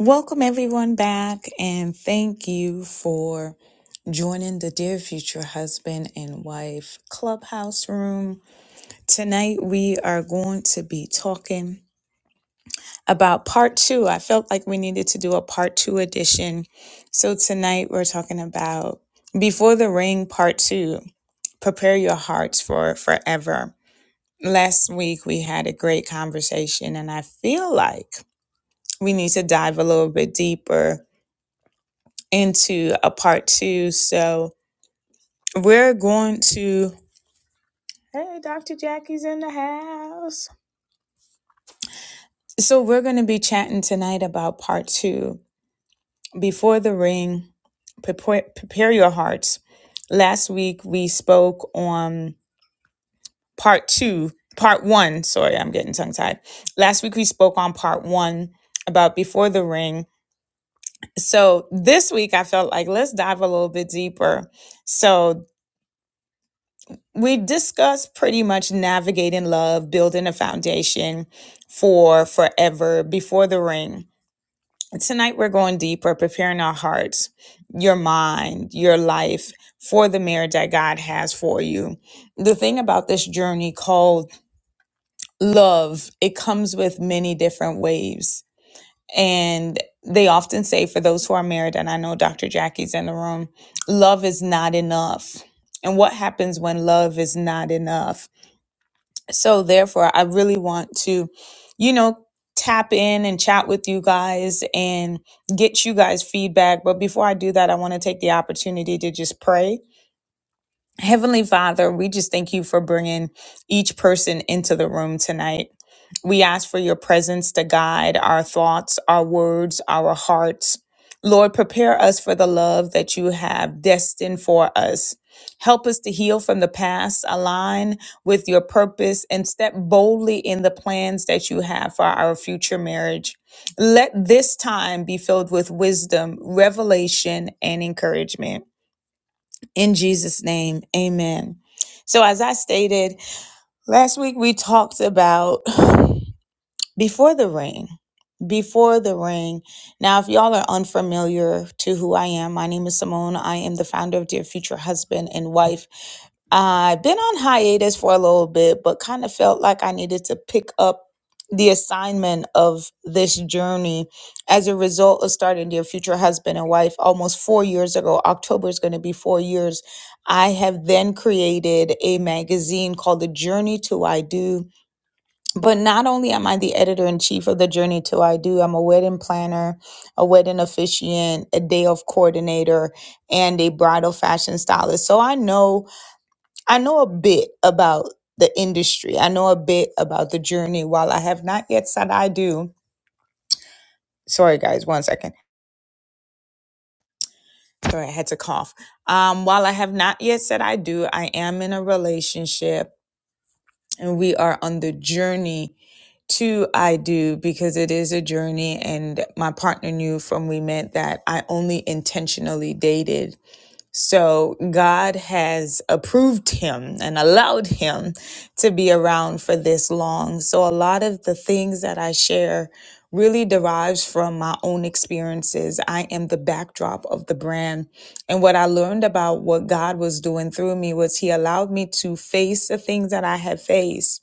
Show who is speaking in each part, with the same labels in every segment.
Speaker 1: Welcome everyone back and thank you for joining the Dear Future Husband and Wife Clubhouse Room. Tonight we are going to be talking about part two. I felt like we needed to do a part two edition. So tonight we're talking about Before the Ring part two. Prepare your hearts for forever. Last week we had a great conversation and I feel like we need to dive a little bit deeper into a part two. So we're going to. Hey, Dr. Jackie's in the house. So we're going to be chatting tonight about part two Before the Ring, prepare, prepare Your Hearts. Last week we spoke on part two, part one. Sorry, I'm getting tongue tied. Last week we spoke on part one about Before the Ring. So this week I felt like let's dive a little bit deeper. So we discussed pretty much navigating love, building a foundation for forever before the ring. Tonight, we're going deeper, preparing our hearts, your mind, your life for the marriage that God has for you. The thing about this journey called love, it comes with many different waves. And they often say, for those who are married, and I know Dr. Jackie's in the room, love is not enough. And what happens when love is not enough? so therefore i really want to you know tap in and chat with you guys and get you guys feedback but before i do that i want to take the opportunity to just pray Heavenly Father, we just thank you for bringing each person into the room tonight. We ask for your presence to guide our thoughts, our words, our hearts. Lord, prepare us for the love that you have destined for us. Help us to heal from the past, align with your purpose, and step boldly in the plans that you have for our future marriage. Let this time be filled with wisdom, revelation, and encouragement. In Jesus' name, amen. So, as I stated last week, we talked about before the rain before the rain now if y'all are unfamiliar to who i am my name is simone i am the founder of dear future husband and wife i've been on hiatus for a little bit but kind of felt like i needed to pick up the assignment of this journey as a result of starting dear future husband and wife almost four years ago october is going to be four years i have then created a magazine called the journey to i do but not only am I the editor in chief of the Journey to I Do, I'm a wedding planner, a wedding officiant, a day of coordinator, and a bridal fashion stylist. So I know I know a bit about the industry. I know a bit about the journey. While I have not yet said I do, sorry guys, one second. Sorry, I had to cough. Um, while I have not yet said I do, I am in a relationship and we are on the journey to I do because it is a journey and my partner knew from we met that I only intentionally dated. So God has approved him and allowed him to be around for this long. So a lot of the things that I share really derives from my own experiences. I am the backdrop of the brand. And what I learned about what God was doing through me was he allowed me to face the things that I had faced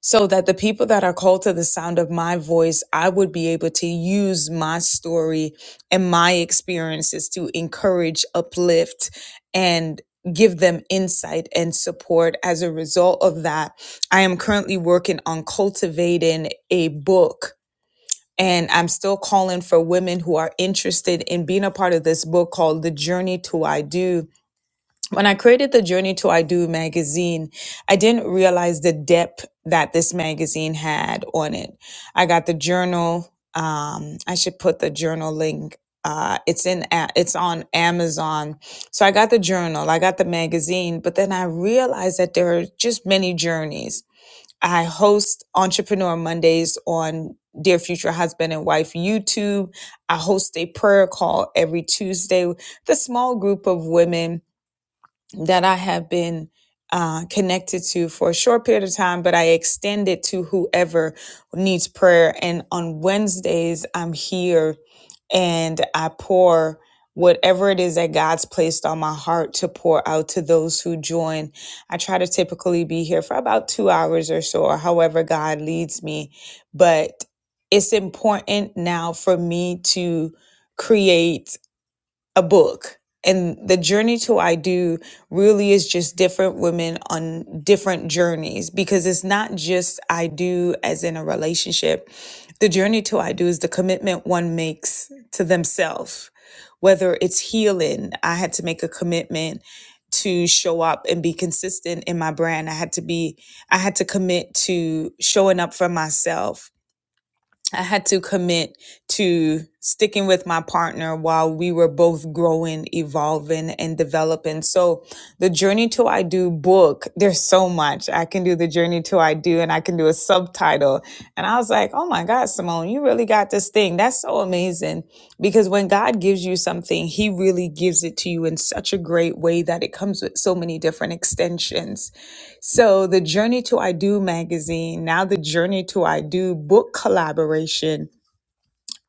Speaker 1: so that the people that are called to the sound of my voice, I would be able to use my story and my experiences to encourage, uplift, and give them insight and support. As a result of that, I am currently working on cultivating a book. And I'm still calling for women who are interested in being a part of this book called The Journey to I Do when I created the Journey to I Do magazine, I didn't realize the depth that this magazine had on it. I got the journal. Um, I should put the journal link. Uh, it's in. A- It's on Amazon. So I got the journal. I got the magazine. But then I realized that there are just many journeys. I host Entrepreneur Mondays on Dear Future Husband and Wife YouTube. I host a prayer call every Tuesday. with a small group of women that I have been uh, connected to for a short period of time, but I extend it to whoever needs prayer. And on Wednesdays, I'm here and I pour whatever it is that God's placed on my heart to pour out to those who join. I try to typically be here for about two hours or so, or however God leads me. But it's important now for me to create a book. And the journey to I do really is just different women on different journeys because it's not just I do as in a relationship. The journey to I do is the commitment one makes to themselves, whether it's healing. I had to make a commitment to show up and be consistent in my brand. I had to be, I had to commit to showing up for myself I had to commit to sticking with my partner while we were both growing, evolving, and developing. So, the Journey to I Do book, there's so much. I can do the Journey to I Do and I can do a subtitle. And I was like, oh my God, Simone, you really got this thing. That's so amazing. Because when God gives you something, He really gives it to you in such a great way that it comes with so many different extensions. So the Journey to I Do magazine, now the Journey to I Do book collaboration,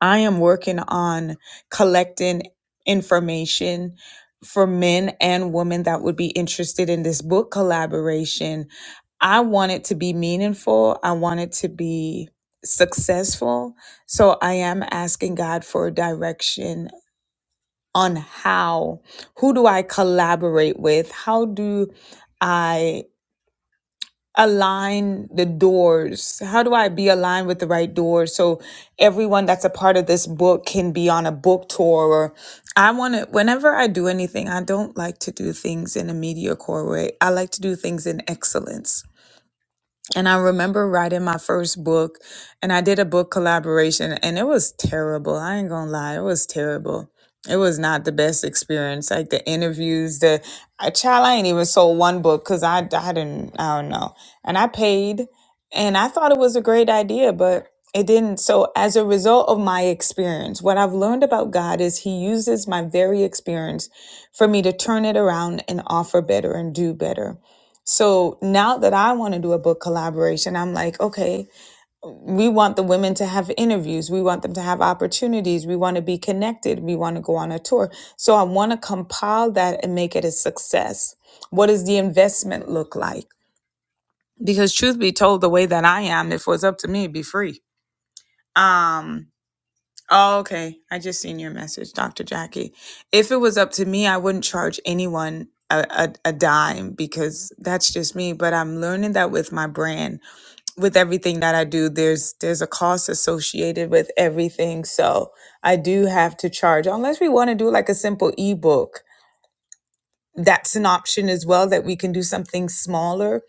Speaker 1: I am working on collecting information for men and women that would be interested in this book collaboration. I want it to be meaningful. I want it to be successful. So I am asking God for direction on how, who do I collaborate with? How do I align the doors? How do I be aligned with the right doors so everyone that's a part of this book can be on a book tour? Or I want to, whenever I do anything, I don't like to do things in a mediocre way. I like to do things in excellence. And I remember writing my first book, and I did a book collaboration, and it was terrible. I ain't gonna lie, it was terrible. It was not the best experience. Like the interviews, the I child, I ain't even sold one book because I, I didn't, I don't know. And I paid, and I thought it was a great idea, but it didn't. So as a result of my experience, what I've learned about God is He uses my very experience for me to turn it around and offer better and do better. So now that I want to do a book collaboration, I'm like, okay, we want the women to have interviews. We want them to have opportunities. We want to be connected. We want to go on a tour. So I want to compile that and make it a success. What does the investment look like? Because truth be told, the way that I am, if it was up to me, it'd be free. Um, oh, okay. I just seen your message, Dr. Jackie. If it was up to me, I wouldn't charge anyone a, a, a dime because that's just me. But I'm learning that with my brand with everything that I do, there's there's a cost associated with everything. So I do have to charge, unless we want to do like a simple ebook. That's an option as well that we can do something smaller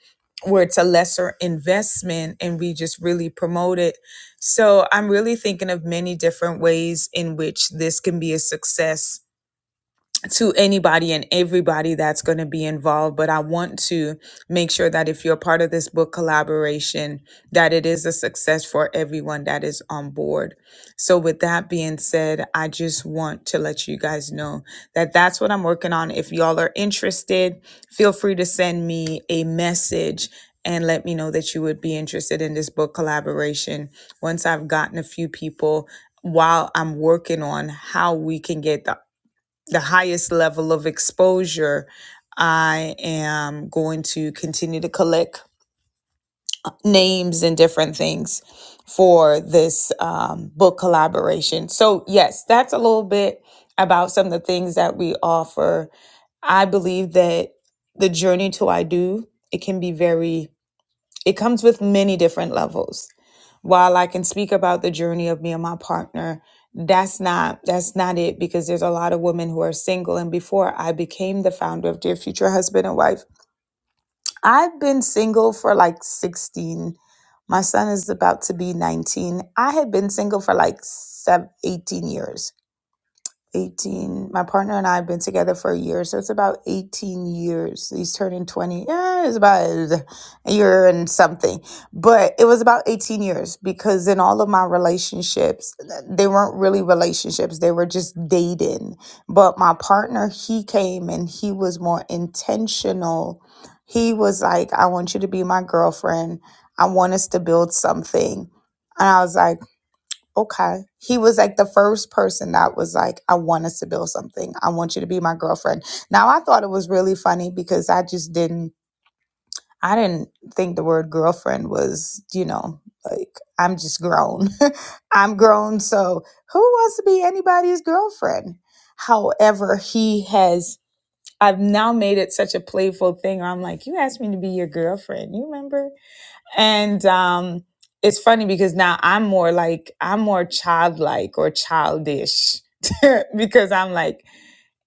Speaker 1: where it's a lesser investment and we just really promote it. So I'm really thinking of many different ways in which this can be a success to anybody and everybody that's going to be involved but i want to make sure that if you're part of this book collaboration that it is a success for everyone that is on board so with that being said i just want to let you guys know that that's what i'm working on if y'all are interested feel free to send me a message and let me know that you would be interested in this book collaboration once i've gotten a few people while I'm working on how we can get the the highest level of exposure, I am going to continue to collect names and different things for this um, book collaboration. So, yes, that's a little bit about some of the things that we offer. I believe that the journey to I do, it can be very, it comes with many different levels while I can speak about the journey of me and my partner, that's not that's not it because there's a lot of women who are single and before I became the founder of Dear Future Husband and Wife, I've been single for like 16. My son is about to be 19. I had been single for like seven, eighteen years 18 my partner and i have been together for a year so it's about 18 years he's turning 20 yeah it's about a year and something but it was about 18 years because in all of my relationships they weren't really relationships they were just dating but my partner he came and he was more intentional he was like i want you to be my girlfriend i want us to build something and i was like Okay. He was like the first person that was like, I want us to build something. I want you to be my girlfriend. Now I thought it was really funny because I just didn't I didn't think the word girlfriend was, you know, like I'm just grown. I'm grown, so who wants to be anybody's girlfriend? However, he has I've now made it such a playful thing. I'm like, you asked me to be your girlfriend. You remember? and um it's funny because now i'm more like i'm more childlike or childish because i'm like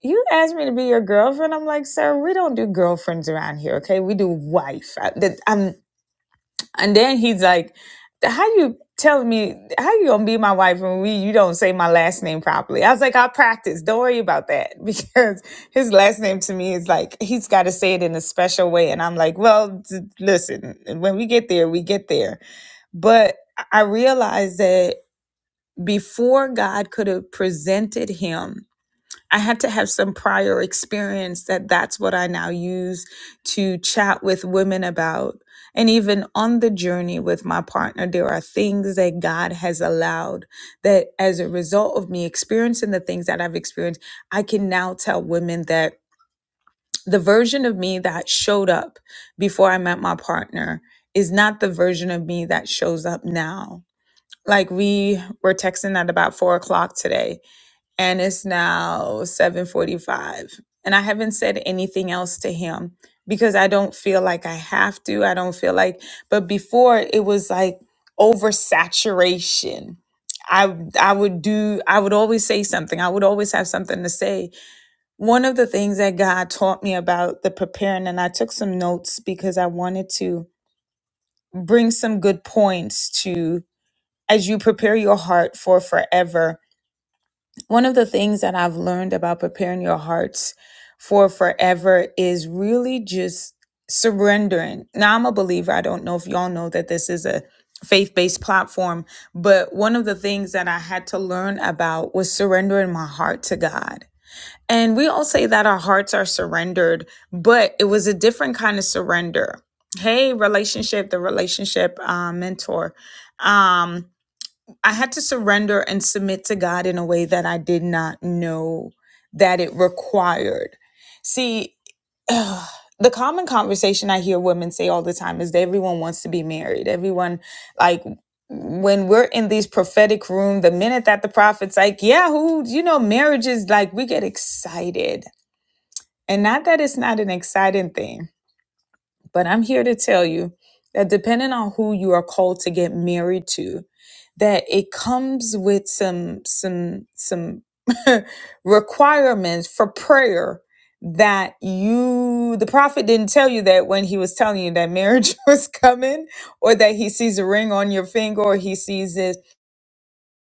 Speaker 1: you asked me to be your girlfriend i'm like sir we don't do girlfriends around here okay we do wife I, that, I'm, and then he's like, "How you telling me? How you gonna be my wife when we you don't say my last name properly?" I was like, "I'll practice. Don't worry about that because his last name to me is like he's got to say it in a special way." And I'm like, "Well, d- listen. When we get there, we get there." But I I realized that before God could have presented him. I had to have some prior experience that that's what I now use to chat with women about. And even on the journey with my partner, there are things that God has allowed that as a result of me experiencing the things that I've experienced, I can now tell women that the version of me that showed up before I met my partner is not the version of me that shows up now. Like we were texting at about four o'clock today and it's now 7:45 and I haven't said anything else to him because I don't feel like I have to. I don't feel like but before it was like oversaturation. I I would do I would always say something. I would always have something to say. One of the things that God taught me about the preparing and I took some notes because I wanted to bring some good points to as you prepare your heart for forever one of the things that I've learned about preparing your hearts for forever is really just surrendering. Now, I'm a believer. I don't know if y'all know that this is a faith based platform, but one of the things that I had to learn about was surrendering my heart to God. And we all say that our hearts are surrendered, but it was a different kind of surrender. Hey, relationship, the relationship uh, mentor. Um, I had to surrender and submit to God in a way that I did not know that it required. See, the common conversation I hear women say all the time is that everyone wants to be married. Everyone, like, when we're in these prophetic room, the minute that the prophet's like, yeah, who, you know, marriage is like, we get excited. And not that it's not an exciting thing but I'm here to tell you that depending on who you are called to get married to, that it comes with some some some requirements for prayer that you the prophet didn't tell you that when he was telling you that marriage was coming or that he sees a ring on your finger or he sees this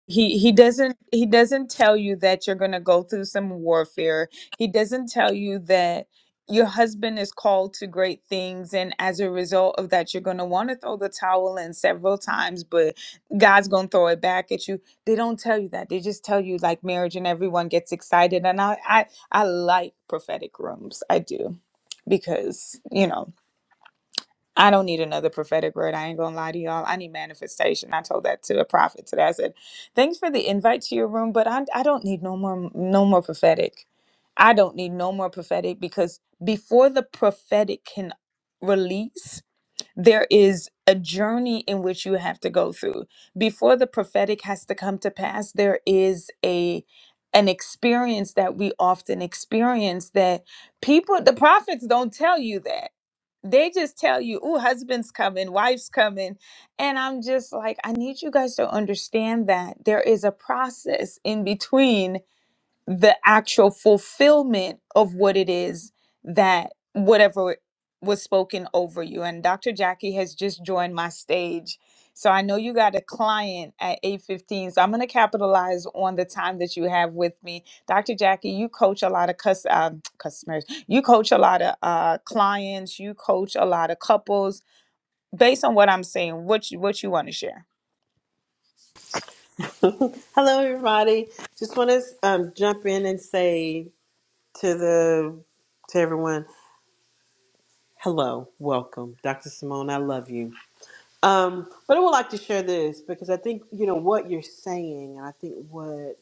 Speaker 1: he he doesn't he doesn't tell you that you're going to go through some warfare he doesn't tell you that your husband is called to great things and as a result of that you're going to want to throw the towel in several times but god's going to throw it back at you they don't tell you that they just tell you like marriage and everyone gets excited and i i, I like prophetic rooms i do because you know I don't need another prophetic word. I ain't gonna lie to y'all. I need manifestation. I told that to the prophet today. I said, "Thanks for the invite to your room, but I I don't need no more no more prophetic. I don't need no more prophetic because before the prophetic can release, there is a journey in which you have to go through before the prophetic has to come to pass there is a an experience that we often experience that people the prophets don't tell you that they just tell you oh husband's coming wife's coming and i'm just like i need you guys to understand that there is a process in between the actual fulfillment of what it is that whatever was spoken over you. And Dr. Jackie has just joined my stage. So I know you got a client at 8:15. So I'm going to capitalize on the time that you have with me. Dr. Jackie, you coach a lot of cus- um, customers. You coach a lot of uh, clients, you coach a lot of couples. Based on what I'm saying, what you, what you want to share?
Speaker 2: Hello, everybody. Just want to um, jump in and say to the to everyone, hello, welcome, Dr. Simone. I love you. Um, but I would like to share this because I think you know what you're saying, and I think what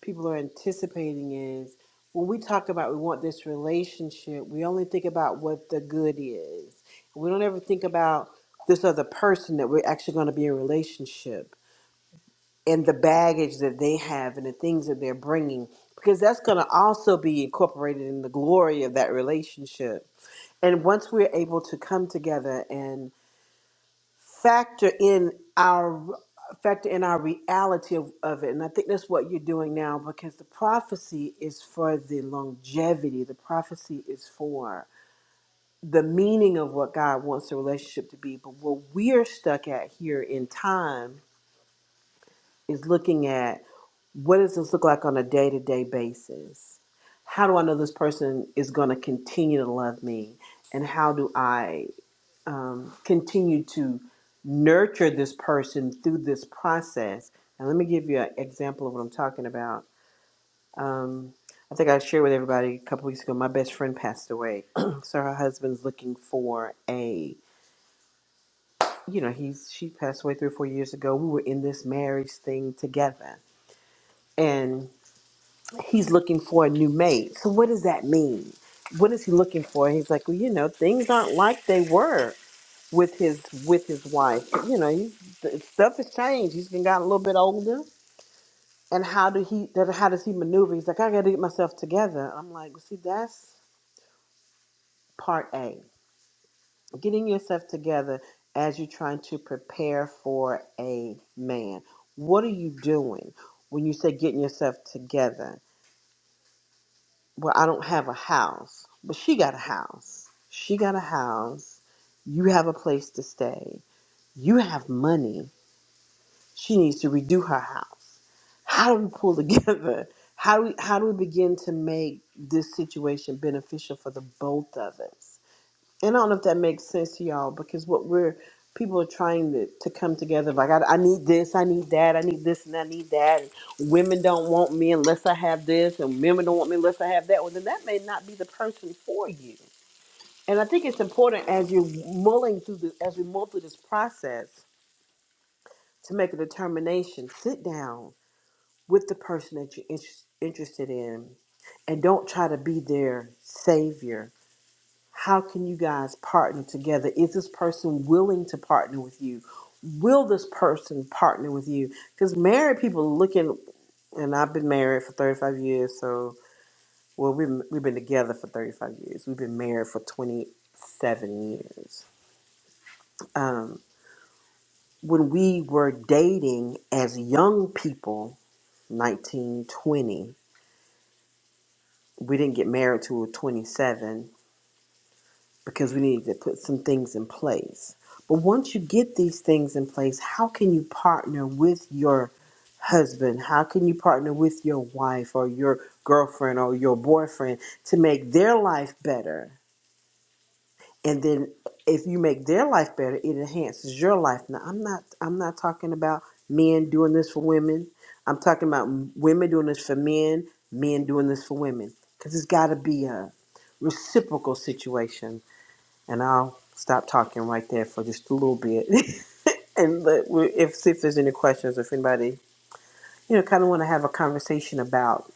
Speaker 2: people are anticipating is when we talk about we want this relationship, we only think about what the good is. We don't ever think about this other person that we're actually going to be in a relationship and the baggage that they have and the things that they're bringing because that's going to also be incorporated in the glory of that relationship and once we're able to come together and factor in our factor in our reality of, of it and i think that's what you're doing now because the prophecy is for the longevity the prophecy is for the meaning of what god wants the relationship to be but what we're stuck at here in time is looking at What does this look like on a day to day basis? How do I know this person is going to continue to love me? And how do I um, continue to nurture this person through this process? And let me give you an example of what I'm talking about. Um, I think I shared with everybody a couple weeks ago. My best friend passed away, so her husband's looking for a, you know, he's she passed away three or four years ago. We were in this marriage thing together, and he's looking for a new mate. So what does that mean? What is he looking for? he's like, well, you know, things aren't like they were with his with his wife. You know, he, th- stuff has changed. He's been gotten a little bit older. And how do he? that- How does he maneuver? He's like, I got to get myself together. I'm like, well, see, that's part A, getting yourself together as you're trying to prepare for a man. What are you doing when you say getting yourself together? well, I don't have a house, but she got a house. She got a house. You have a place to stay. You have money. She needs to redo her house. How do we pull together? How do we, how do we begin to make this situation beneficial for the both of us? and I don't know if that makes sense to y'all because what we're people are trying to, to come together like I, I need this i need that i need this and i need that and women don't want me unless i have this and women don't want me unless i have that well then that may not be the person for you and i think it's important as you're mulling through the as we mull through this process to make a determination sit down with the person that you're inter- interested in and don't try to be their savior how can you guys partner together? Is this person willing to partner with you? Will this person partner with you? Because married people looking, and I've been married for 35 years, so, well, we've, we've been together for 35 years. We've been married for 27 years. Um, when we were dating as young people, 19 20, we didn't get married till we were 27 because we need to put some things in place. But once you get these things in place, how can you partner with your husband? How can you partner with your wife or your girlfriend or your boyfriend to make their life better? And then if you make their life better, it enhances your life. Now, I'm not I'm not talking about men doing this for women. I'm talking about women doing this for men, men doing this for women. Cuz it's got to be a reciprocal situation and I'll stop talking right there for just a little bit. and let, we- if see if there's any questions, if anybody you know kind of want to have a conversation about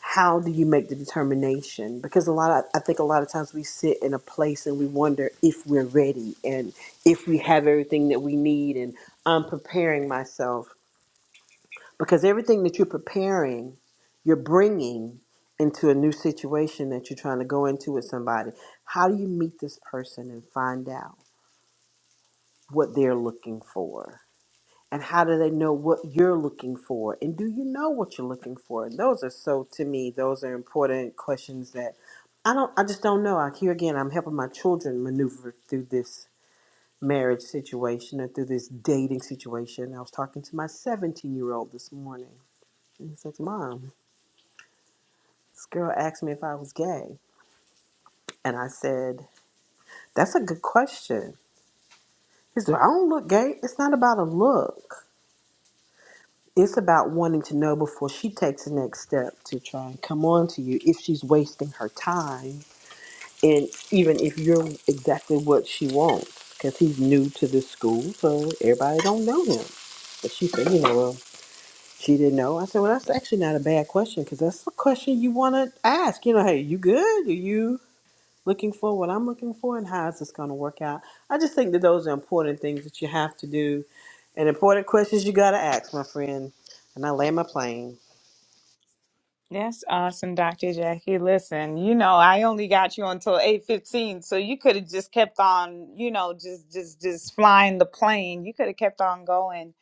Speaker 2: how do you make the determination? Because a lot, of, I think a lot of times we sit in a place and we wonder if we're ready and if we have everything that we need. And I'm preparing myself because everything that you're preparing, you're bringing into a new situation that you're trying to go into with somebody. How do you meet this person and find out? what they're looking for? And how do they know what you're looking for? And do you know what you're looking for? And those are so, to me, those are important questions that I don't, I just don't know. I here again, I'm helping my children maneuver through this marriage situation and through this dating situation. I was talking to my 17 year old this morning. And he says, Mom, this girl asked me if I was gay. And I said, That's a good question. He said, I don't look gay. It's not about a look. It's about wanting to know before she takes the next step to try and come on to you if she's wasting her time and even if you're exactly what she wants because he's new to this school so everybody don't know him. But she said, you know, well, she didn't know. I said, well, that's actually not a bad question because that's the question you want to ask. You know, hey, you good? Are you? looking for, what I'm looking for, and how is this going to work out. I just think that those are important things that you have to do and important questions you got to ask, my friend. And I land my plane.
Speaker 1: That's awesome, Dr. Jackie. Listen, you know, I only got you until 8:15, so you could have just kept on, you know, just just just flying the plane. You could have kept on going.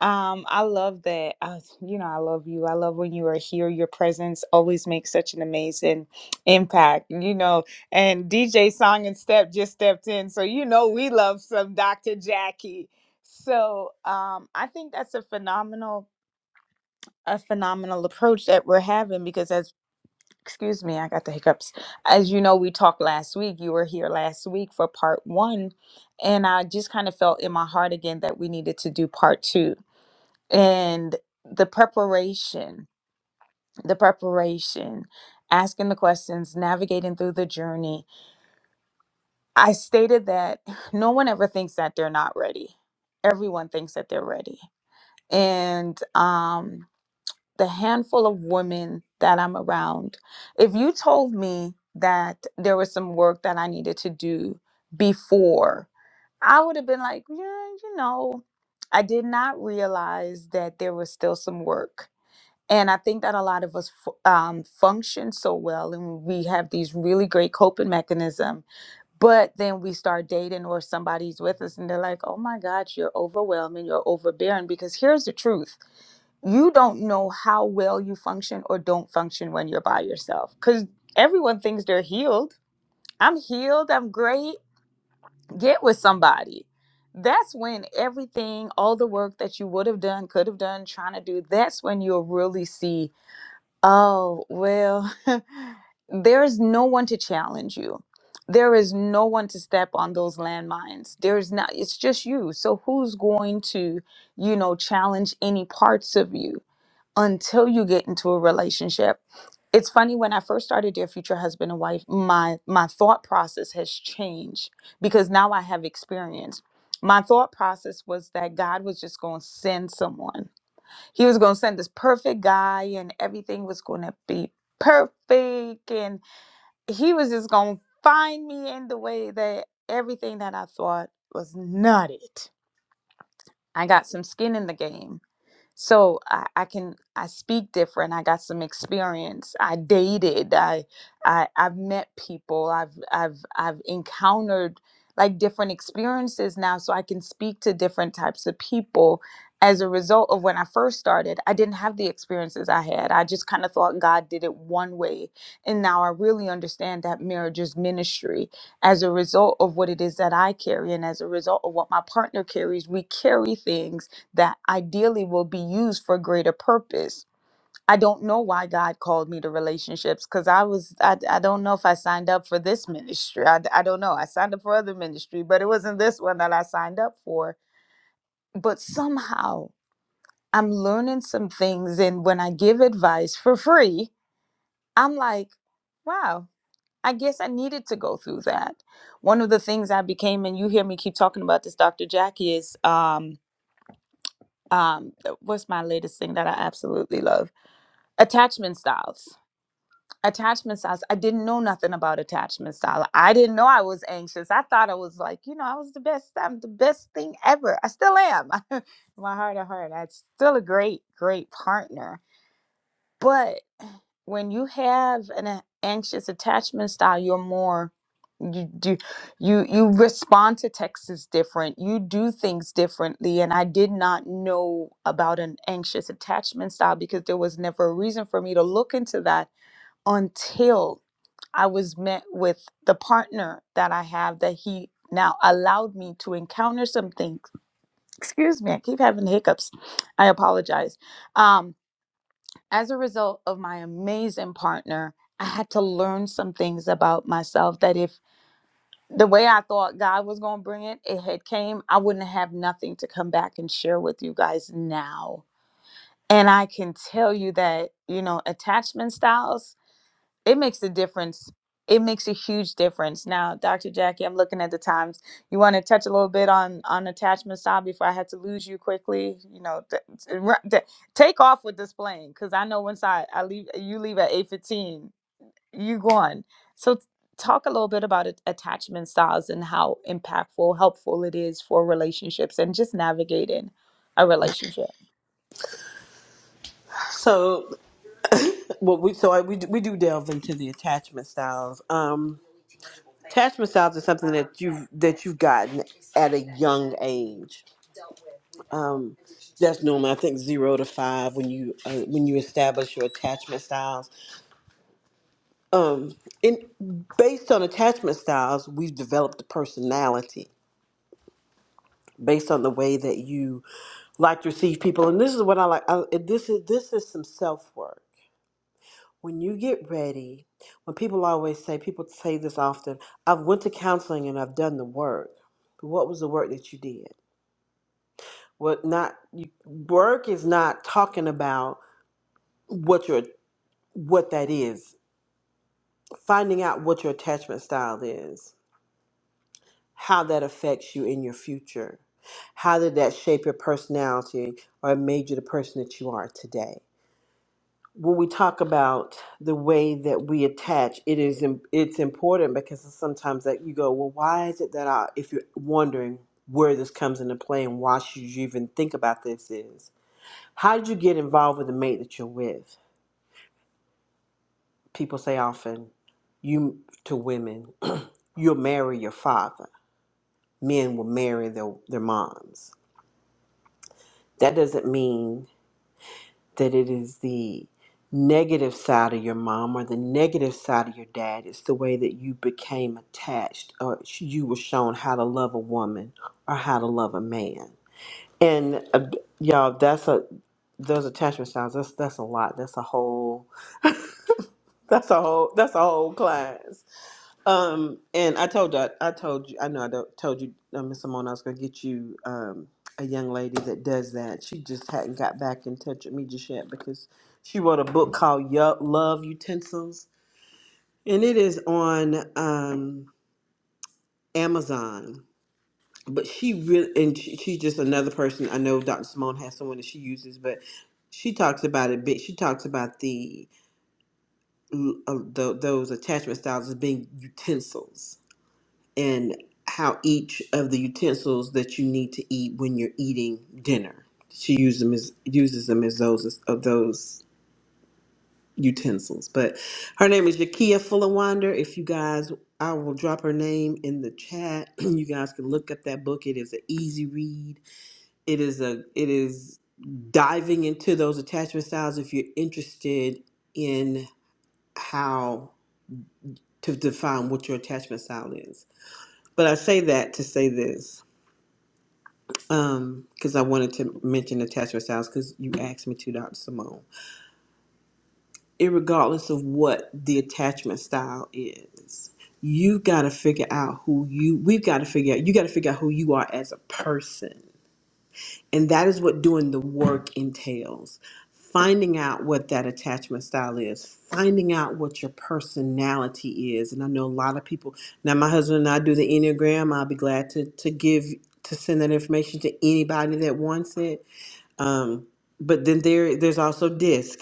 Speaker 1: Um, I love that. Uh, you know, I love you. I love when you are here. Your presence always makes such an amazing impact, you know. And DJ Song and Step just stepped in, so you know we love some Dr. Jackie. So, um, I think that's a phenomenal a phenomenal approach that we're having because as excuse me, I got the hiccups. As you know, we talked last week. You were here last week for part one. And I just kind of felt in my heart again that we needed to do part two. And the preparation, the preparation, asking the questions, navigating through the journey. I stated that no one ever thinks that they're not ready, everyone thinks that they're ready. And um, the handful of women that I'm around, if you told me that there was some work that I needed to do before, I would have been like, yeah, you know, I did not realize that there was still some work. And I think that a lot of us fu- um, function so well and we have these really great coping mechanisms but then we start dating or somebody's with us and they're like, oh my God, you're overwhelming, you're overbearing. Because here's the truth you don't know how well you function or don't function when you're by yourself because everyone thinks they're healed. I'm healed, I'm great. Get with somebody. That's when everything, all the work that you would have done, could have done, trying to do, that's when you'll really see Oh, well, there is no one to challenge you. There is no one to step on those landmines. There is not, it's just you. So who's going to, you know, challenge any parts of you until you get into a relationship? It's funny when I first started Dear Future Husband and Wife, my my thought process has changed because now I have experience. My thought process was that God was just going to send someone he was going to send this perfect guy, and everything was going to be perfect. And he was just going to find me in the way that everything that I thought was not it. I got some skin in the game so I, I can I speak different. I got some experience. I dated. I, I I've met people. I've I've I've encountered like different experiences now, so I can speak to different types of people. As a result of when I first started, I didn't have the experiences I had. I just kind of thought God did it one way, and now I really understand that marriage is ministry. As a result of what it is that I carry, and as a result of what my partner carries, we carry things that ideally will be used for greater purpose. I don't know why God called me to relationships because I was, I, I don't know if I signed up for this ministry. I, I don't know. I signed up for other ministry, but it wasn't this one that I signed up for. But somehow I'm learning some things. And when I give advice for free, I'm like, wow, I guess I needed to go through that. One of the things I became, and you hear me keep talking about this, Dr. Jackie, is um, um, what's my latest thing that I absolutely love? attachment styles attachment styles i didn't know nothing about attachment style i didn't know i was anxious i thought i was like you know i was the best i'm the best thing ever i still am In my heart of heart i'm still a great great partner but when you have an a- anxious attachment style you're more you do you you respond to texts different you do things differently and i did not know about an anxious attachment style because there was never a reason for me to look into that until I was met with the partner that I have that he now allowed me to encounter some things. Excuse me, I keep having hiccups. I apologize. Um, as a result of my amazing partner, I had to learn some things about myself that if the way I thought God was going to bring it, it had came, I wouldn't have nothing to come back and share with you guys now. And I can tell you that, you know, attachment styles it makes a difference. It makes a huge difference. Now, Dr. Jackie, I'm looking at the times. You want to touch a little bit on on attachment style before I had to lose you quickly. You know, th- t- ru- th- take off with this plane because I know once I I leave, you leave at eight fifteen. You gone. So, t- talk a little bit about it, attachment styles and how impactful, helpful it is for relationships and just navigating a relationship.
Speaker 2: So, what we so I, we do- we do delve into the attachment styles. Um, attachment styles is something that you've that you've gotten at a young age. Um, that's normal. I think zero to five when you uh, when you establish your attachment styles. Um, and based on attachment styles, we've developed a personality. based on the way that you like to receive people. And this is what I like. I, this is this is some self work. When you get ready, when people always say, people say this often. I've went to counseling and I've done the work. But what was the work that you did? What not? You, work is not talking about what your what that is. Finding out what your attachment style is, how that affects you in your future. How did that shape your personality or made you the person that you are today? when we talk about the way that we attach, it is im- it's important because sometimes that you go, well, why is it that I, if you're wondering where this comes into play and why should you even think about this is, how did you get involved with the mate that you're with? People say often, you to women, you'll marry your father. Men will marry their, their moms. That doesn't mean that it is the negative side of your mom or the negative side of your dad. It's the way that you became attached or you were shown how to love a woman or how to love a man. And uh, y'all, that's a those attachment styles. That's that's a lot. That's a whole. That's a whole. That's a whole class. Um, and I told you, I, I told you, I know I don't, told you, uh, Miss Simone, I was gonna get you um, a young lady that does that. She just hadn't got back in touch with me just yet because she wrote a book called Yo- Love Utensils, and it is on um, Amazon. But she really, and she, she's just another person. I know Dr. Simone has someone that she uses, but she talks about it. bit. She talks about the, uh, the those attachment styles as being utensils and how each of the utensils that you need to eat when you're eating dinner. She uses them as uses them as those of those utensils. But her name is Yakia Fullerwander. If you guys, I will drop her name in the chat. You guys can look up that book. It is an easy read. It is a it is diving into those attachment styles if you're interested in how to define what your attachment style is. But I say that to say this um because i wanted to mention attachment styles because you asked me to dr simone irregardless of what the attachment style is you've got to figure out who you we've got to figure out you got to figure out who you are as a person and that is what doing the work entails finding out what that attachment style is finding out what your personality is and i know a lot of people now my husband and i do the enneagram i'll be glad to to give to send that information to anybody that wants it um, but then there there's also DISC.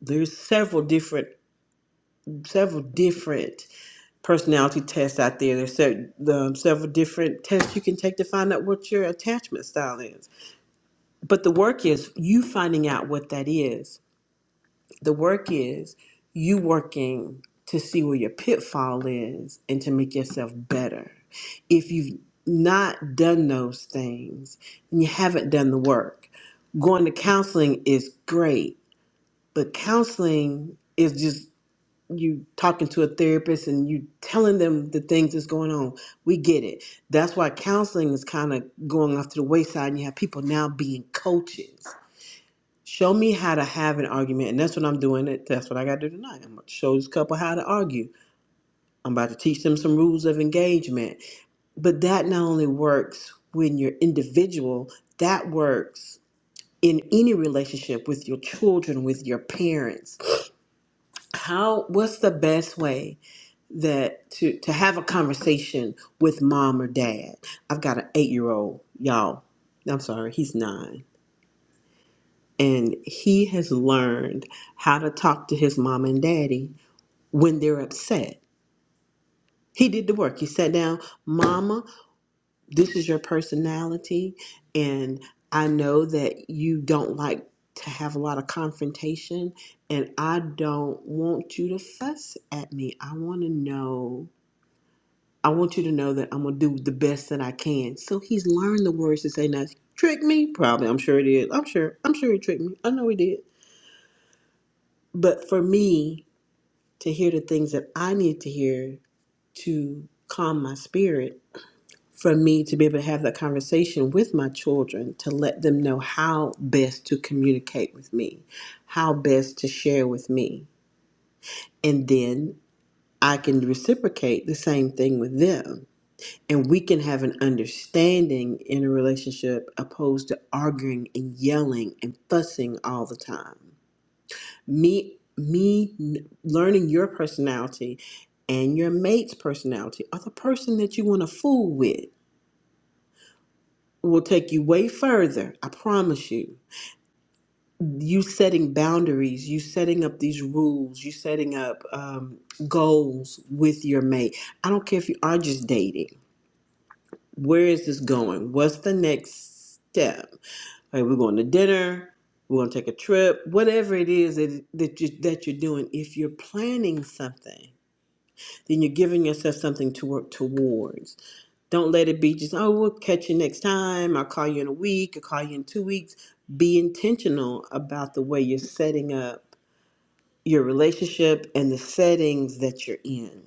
Speaker 2: There's several different several different personality tests out there. There's se- the, um, several different tests you can take to find out what your attachment style is. But the work is you finding out what that is. The work is you working to see where your pitfall is and to make yourself better. If you've not done those things and you haven't done the work, going to counseling is great But counseling is just you talking to a therapist and you telling them the things that's going on. We get it. That's why counseling is kind of going off to the wayside and you have people now being coaches. Show me how to have an argument, and that's what I'm doing. It that's what I got to do tonight. I'm going to show this couple how to argue. I'm about to teach them some rules of engagement. But that not only works when you're individual, that works in any relationship with your children, with your parents how what's the best way that to to have a conversation with mom or dad i've got an eight year old y'all i'm sorry he's nine and he has learned how to talk to his mom and daddy when they're upset he did the work he sat down mama this is your personality and i know that you don't like to have a lot of confrontation and i don't want you to fuss at me i want to know I want you to know that I'm gonna do the best that I can. So he's learned the words to say now. Trick me? Probably. I'm sure it is. I'm sure. I'm sure he tricked me. I know he did. But for me to hear the things that I need to hear to calm my spirit, for me to be able to have that conversation with my children, to let them know how best to communicate with me, how best to share with me. And then I can reciprocate the same thing with them and we can have an understanding in a relationship opposed to arguing and yelling and fussing all the time me me n- learning your personality and your mate's personality or the person that you want to fool with will take you way further i promise you you setting boundaries you setting up these rules you setting up um, goals with your mate i don't care if you are just dating where is this going what's the next step Like we're going to dinner, we're going to take a trip, whatever it is that that you that you're doing. If you're planning something, then you're giving yourself something to work towards. Don't let it be just oh we'll catch you next time. I'll call you in a week. I'll call you in two weeks. Be intentional about the way you're setting up your relationship and the settings that you're in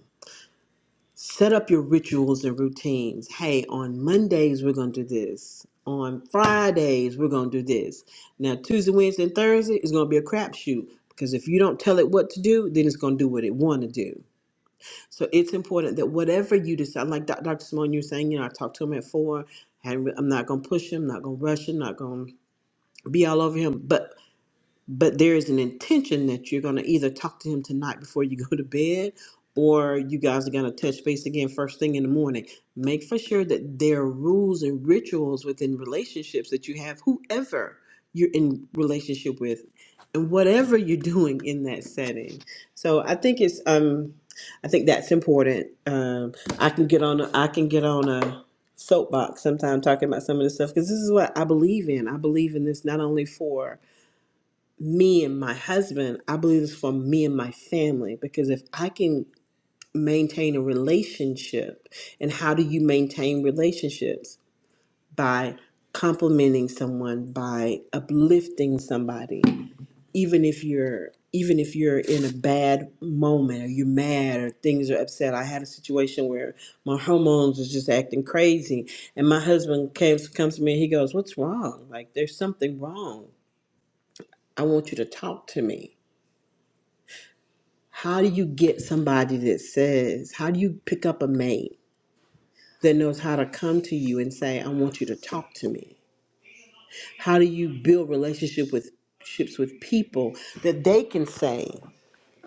Speaker 2: set up your rituals and routines. Hey, on Mondays, we're going to do this. On Fridays, we're going to do this. Now, Tuesday, Wednesday, and Thursday is going to be a crapshoot because if you don't tell it what to do, then it's going to do what it want to do. So it's important that whatever you decide, like Doc- Dr. Simone, you're saying, you know, I talked to him at four. hadn't re- I'm not going to push him, not going to rush him, not going to be all over him. but but there is an intention that you're going to either talk to him tonight before you go to bed or you guys are going to touch base again first thing in the morning make for sure that there are rules and rituals within relationships that you have whoever you're in relationship with and whatever you're doing in that setting so i think it's um i think that's important um i can get on a, i can get on a soapbox sometime talking about some of this stuff because this is what i believe in i believe in this not only for me and my husband, I believe it's for me and my family because if I can maintain a relationship, and how do you maintain relationships? By complimenting someone, by uplifting somebody, even if you're even if you're in a bad moment or you're mad or things are upset. I had a situation where my hormones was just acting crazy and my husband came comes to me and he goes, What's wrong? Like there's something wrong. I want you to talk to me How do you get somebody that says, how do you pick up a mate that knows how to come to you and say, I want you to talk to me? How do you build relationship with ships with people that they can say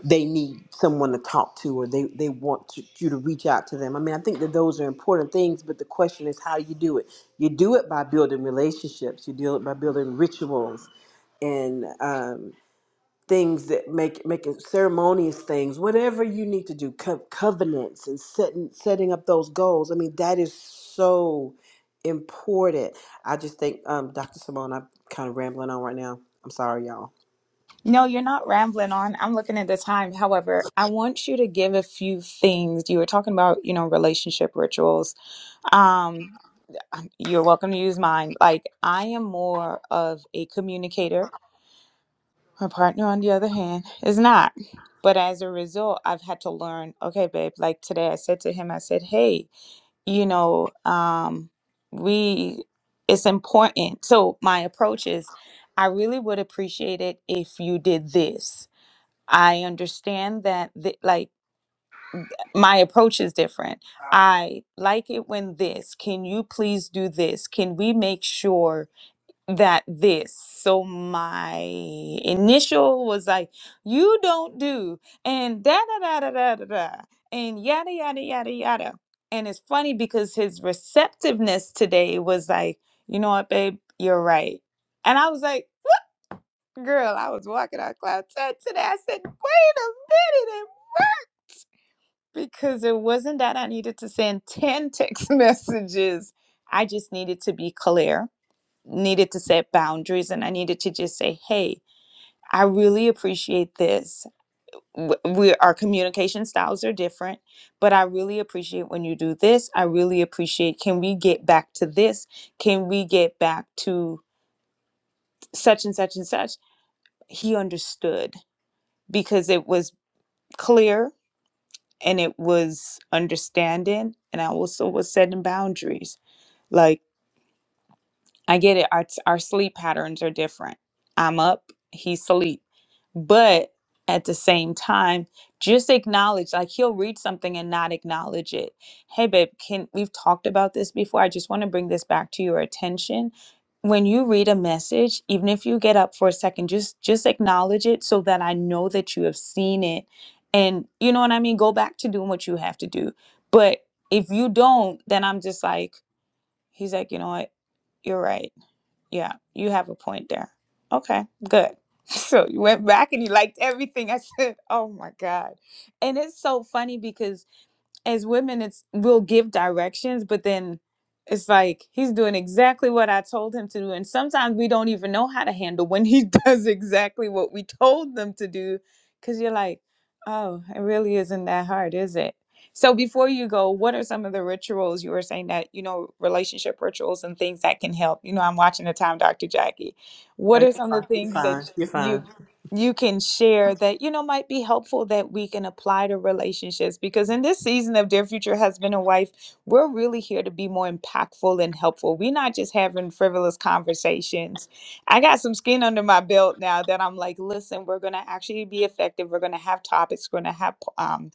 Speaker 2: they need someone to talk to or they, they want to, you to reach out to them? I mean, I think that those are important things, but the question is how do you do it? You do it by building relationships, you do it by building rituals and um, things that make making ceremonious things whatever you need to do co- covenants and setting setting up those goals i mean that is so important i just think um dr simone i'm kind of rambling on right now i'm sorry y'all
Speaker 1: No, you're not rambling on. I'm looking at the time. However, I want you to give a few things. You were talking about, you know, relationship rituals. Um, um, you're welcome to use mine. Like, I am more of a communicator. My partner, on the other hand, is not. But as a result, I've had to learn, okay, babe, like today I said to him, I said, hey, you know, um, we, it's important. So my approach is, I really would appreciate it if you did this I understand that, th- like, my approach is different. I like it when this, can you please do this? Can we make sure that this? So, my initial was like, you don't do, and da da da da da da, da, and yada yada yada yada. And it's funny because his receptiveness today was like, you know what, babe, you're right. And I was like, girl, I was walking out cloud ten today. I said, wait a minute, because it wasn't that I needed to send 10 text messages. I just needed to be clear, needed to set boundaries, and I needed to just say, hey, I really appreciate this. W- We, our communication styles are different, but I really appreciate when you do this. I really appreciate, can we get back to this? Can we get back to such and such and such? He understood because it was clear and it was understanding, and I also was setting boundaries Like I get it. Our our sleep patterns are different. I'm up, he's sleep. But at the same time, just acknowledge like he'll read something and not acknowledge it. Hey babe, can we've talked about this before. I just want to bring this back to your attention. When you read a message, even if you get up for a second, just just acknowledge it so that I know that you have seen it. And you know what I mean? Go back to doing what you have to do. But if you don't, then I'm just like He's like, you know what? You're right. Yeah, you have a point there. Okay, good. So you went back and you liked everything I said. Oh my God. And it's so funny because as women it's we'll give directions but then it's like he's doing exactly what i told him to do and sometimes we don't even know how to handle when he does exactly what we told them to do because you're like oh it really isn't that hard is it so before you go what are some of the rituals you were saying that you know relationship rituals and things that can help you know i'm watching the time dr jackie
Speaker 2: Oh,
Speaker 1: what
Speaker 2: you're
Speaker 1: are some of
Speaker 2: fine.
Speaker 1: the
Speaker 2: You're
Speaker 1: things that
Speaker 2: fine. You're
Speaker 1: you?
Speaker 2: fine.
Speaker 1: you can share that you know might be helpful that we can apply to relationships because in this season of dear future husband and wife we're really here to be more impactful and helpful we're not just having frivolous conversations i got some skin under my belt now that i'm like listen we're going to actually be effective we're going to have topics we're going to have um,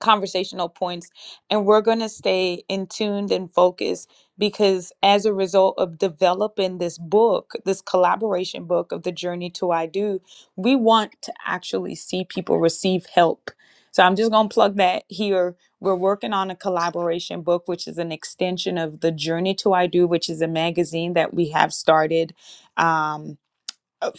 Speaker 1: conversational points and we're going to stay in tuned and focused because as a result of developing this book this collaboration book of the journey to i do we want to actually see people receive help so i'm just going to plug that here we're working on a collaboration book which is an extension of the journey to i do which is a magazine that we have started Um uh,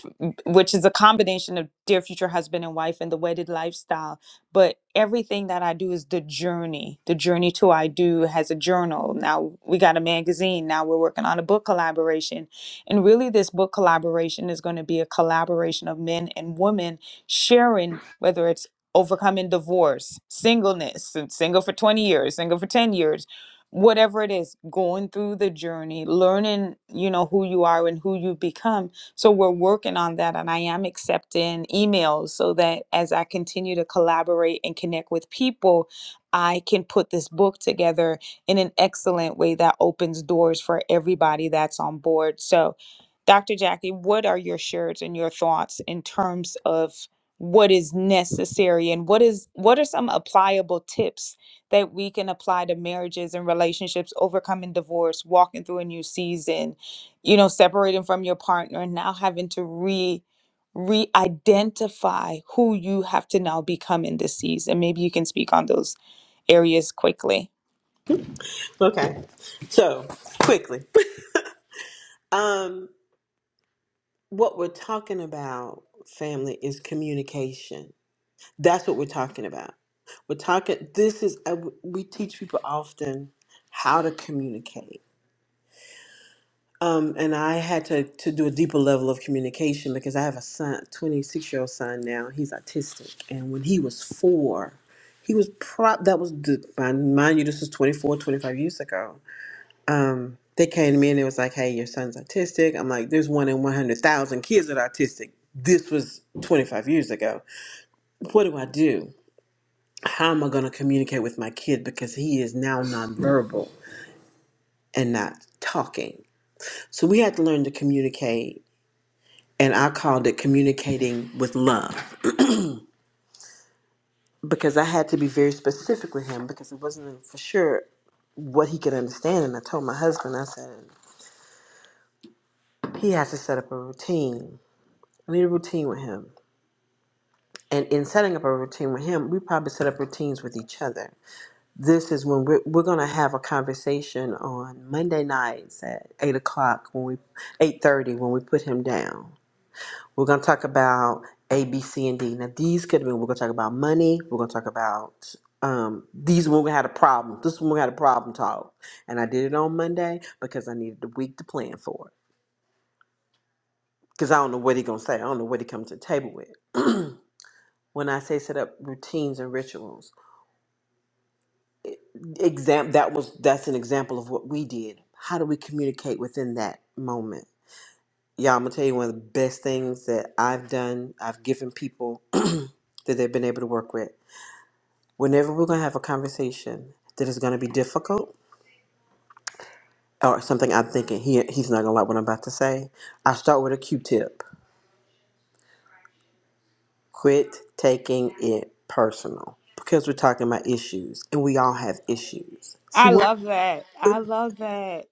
Speaker 1: which is a combination of dear future husband and wife and the wedded lifestyle but everything that i do is the journey the journey to i do has a journal now we got a magazine now we're working on a book collaboration and really this book collaboration is going to be a collaboration of men and women sharing whether it's overcoming divorce singleness and single for 20 years single for 10 years whatever it is going through the journey learning you know who you are and who you become so we're working on that, and I am accepting emails so that as I continue to collaborate and connect with people, I can put this book together in an excellent way that opens doors for everybody that's on board. So Dr. Jackie, what are your shares and your thoughts in terms of what is necessary and what is what are some applicable tips that we can apply to marriages and relationships overcoming divorce walking through a new season you know separating from your partner and now having to re re-identify who you have to now become in this season maybe you can speak on those areas quickly
Speaker 2: Okay. So quickly, um, what we're talking about, family, is communication. That's what we're talking about. We're talking. This is uh, we teach people often how to communicate Um, and I had to, to do a deeper level of communication because I have a son, 26 year old son now. He's autistic. And when he was four, he was prop, that was, the, mind mind you, this was 24, 25 years ago. They came to me and it was like, hey, your son's autistic. I'm like, there's one in 100,000 kids that are autistic. This was 25 years ago. What do I do? How am I going to communicate with my kid because he is now nonverbal and not talking? So we had to learn to communicate and I called it communicating with love because I had to be very specific with him because it wasn't for sure what he could understand. And I told my husband, I said, he has to set up a routine. I need a routine with him. And in setting up a routine with him, we probably set up routines with each other. This is when we're, we're going to have a conversation on Monday nights at eight o'clock when we, eight thirty when we put him down We're going to talk about A, B, C, and D. Now, these could have been, we're going to talk about money. We're going to talk about um, these when we had a problem. This one we had a problem talk. And I did it on Monday because I needed the week to plan for it. Because I don't know what he's going to say. I don't know what he comes to the table with. when I say set up routines and rituals, exam that was that's an example of what we did. How do we communicate within that moment? Yeah, I'm gonna tell you one of the best things that I've done. I've given people that they've been able to work with. Whenever we're going to have a conversation that is going to be difficult or something I'm thinking he, he's not going to like what I'm about to say, I start with a Q tip. Quit taking it personal because we're talking about issues and we all have issues. See,
Speaker 1: I
Speaker 2: what?
Speaker 1: love that. I love that.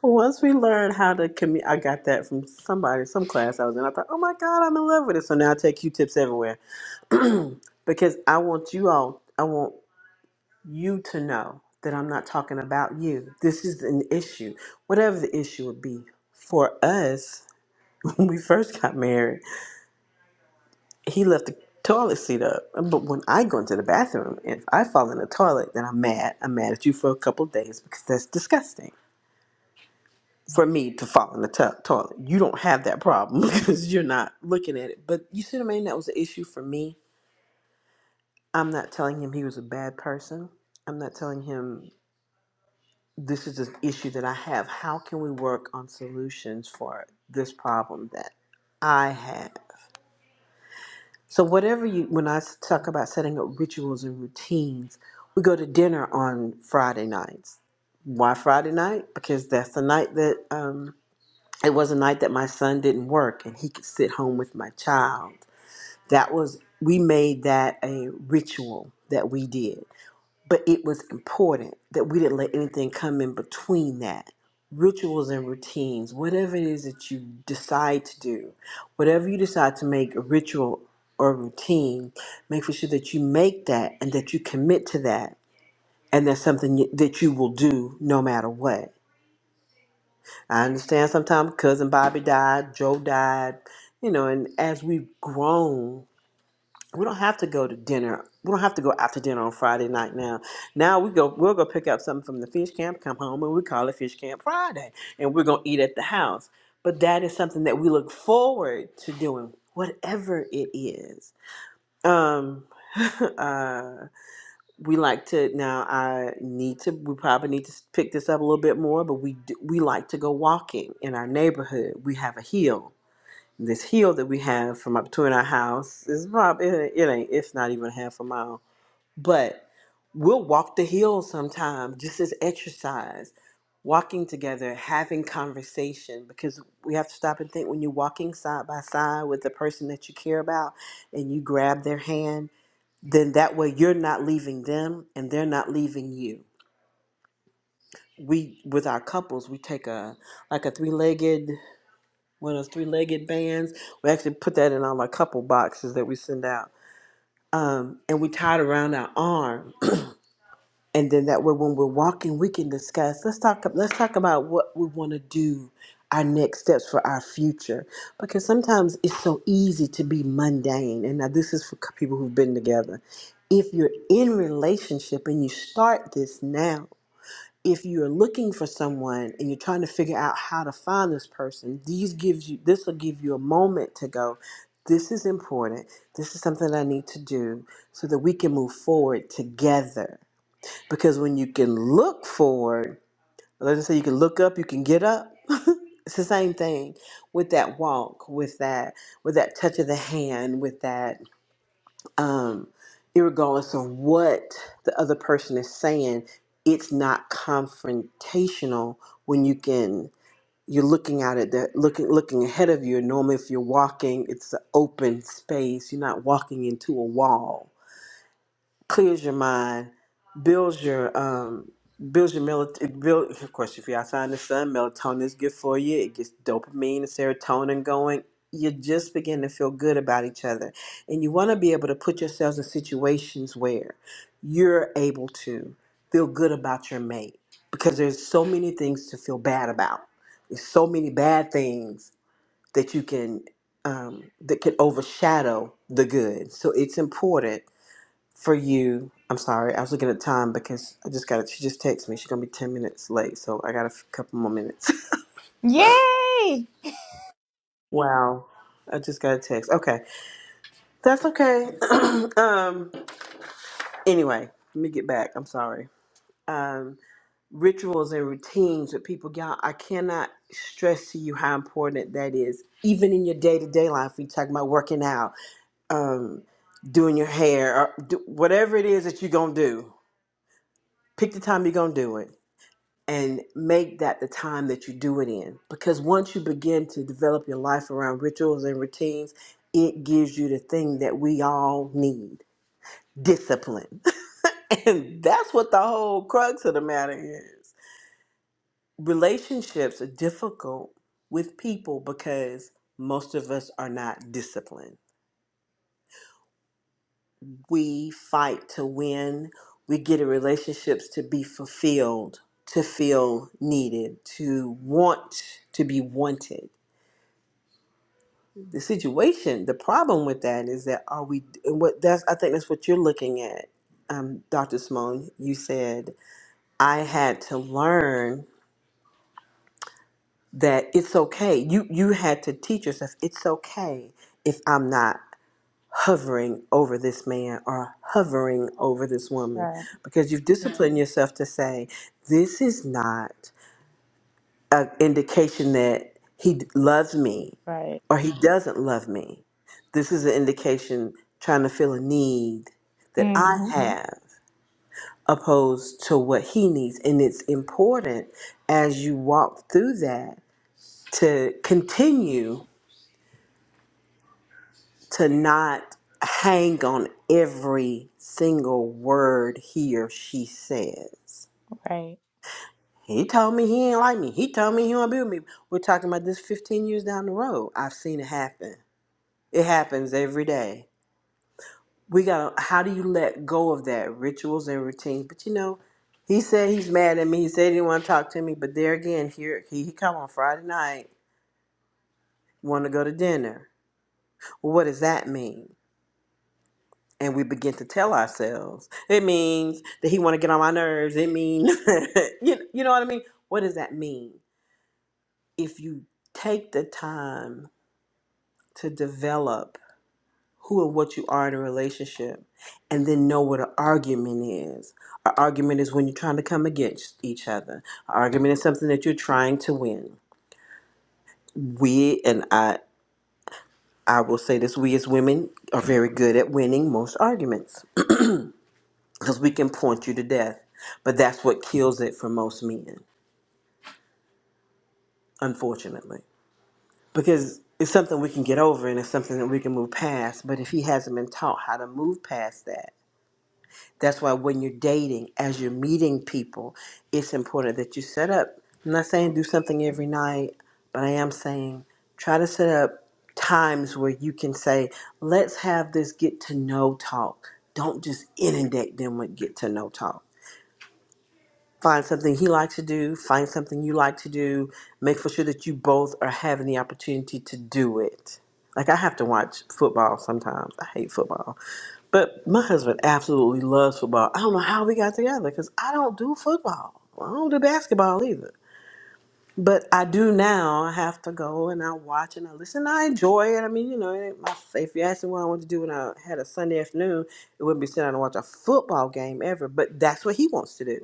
Speaker 2: Once we learn how to commu I got that from somebody, some class I was in. I thought, oh my God, I'm in love with it. So now I take Q tips everywhere because I want you all. I want. you to know that I'm not talking about you. This is an issue, whatever the issue would be. For us, when we first got married, he left the toilet seat up. But when I go into the bathroom, if I fall in the toilet, then I'm mad. I'm mad at you for a couple of days because that's disgusting for me to fall in the to- toilet. You don't have that problem because you're not looking at it. But you see what I mean? That was an issue for me. I'm not telling him he was a bad person. I'm not telling him. this is an issue that I have. How can we work on solutions for this problem that I have? So, whatever you, when I talk about setting up rituals and routines, we go to dinner on Friday nights. Why Friday night? Because that's the night that, um, it was a night that my son didn't work and he could sit home with my child. That was, we made that a ritual that we did. But it was important that we didn't let anything come in between that. Rituals and routines, whatever it is that you decide to do, whatever you decide to make a ritual or routine, make for sure that you make that and that you commit to that. And that's something you- that you will do no matter what. I understand sometimes cousin Bobby died, Joe died, you know, and as we've grown, we don't have to go to dinner. We don't have to go out to dinner on Friday night now. Now we go. We'll go pick up something from the fish camp. Come home and we call it Fish Camp Friday, and we're gonna eat at the house. But that is something that we look forward to doing, whatever it is. Um, uh, we like to now. I need to. We probably need to pick this up a little bit more. But we do, we like to go walking in our neighborhood. We have a hill this hill that we have from up to in our house is probably it, it ain't it's not even half a mile, but we'll walk the hill sometime just as exercise. Walking together, having conversation, because we have to stop and think when you're walking side by side with the person that you care about and you grab their hand, then that way you're not leaving them and they're not leaving you. We, with our couples, we take a like a three legged one of those three-legged bands. We actually put that in all our couple boxes that we send out, um, and we tie it around our arm. And then that way, when we're walking, we can discuss. Let's talk. Let's talk about what we want to do, our next steps for our future, because sometimes it's so easy to be mundane. And now this is for c- people who've been together. If you're in relationship and you start this now, if you're looking for someone and you're trying to figure out how to find this person these gives you this will give you a moment to go this is important this is something i need to do so that we can move forward together because when you can look forward let's just say you can look up you can get up it's the same thing with that walk with that with that touch of the hand with that um, irregardless of what the other person is saying, it's not confrontational when you can you're looking at it that looking looking ahead of you. And normally, if you're walking, it's an open space. You're not walking into a wall clears your mind, builds your um builds your melatonin. Build, of course, if you're outside in the sun, melatonin is good for you. It gets dopamine and serotonin going. You just begin to feel good about each other, and you want to be able to put yourselves in situations where you're able to feel good about your mate because there's so many things to feel bad about. There's so many bad things that you can um, that can overshadow the good. So it's important for you. I'm sorry, I was looking at time because I just got it. She just texted me. She's gonna be ten minutes late, so I got a f- couple more minutes.
Speaker 1: yay
Speaker 2: wow, I just got a text. Okay, that's okay. um, anyway, let me get back. I'm sorry. Um, rituals and routines with people, y'all. I cannot stress to you how important that is, even in your day to day life. We talk about working out, um, doing your hair, or do, whatever it is that you're gonna do. Pick the time you're gonna do it and make that the time that you do it in. Because once you begin to develop your life around rituals and routines, it gives you the thing that we all need discipline. and that's what the whole crux of the matter is. Relationships are difficult with people because most of us are not disciplined. We fight to win, we get in relationships to be fulfilled, to feel needed, to want to be wanted the situation the problem with that is that are we and what that's i think that's what you're looking at um, dr simone you said i had to learn that it's okay you you had to teach yourself it's okay if i'm not hovering over this man or hovering over this woman
Speaker 1: Right,
Speaker 2: because you've disciplined Mhm. yourself to say this is not an indication that he d- loves me
Speaker 1: right.
Speaker 2: or he doesn't love me. This is an indication trying to fill a need that I
Speaker 1: hmm
Speaker 2: have opposed to what he needs. And it's important as you walk through that to continue to not hang on every single word he or she says.
Speaker 1: Right.
Speaker 2: He told me he ain't like me. He told me he won't be with me. We're talking about this 15 years down the road. I've seen it happen. It happens every day we gotta how do you let go of that rituals and routines but you know he said he's mad at me he said he didn't want to talk to me but there again here he, he come on friday night want to go to dinner well, what does that mean and we begin to tell ourselves it means that he want to get on my nerves it mean you, you know what i mean what does that mean if you take the time to develop who and what you are in a relationship and then know what an argument is. An argument is when you're trying to come against each other. An argument is something that you're trying to win. We and I I will say this, we as women are very good at winning most arguments because we can point you to death. But that's what kills it for most men, unfortunately. Because it's something we can get over and it's something that we can move past. But if he hasn't been taught how to move past that, That's why when you're dating, as you're meeting people, it's important that you set up. I'm not saying do something every night, but I am saying try to set up times where you can say, let's have this get to know talk. Don't just inundate them with get to know talk find something he likes to do, find something you like to do, make for sure that you both are having the opportunity to do it. Like I have to watch football sometimes. I hate football. But my husband absolutely loves football. I don't know how we got together cuz I don't do football. I don't do basketball either. But I do now. I have to go and I watch and I listen. I enjoy it. I mean, you know, it ain't my if you asked me what I wanted to do when I had a Sunday afternoon, it wouldn't be sitting down and watch a football game ever. But that's what he wants to do.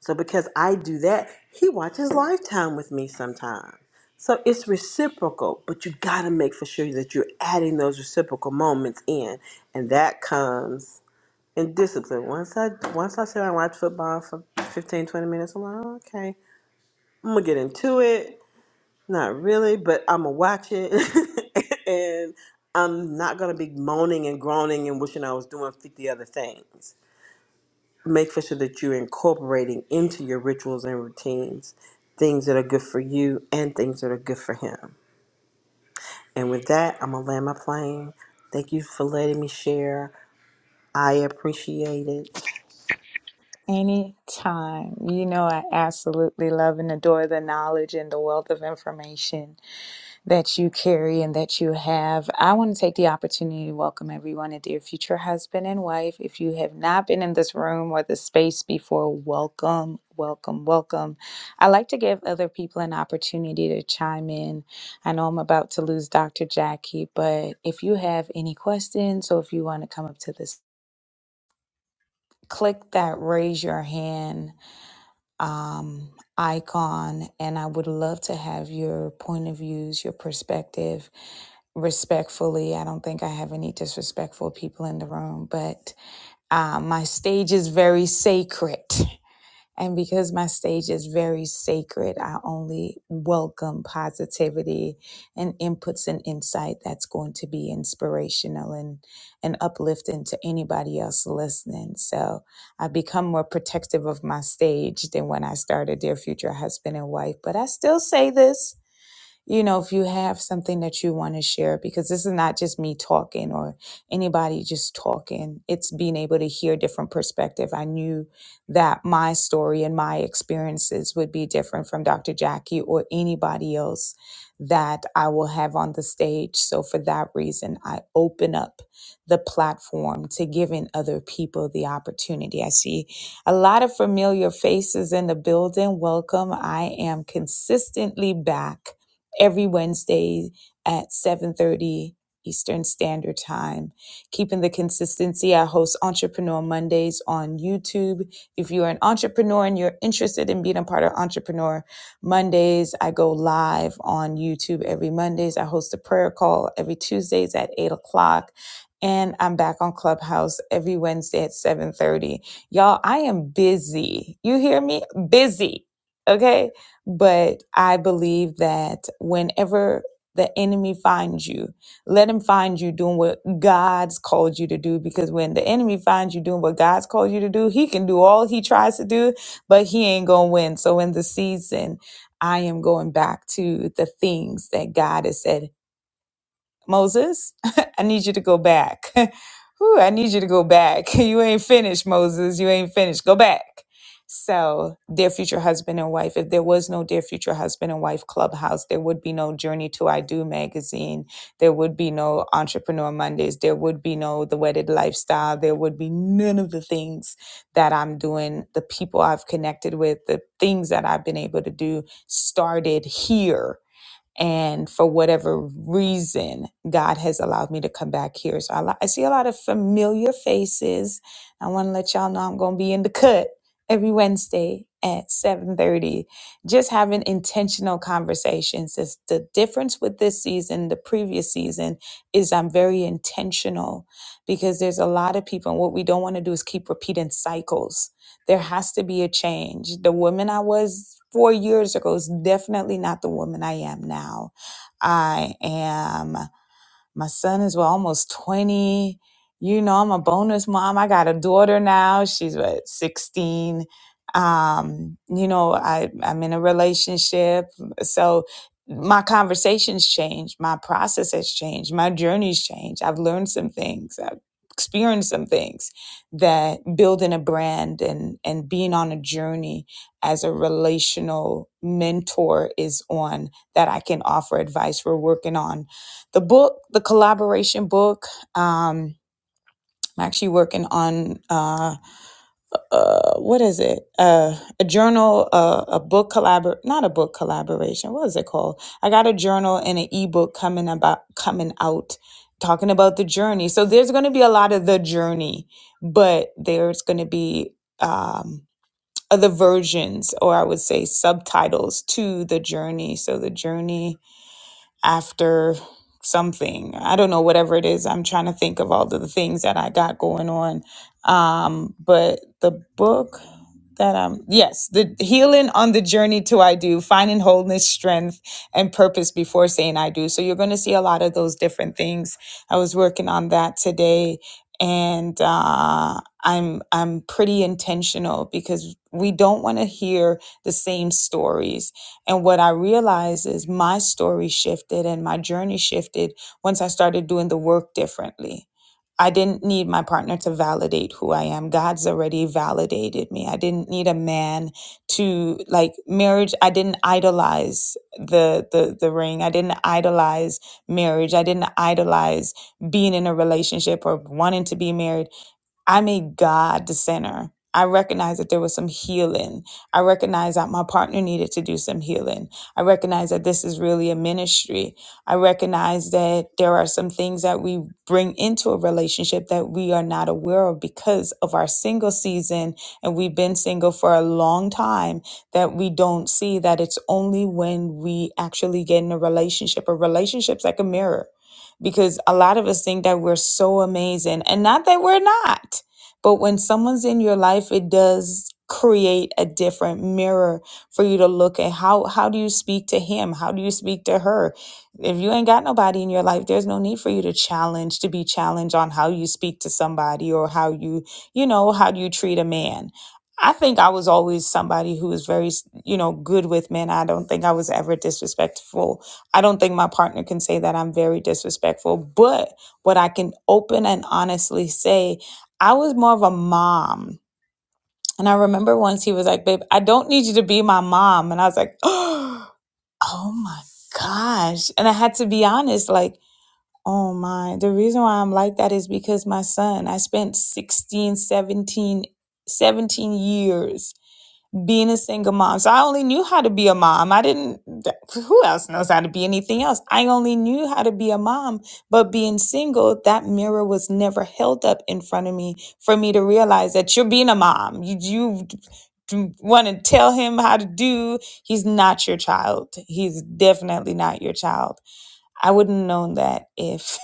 Speaker 2: So because I do that, he watches Lifetime with me sometimes. So it's reciprocal, but you got to make for sure that you're adding those reciprocal moments in, and that comes in discipline. Once I once I sit and watch football for 15 20 minutes, I'm like, "Oh, okay, I'm gonna get into it. Not really, but I'm gonna watch it, and I'm not gonna be moaning and groaning and wishing I was doing fifty other things make for sure that you're incorporating into your rituals and routines things that are good for you and things that are good for him. And with that, I'm gonna land my plane. Thank you for letting me share. I appreciate it.
Speaker 1: Anytime. You know, I absolutely love and adore the knowledge and the wealth of information that you carry and that you have. I want to take the opportunity to welcome everyone to Dear Future Husband and Wife. If you have not been in this room or the space before, welcome, welcome, welcome. I like to give other people an opportunity to chime in. I know I'm about to lose Dr. Jackie, but if you have any questions or if you want to come up to this click that raise your hand um, icon, and I would love to have your point of views, your perspective respectfully. I don't think I have any disrespectful people in the room, but uh, my stage is very sacred. And because my stage is very sacred, I only welcome positivity and inputs and insight that's going to be inspirational and, and uplifting to anybody else listening. So I've become more protective of my stage than when I started Dear Future Husband and Wife. But I still say this you know, if you have something that you want to share, because this is not just me talking or anybody just talking. It's being able to hear different perspective. I knew that my story and my experiences would be different from Dr. Jackie or anybody else that I will have on the stage. So for that reason, I open up the platform to giving other people the opportunity. I see a lot of familiar faces in the building. Welcome. I am consistently back every Wednesday at 7:30 Eastern Standard Time. Keeping the consistency, I host Entrepreneur Mondays on YouTube. If you're an entrepreneur and you're interested in being a part of Entrepreneur Mondays, I go live on YouTube every Mondays. I host a prayer call every Tuesdays at 8 o'clock. And I'm back on Clubhouse every Wednesday at 7:30. Y'all, I am busy. You hear me? Busy. Okay but I believe that whenever the enemy finds you, let him find you doing what God's called you to do. Because when the enemy finds you doing what God's called you to do, he can do all he tries to do, but he ain't going to win. So in the season, I am going back to the things that God has said Moses, I need you to go back. Whew, I need you to go back. You ain't finished, Moses. You ain't finished. Go back. So, dear future husband and wife, if there was no dear future husband and wife clubhouse, there would be no Journey to I Do magazine. There would be no Entrepreneur Mondays. There would be no The Wedded Lifestyle. There would be none of the things that I'm doing, the people I've connected with, the things that I've been able to do started here and for whatever reason, God has allowed me to come back here. So I, li- I see a lot of familiar faces. I want to let y'all know I'm going to be in the cut every Wednesday at 7:30 just having intentional conversations It's the difference with this season the previous season is I'm very intentional because there's a lot of people and what we don't want to do is keep repeating cycles there has to be a change. The woman I was four years ago is definitely not the woman I am now. I am. My son is well, almost 20. You know, I'm a bonus mom. I got a daughter now. She's what, 16. Um, you know, I, I'm in a relationship. So my conversations change. My process has changed. My journey's changed. I've learned some things. I've experienced some things that building a brand and, and being on a journey as a relational mentor is on that I can offer advice. We're working on the book, the collaboration book. Um, I'm actually working on uh, uh, what is it? Uh, a journal, uh, a book collabor, not a book collaboration. What is it called? I got a journal and an ebook coming about coming out, talking about the journey. So there's going to be a lot of the journey, but there's going to be um, other versions, or I would say subtitles to the journey. So the journey after something. I don't know, whatever it is. I'm trying to think of all the things that I got going on. Um, but the book that I'm, yes, the healing on the journey to I do, finding wholeness, strength, and purpose before saying I do. So you're going to see a lot of those different things. I was working on that today. And uh, I'm I'm pretty intentional because we don't want to hear the same stories and what I realized is my story shifted and my journey shifted once I started doing the work differently. I didn't need my partner to validate who I am. God's already validated me. I didn't need a man to like marriage. I didn't idolize the the the ring. I didn't idolize marriage. I didn't idolize being in a relationship or wanting to be married. I made God the center. I recognized that there was some healing. I recognized that my partner needed to do some healing. I recognized that this is really a ministry. I recognized that there are some things that we bring into a relationship that we are not aware of because of our single season and we've been single for a long time that we don't see that it's only when we actually get in a relationship. A relationship's like a mirror because a lot of us think that we're so amazing and not that we're not. But when someone's in your life, it does create a different mirror for you to look at how how do you speak to him how do you speak to her if you ain't got nobody in your life there's no need for you to challenge to be challenged on how you speak to somebody or how you you know how do you treat a man i think i was always somebody who was very you know good with men i don't think i was ever disrespectful I don't think my partner can say that I'm very disrespectful, but what I can open and honestly say, I was more of a mom. And I remember once he was like, babe, I don't need you to be my mom. And I was like, oh my gosh. And I had to be honest, like, oh my, the reason why I'm like that is because my son, I spent 16, 17, seventeen years being a single mom. So I only knew how to be a mom. I didn't, who else knows how to be anything else? I only knew how to be a mom. But being single, that mirror was never held up in front of me for me to realize that you're being a mom. You, you want to tell him how to do. He's not your child. He's definitely not your child. I wouldn't have known that if.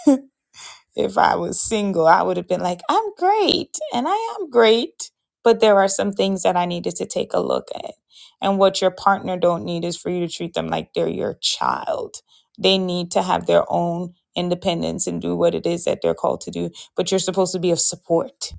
Speaker 1: if I was single, I would have been like, I'm great and I am great. But there are some things that I needed to take a look at. And what your partner don't need is for you to treat them like they're your child. They need to have their own independence and do what it is that they're called to do. But you're supposed to be of support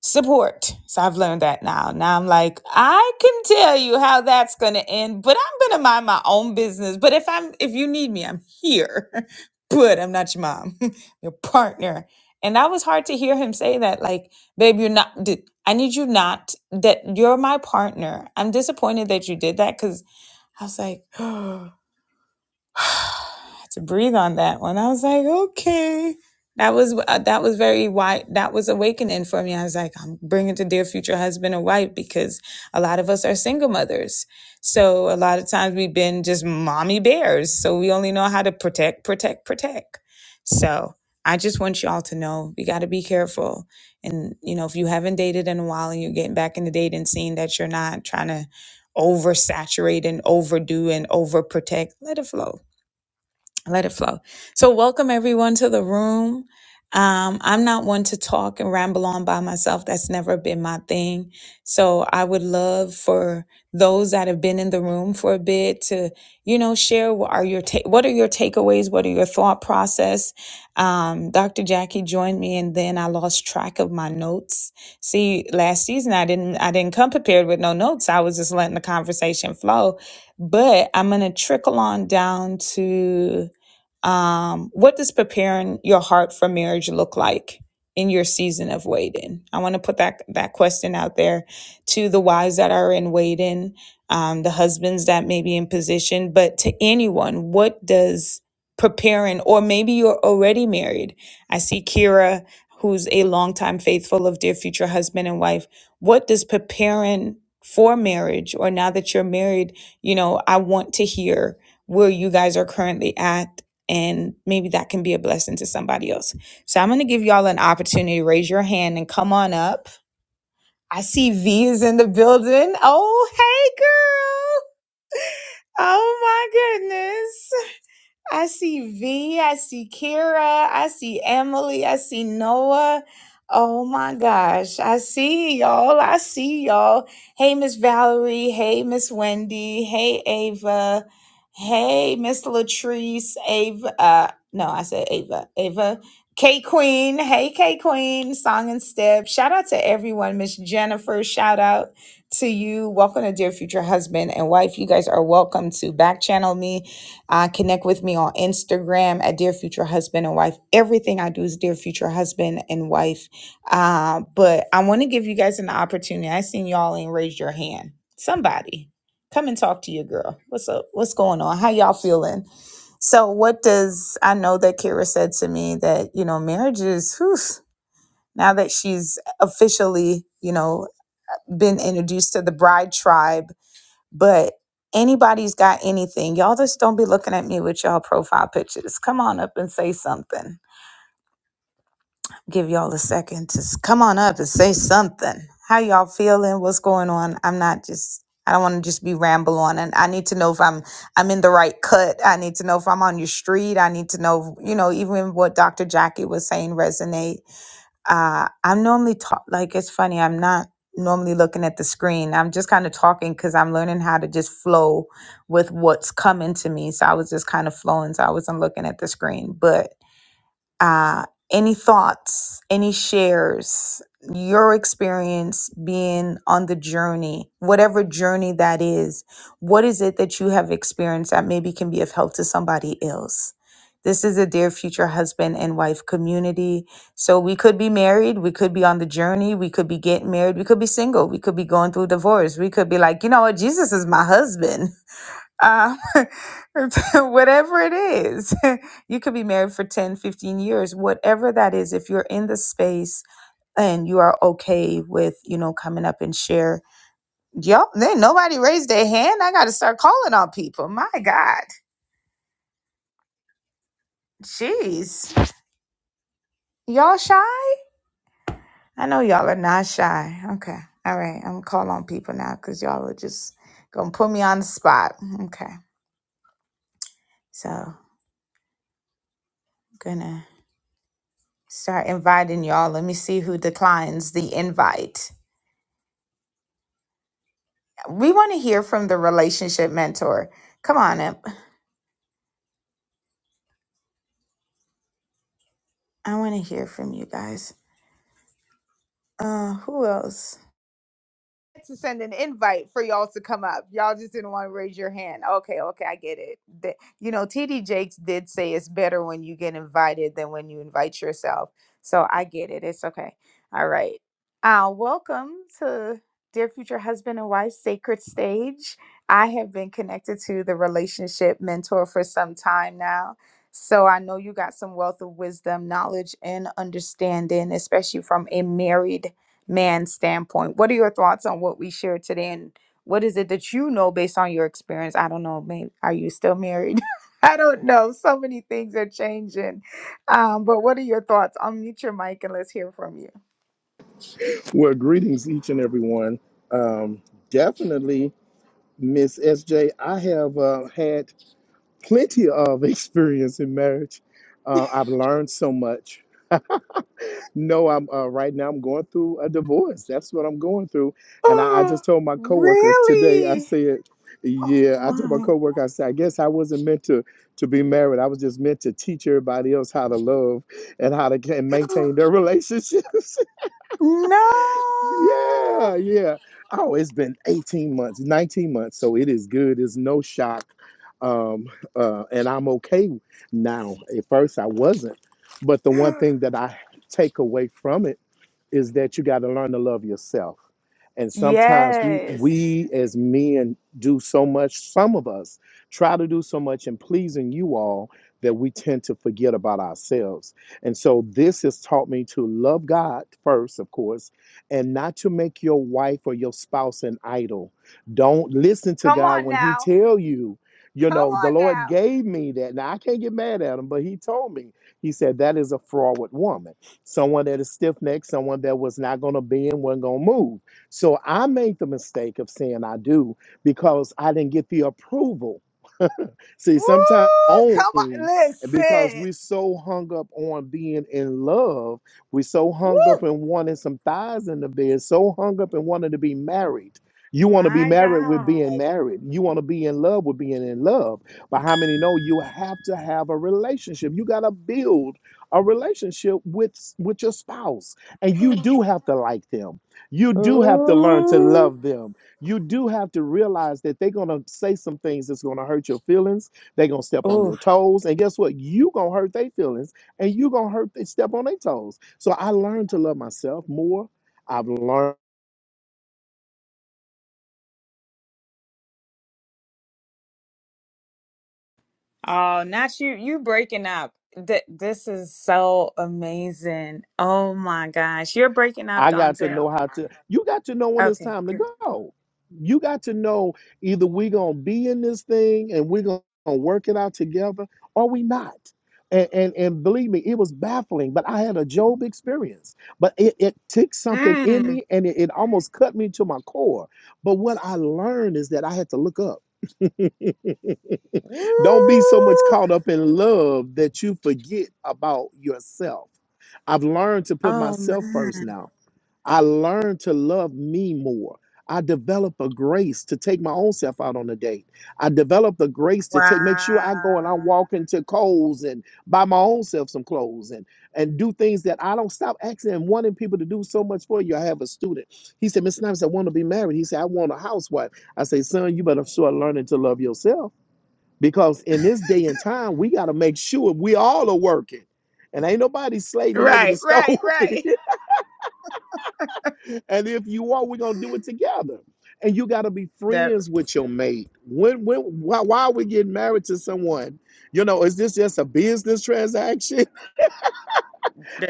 Speaker 1: support. So I've learned that now. Now I'm like, I can tell you how that's going to end, but I'm going to mind my own business. But if I'm if you need me, I'm here. but I'm not your mom, your partner. And that was hard to hear him say that like, babe, you're not d- I need you not that you're my partner. I'm disappointed that you did that cuz I was like had to breathe on that one. I was like, okay, that was uh, that was very wide. That was awakening for me. I was like, I'm bringing to dear future husband and wife because a lot of us are single mothers. So a lot of times we've been just mommy bears. So we only know how to protect, protect, protect. So I just want y'all to know we got to be careful. And you know, if you haven't dated in a while and you're getting back into dating, scene, that you're not trying to oversaturate and overdo and overprotect, let it flow let it flow. So, welcome everyone to the room. Um, I'm not one to talk and ramble on by myself. That's never been my thing. So, I would love for those that have been in the room for a bit to, you know, share what are your ta- what are your takeaways, what are your thought process. Um, Dr. Jackie joined me, and then I lost track of my notes. See, last season I didn't I didn't come prepared with no notes. I was just letting the conversation flow. But I'm gonna trickle on down to um, what does preparing your heart for marriage look like in your season of waiting? I want to put that that question out there to the wives that are in waiting, um, the husbands that may be in position, but to anyone, what does preparing, or maybe you're already married? I see Kira, who's a longtime faithful of dear future husband and wife. What does preparing for marriage, or now that you're married, you know, I want to hear where you guys are currently at and maybe that can be a blessing to somebody else. So I'm going to give y'all an opportunity raise your hand and come on up. I see V is in the building. Oh, hey, girl. Oh, my goodness. I see V, I see Kira, I see Emily, I see Noah. Oh my gosh, I see y'all, I see y'all. Hey, Miss Valerie, hey, Miss Wendy, hey, Ava, hey, Miss Latrice, Ava, uh, no, I said Ava, Ava, K Queen, hey, K Queen, Song and Step. Shout out to everyone, Miss Jennifer, shout out to you. Welcome to Dear Future Husband and Wife. You guys are welcome to back channel me uh, connect with me on Instagram at Dear Future Husband and Wife. Everything I do is Dear Future Husband and Wife. Uh, but I want to give you guys an opportunity. I seen y'all ain't raised your hand. Somebody, come and talk to your girl. What's up? What's going on? How y'all feeling? So, what does I know that Kara said to me that you know marriage is whew, now that she's officially you know been introduced to the bride tribe but anybody's got anything. Y'all just don't be looking at me with y'all profile pictures. Come on up and say something. Give y'all a second to s- come on up and say something. How y'all feeling? What's going on? I'm not just I don't want to just be ramble on and I need to know if I'm I'm in the right cut. I need to know if I'm on your street. I need to know, you know, even what Dr. Jackie was saying resonate uh, I'm normally talk like it's funny. I'm not normally looking at the screen. I'm just kind of talking because I'm learning how to just flow with what's coming to me. So I was just kind of flowing. So I wasn't looking at the screen, but uh, any thoughts, any shares, your experience being on the journey, whatever journey that is, what is it that you have experienced that maybe can be of help to somebody else? This is a dear future husband and wife community. So we could be married, we could be on the journey, we could be getting married, we could be single, we could be going through divorce, we could be like, you know what, Jesus is my husband um, whatever it is you could be married for 10, 15 years whatever that is if you're in the space and you are okay with you know coming up and share yep then nobody raised their hand i gotta start calling on people my god jeez y'all shy i know y'all are not shy okay all right i'm gonna call on people now because y'all are just gonna put me on the spot okay so gonna start inviting y'all let me see who declines the invite We want to hear from the relationship mentor. Come on up. I want to hear from you guys. Uh, who else? to send an invite for y'all to come up. Y'all just didn't want to raise your hand. Okay, okay, I get it. The- you know, TD Jakes did say it's better when you get invited than when you invite yourself. So I get it. It's okay. All right. Uh, welcome to Dear Future Husband and Wife Sacred Stage. I have been connected to the relationship mentor for some time now. So I know you got some wealth of wisdom, knowledge, and understanding, especially from a married man's standpoint. What are your thoughts on what we shared today, and what is it that you know based on your experience? I don't know. Maybe are you still married? I don't know. So many things are changing. Um, but what are your thoughts? Unmute your mic and let's hear from you.
Speaker 3: Well, greetings, each and every one. Um, definitely, Miss SJ, I have uh, had plenty of experience in marriage. Uh, I've learned so much. No, I'm uh, right now. I'm going through a divorce. That's what I'm going through. And I, I
Speaker 1: Oh,
Speaker 3: just told my coworker today. I
Speaker 1: really?
Speaker 3: said,
Speaker 1: Oh
Speaker 3: "Yeah." I told my
Speaker 1: my.
Speaker 3: coworker, I said, "I guess I wasn't meant to to be married. I was just meant to teach everybody else how to love and how to ca- maintain their relationships."
Speaker 1: No.
Speaker 3: Yeah, yeah. Oh, it's been 18 months, 19 months, so it is good. It's no shock. Um, uh, and I'm okay now. At first, I wasn't. But the one thing that I take away from it is that you got to learn to love yourself. And sometimes we
Speaker 1: Yes.
Speaker 3: we as men do so much, some of us try to do so much in pleasing you all that we tend to forget about ourselves. And so this has taught me to love God first, of course, and not to make your wife or your spouse an idol. Don't listen to
Speaker 1: Come
Speaker 3: God
Speaker 1: on
Speaker 3: when he
Speaker 1: now.
Speaker 3: tell you, you
Speaker 1: Come
Speaker 3: know, the
Speaker 1: on
Speaker 3: Lord
Speaker 1: now.
Speaker 3: gave me that. Now I can't get mad at him, but he told me. He said that is a froward woman someone that is stiff necked, someone that was not going to bend, wasn't going to move. So I made the mistake of saying I do because I didn't get the approval See,
Speaker 1: Woo!
Speaker 3: sometimes own
Speaker 1: Come on.
Speaker 3: because
Speaker 1: Listen.
Speaker 3: we're so hung up on being in love, we're so hung
Speaker 1: Woo!
Speaker 3: up in wanting some thighs in the bed, so hung up in wanting to be married. You want to be
Speaker 1: My
Speaker 3: married with being
Speaker 1: God.
Speaker 3: married. You want to be in love with being in love. But how many know you have to have a relationship? You got to build a relationship with with your spouse, and you do have to like them. You do have to learn to
Speaker 1: Ooh.
Speaker 3: love them you do have to realize that they're going to say some things that's going to hurt your feelings they're gonna step on
Speaker 1: Ooh.
Speaker 3: your toes, and guess what? You gonna hurt their feelings, and you gonna hurt they step on their toes. So I learned to love myself more. I've learned.
Speaker 1: Oh, not you. You breaking up. Th- this is so amazing. Oh my gosh. You're breaking up,
Speaker 3: I got to
Speaker 1: Donzel.
Speaker 3: know how to. You got to know when it's
Speaker 1: Okay,
Speaker 3: time to
Speaker 1: good.
Speaker 3: go. You got to know either we gonna be in this thing and we're gonna work it out together, or we not. And, and and believe me, it was baffling, but I had a Job experience. But it, it took something in
Speaker 1: Mm.
Speaker 3: me, and it, it almost cut me to my core. But what I learned is that I had to look up. Don't be so much
Speaker 1: Ooh.
Speaker 3: caught up in love that you forget about yourself. I've learned to put
Speaker 1: Oh
Speaker 3: myself first
Speaker 1: man.
Speaker 3: now. I learned to love me more. I develop a grace to take my own self out on a date. I develop the grace to take make sure I go and I
Speaker 1: Wow.
Speaker 3: walk into Kohl's and buy my own self some clothes and and do things that I don't stop asking and wanting people to do so much for you. I have a student. He said, Miss Snipes, I want to be married. He said, I want a housewife. I say, son, you better start learning to love yourself. Because in this day and time, we got to make sure we all are working. And ain't nobody slaving over
Speaker 1: Right,
Speaker 3: the stove.
Speaker 1: right, right.
Speaker 3: and if you are, we're gonna do it together. And you gotta be
Speaker 1: That
Speaker 3: friends with your mate. When when why, why are we getting married to someone? You know, is this just a business transaction?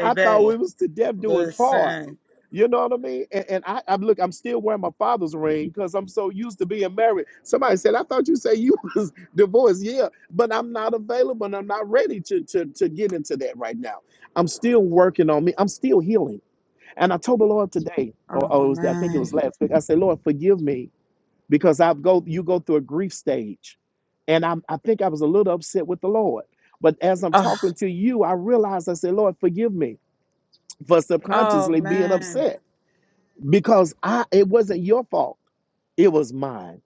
Speaker 3: I thought we was to death do us part.
Speaker 1: Listen.
Speaker 3: You know what I mean? And, and I, I look, I'm still wearing my father's ring because I'm so used to being married. Somebody said, I thought you say you was divorced. Yeah, but I'm not available and I'm not ready to, to, to get into that right now. I'm still working on me. I'm still healing. And I told the Lord today, or,
Speaker 1: Oh
Speaker 3: or it was, I think it
Speaker 1: man.
Speaker 3: was last week, I said, Lord, forgive me because I've go you go through a grief stage. And I'm, I think I was a little upset with the Lord. But as I'm
Speaker 1: Oh,
Speaker 3: talking to you, I realized I said, Lord, forgive me for
Speaker 1: oh
Speaker 3: subconsciously being
Speaker 1: man.
Speaker 3: upset because I it wasn't your fault. It was mine.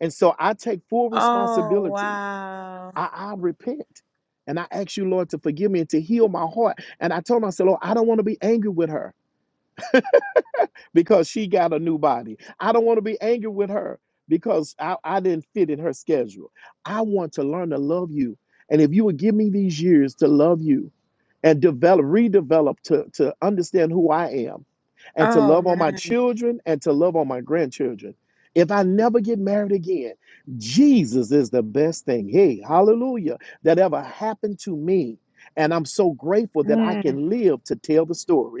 Speaker 3: And so I take full
Speaker 1: Oh
Speaker 3: responsibility.
Speaker 1: wow.
Speaker 3: I, I repent. And I ask you, Lord, to forgive me and to heal my heart. And I told him, I said, Lord, I don't want to be angry with her because she got a new body. I don't want to be angry with her because I, I didn't fit in her schedule. I want to learn to love you. And if you would give me these years to love you, and develop, redevelop to, to understand who I am and to
Speaker 1: Oh
Speaker 3: love on my
Speaker 1: man,
Speaker 3: children and to love on my grandchildren. If I never get married again, Jesus is the best thing, hey, hallelujah, that ever happened to me. And I'm so grateful that I
Speaker 1: Mm.
Speaker 3: can live to tell the story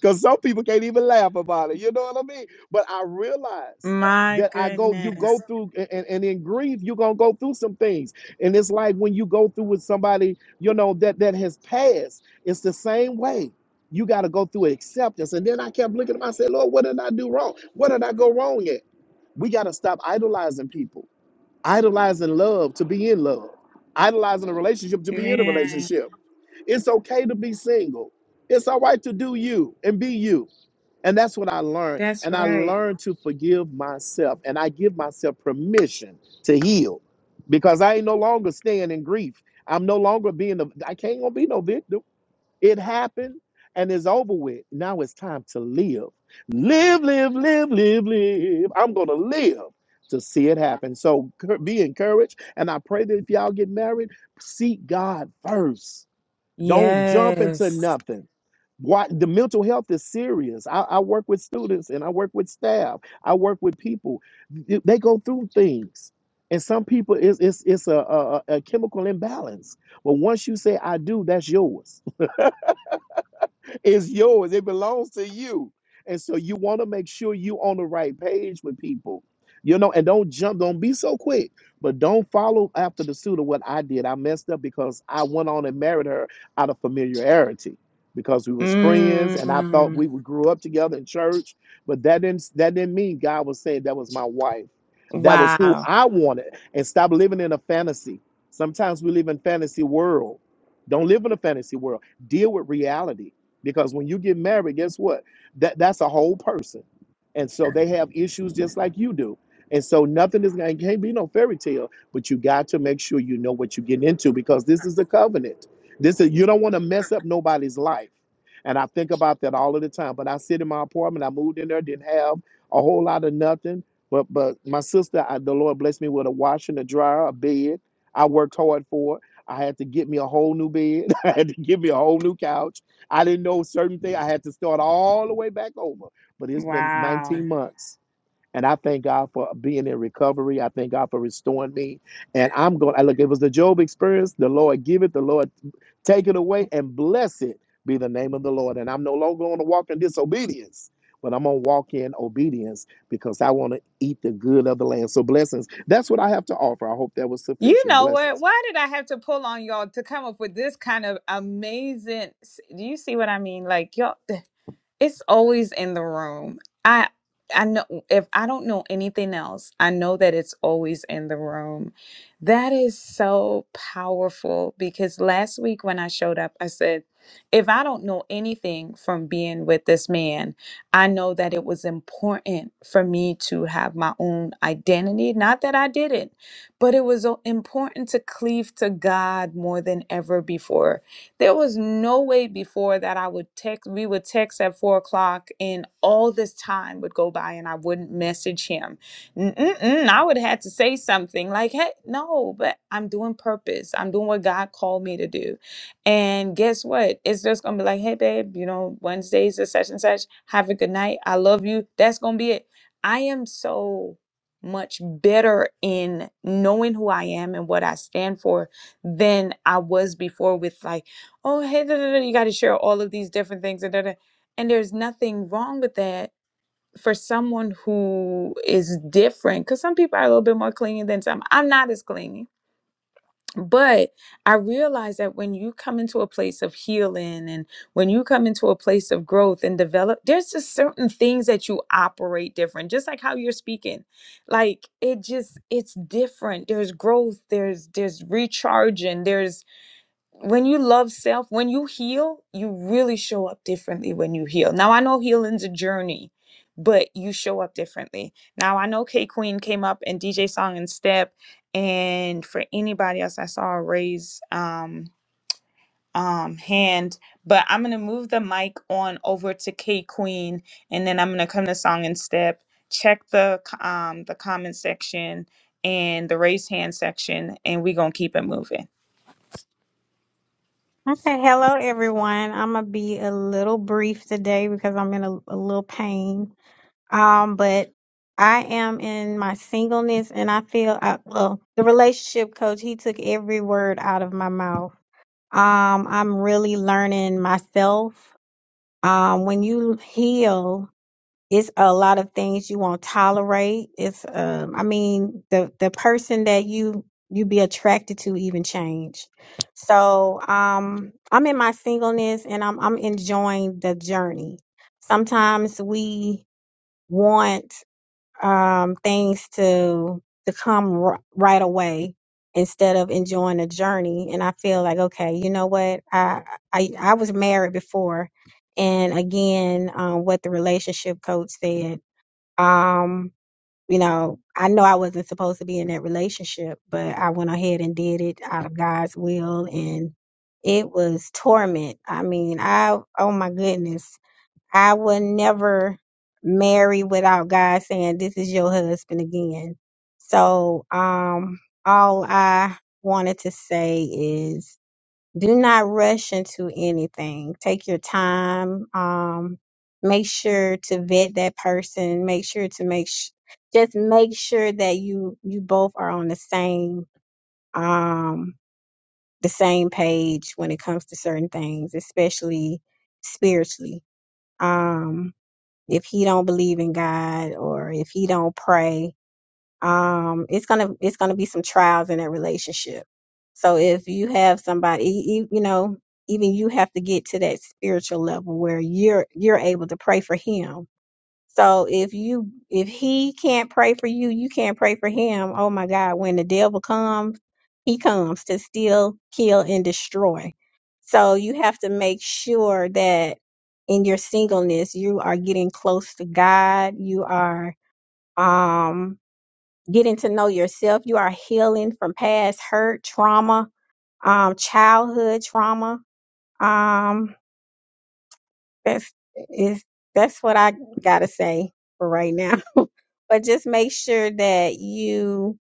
Speaker 3: because some people can't even laugh about it. You know what I mean? But I realize
Speaker 1: my
Speaker 3: that I go, you
Speaker 1: goodness,
Speaker 3: go through, a- and, and in grief, you're gonna go through some things. And it's like when you go through with somebody, you know, that that has passed. It's the same way. You got to go through acceptance. And then I kept looking at myself, Lord, what did I do wrong? What did I go wrong at? We got to stop idolizing people, idolizing love to be in love, idolizing a relationship to be in a
Speaker 1: man,
Speaker 3: relationship. It's okay to be single. It's all right to do you and be you. And that's what I learned.
Speaker 1: that's
Speaker 3: And I
Speaker 1: right.
Speaker 3: learned to forgive myself. And I give myself permission to heal because I ain't no longer staying in grief. I'm no longer being, a, I can't gonna be no victim. It happened and it's over with. Now it's time to live. Live, live, live, live, live. I'm gonna live to see it happen. So cur- be encouraged. And I pray that if y'all get married, seek God first don't jump into
Speaker 1: Yes.
Speaker 3: nothing. What the mental health is serious. I, I work with students and I work with staff. I work with people. Th- They go through things. And some people it's it's, it's a, a, a a chemical imbalance. But once you say I do, that's yours. It's yours. It belongs to you. And so you want to make sure you on the right page with people. You know, and don't jump, don't be so quick, but don't follow after the suit of what I did. I messed up because I went on and married her out of familiarity because we was friends and I thought
Speaker 1: Mm.
Speaker 3: we would grew up together in church, but that didn't that didn't mean God was saying that was my wife. That was who
Speaker 1: Wow.
Speaker 3: I wanted. And stop living in a fantasy. Sometimes we live in fantasy world. Don't live in a fantasy world. Deal with reality because when you get married guess what that that's a whole person and so they have issues just like you do and so nothing is going can't be no fairy tale but you got to make sure you know what you're getting into because this is a covenant this is you don't want to mess up nobody's life and i think about that all of the time but i sit in my apartment i moved in there didn't have a whole lot of nothing but but my sister I, the lord blessed me with a washer and a dryer a bed i worked hard for it i had to get me a whole new bed i had to get me a whole new couch I didn't know certain things. I had to start all the way back over. But it's been
Speaker 1: Wow.
Speaker 3: 19 months. And I thank God for being in recovery. I thank God for restoring me. And I'm going, I look, it was the Job experience. The Lord give it, the Lord take it away, and bless it be the name of the Lord. And I'm no longer going to walk in disobedience, but I'm going to walk in obedience because I want to eat the good of the land. So blessings. That's what I have to offer. I hope that was
Speaker 1: You
Speaker 3: sufficient.
Speaker 1: know
Speaker 3: Blessings.
Speaker 1: what? Why did I have to pull on y'all to come up with this kind of amazing? Do you see what I mean? Like y'all. It's always in the room. I I know if I don't know anything else, I know that it's always in the room. That is so powerful because last week when I showed up, I said, if I don't know anything from being with this man, I know that it was important for me to have my own identity. Not that I didn't, but it was o- important to cleave to God more than ever before there was no way before that I would text. We would text at four o'clock, and all this time would go by, and I wouldn't message him. Mm-mm-mm, I would have had to say something like, "Hey, no," but I'm doing purpose. I'm doing what God called me to do. And guess what? It's just gonna be like, "Hey, babe, you know, Wednesdays is such and such. Have a good night. I love you." That's gonna be it. I am so much better in knowing who I am and what I stand for than I was before with like oh hey da, da, da, you got to share all of these different things and, da, da. and there's nothing wrong with that for someone who is different because some people are a little bit more clingy than some i'm not as clingy but i realize that when you come into a place of healing and when you come into a place of growth and develop there's just certain things that you operate different just like how you're speaking like it just it's different there's growth there's there's recharging there's when you love self, when you heal, you really show up differently when you heal. Now I know healing's a journey, but you show up differently. Now I know K Queen came up and DJ Song and Step, and for anybody else, I saw a raise um um hand, but I'm gonna move the mic on over to K Queen, and then I'm gonna come to Song and Step. Check the co- um the comment section and the raise hand section, and we gonna keep it moving.
Speaker 4: Okay, hello everyone. I'm gonna be a little brief today because I'm in a, a little pain. Um, but I am in my singleness, and I feel I, well. The relationship coach he took every word out of my mouth. Um, I'm really learning myself. Um, when you heal it's a lot of things you won't tolerate. It's um I mean the the person that you you be attracted to even change. So um I'm in my singleness and I'm I'm enjoying the journey. Sometimes we want um things to to come r- right away instead of enjoying the journey and I feel like okay, you know what? I I I was married before and again um, what the relationship coach said um, you know, I know I wasn't supposed to be in that relationship, but I went ahead and did it out of God's will and it was torment. I mean, I oh my goodness. I would never marry without God saying this is your husband again. So, um all I wanted to say is do not rush into anything. Take your time. Um, make sure to vet that person. Make sure to make sh- just make sure that you you both are on the same um the same page when it comes to certain things, especially spiritually. Um, if he don't believe in God or if he don't pray, um it's gonna it's gonna be some trials in that relationship so if you have somebody e- e- you know even you have to get to that spiritual level where you're you're able to pray for him so if you if he can't pray for you you can't pray for him oh my god when the devil comes he comes to steal kill and destroy so you have to make sure that in your singleness you are getting close to god you are um getting to know yourself. You are healing from past hurt, trauma, um, childhood trauma. Um, that's is that's what I gotta say for right now. But just make sure that you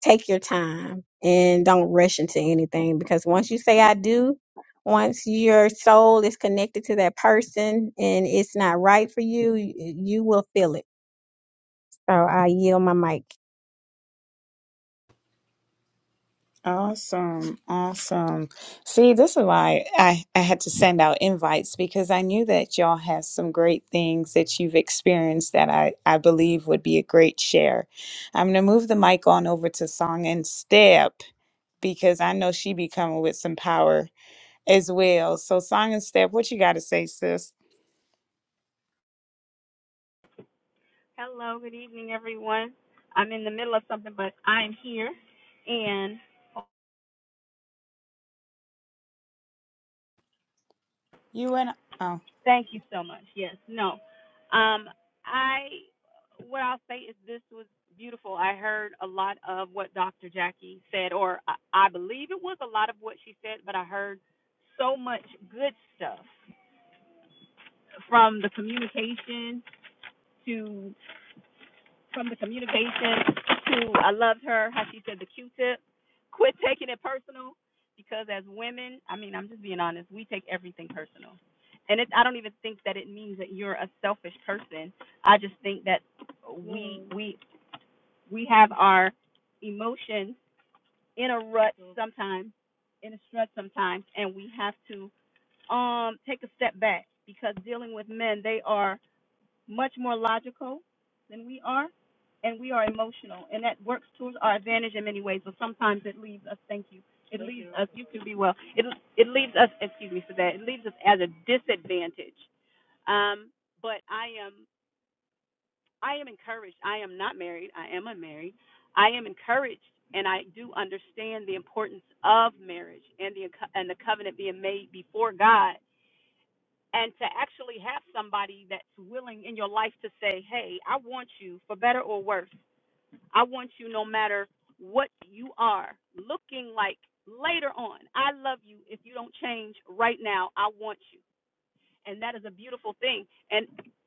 Speaker 4: take your time and don't rush into anything because once you say I do, once your soul is connected to that person and it's not right for you, you you will feel it. So I yield my mic.
Speaker 1: Awesome, awesome. See, this is why I, I had to send out invites because I knew that y'all have some great things that you've experienced that I, I believe would be a great share. I'm gonna move the mic on over to Song and Step because I know she be coming with some power as well. So Song and Step, what you gotta say, sis?
Speaker 5: Hello, good evening, everyone. I'm in the middle of something, but I'm here. And oh,
Speaker 1: You and oh
Speaker 5: thank you so much. Yes, no. Um, I, what I'll say is this was beautiful. I heard a lot of what Dr. Jackie said, or I, I believe it was a lot of what she said, but I heard so much good stuff from the communication to. from the communication to I loved her, how she said the Q tip. Quit taking it personal because as women, I mean, I'm just being honest, we take everything personal. And it, I don't even think that it means that you're a selfish person. I just think that we we we have our emotions in a rut sometimes, in a strut sometimes, and we have to um take a step back because dealing with men, they are much more logical than we are, and we are emotional, and that works towards our advantage in many ways. But sometimes it leaves us. Thank you. It Thank leaves you. us. You can be well. It it leaves us. Excuse me for that. It leaves us as a disadvantage. Um, but I am I am encouraged. I am not married. I am unmarried. I am encouraged, and I do understand the importance of marriage and the and the covenant being made before God and to actually have somebody that's willing in your life to say, "Hey, I want you for better or worse. I want you no matter what you are looking like later on. I love you if you don't change right now. I want you." And that is a beautiful thing. And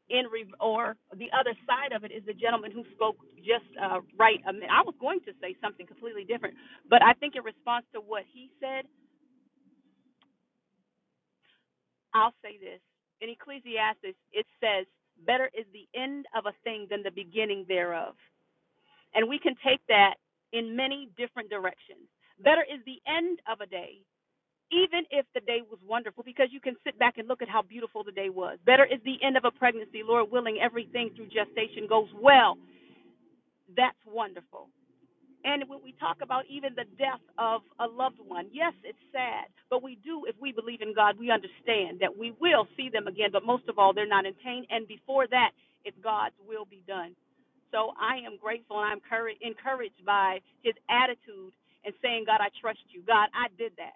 Speaker 5: in re- or the other side of it is the gentleman who spoke just uh, right. a min- I was going to say something completely different, but I think in response to what he said I'll say this. In Ecclesiastes, it says, Better is the end of a thing than the beginning thereof. And we can take that in many different directions. Better is the end of a day, even if the day was wonderful, because you can sit back and look at how beautiful the day was. Better is the end of a pregnancy, Lord willing, everything through gestation goes well. That's wonderful. And when we talk about even the death of a loved one, yes, it's sad, but we do, if we believe in God, we understand that we will see them again, but most of all, they're not in pain. And before that, it's God's will be done. So I am grateful and I'm encouraged by his attitude and saying, God, I trust you. God, I did that.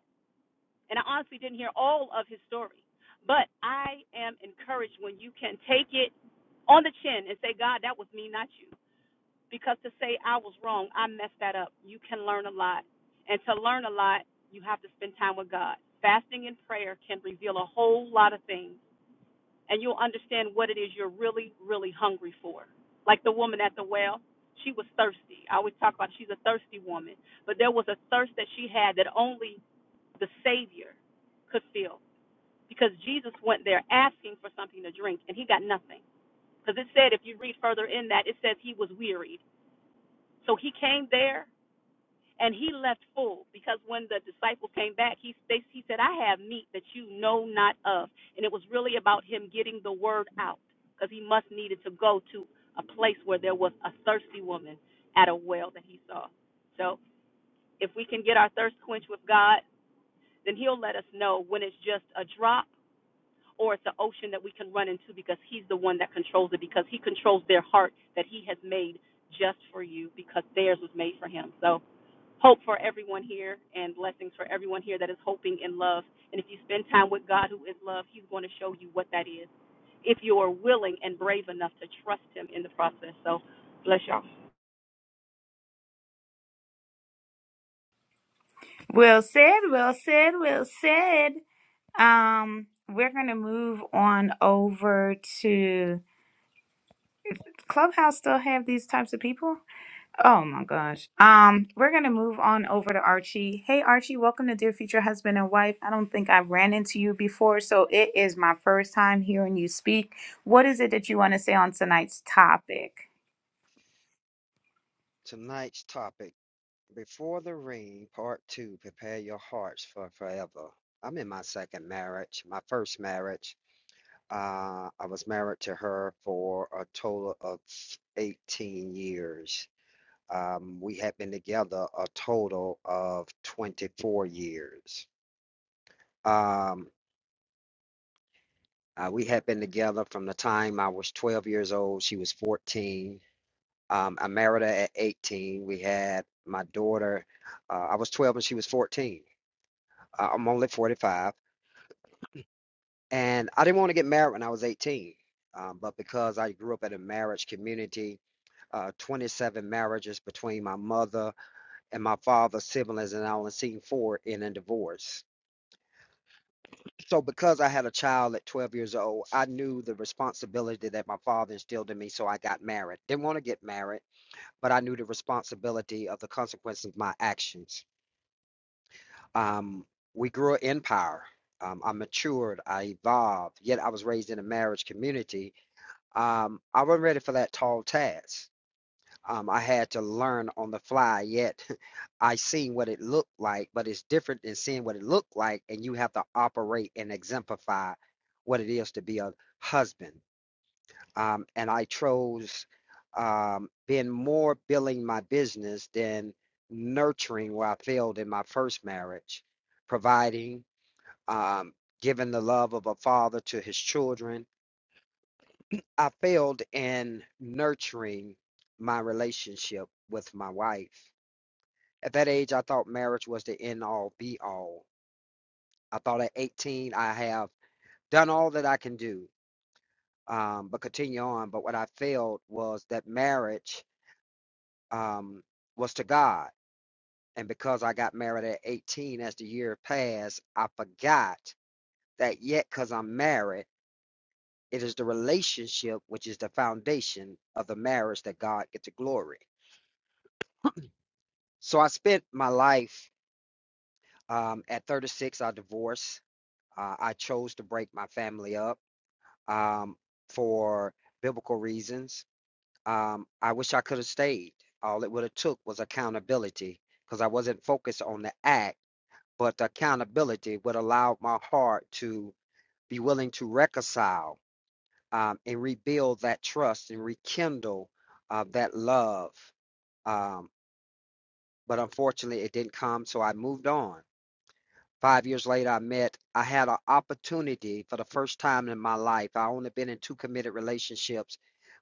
Speaker 5: And I honestly didn't hear all of his story, but I am encouraged when you can take it on the chin and say, God, that was me, not you because to say I was wrong, I messed that up. You can learn a lot. And to learn a lot, you have to spend time with God. Fasting and prayer can reveal a whole lot of things, and you'll understand what it is you're really, really hungry for. Like the woman at the well, she was thirsty. I always talk about she's a thirsty woman, but there was a thirst that she had that only the Savior could feel because Jesus went there asking for something to drink, and he got nothing. Because it said, if you read further in that, it says he was wearied. So he came there and he left full because when the disciple came back he they, he said i have meat that you know not of and it was really about him getting the word out because he must needed to go to a place where there was a thirsty woman at a well that he saw so if we can get our thirst quenched with god then he'll let us know when it's just a drop or it's an ocean that we can run into because he's the one that controls it because he controls their heart that he has made just for you because theirs was made for him So hope for everyone here and blessings for everyone here that is hoping in love. And if you spend time with God, who is love, He's going to show you what that is if you are willing and brave enough to trust Him in the process. So, bless y'all.
Speaker 1: Well said, well said, well said. Um, we're gonna move on over to Clubhouse still have these types of people? Oh my gosh. Um, we're gonna move on over to Archie. Hey Archie, welcome to Dear Future Husband and Wife. I don't think I've ran into you before, so it is my first time hearing you speak. What is it that you want to say on tonight's topic?
Speaker 6: Tonight's topic, Before the Ring, Part Two, Prepare Your Hearts for Forever. I'm in my second marriage, my first marriage. Uh, I was married to her for a total of 18 years. Um, we had been together a total of 24 years. Um, uh, we had been together from the time I was 12 years old, she was 14. Um, I married her at 18. We had my daughter, uh, I was 12 and she was 14 I- I'm only 45, and I didn't want to get married when I was 18. Um, but because I grew up in a marriage community, uh, 27 marriages between my mother and my father's siblings, and I only seen four in a divorce. So because I had a child at 12 years old, I knew the responsibility that my father instilled in me. So I got married. Didn't want to get married, but I knew the responsibility of the consequences of my actions. Um, we grew in power. Um, I matured. I evolved. Yet I was raised in a marriage community. Um, I wasn't ready for that tall task. Um, I had to learn on the fly. Yet I seen what it looked like, but it's different than seeing what it looked like, and you have to operate and exemplify what it is to be a husband. Um, and I chose um, being more building my business than nurturing where I failed in my first marriage, providing um, giving the love of a father to his children. I failed in nurturing my relationship with my wife. At that age, I thought marriage was the end all be all. I thought at 18, I have done all that I can do, um, but continue on. But what I failed was that marriage um, was to God. And because I got married at 18, as the year passed, I forgot that yet, because I'm married, It is the relationship which is the foundation of the marriage that God gets the glory. So I spent my life um, at 36. I divorced. Uh, I chose to break my family up um, for biblical reasons. Um, I wish I could have stayed. All it would have took was accountability because I wasn't focused on the act, but the accountability would allow my heart to be willing to reconcile um, and rebuild that trust and rekindle uh, that love. Um, but unfortunately, it didn't come, so I moved on. Five years later, I met, I had an opportunity for the first time in my life. I only been in two committed relationships,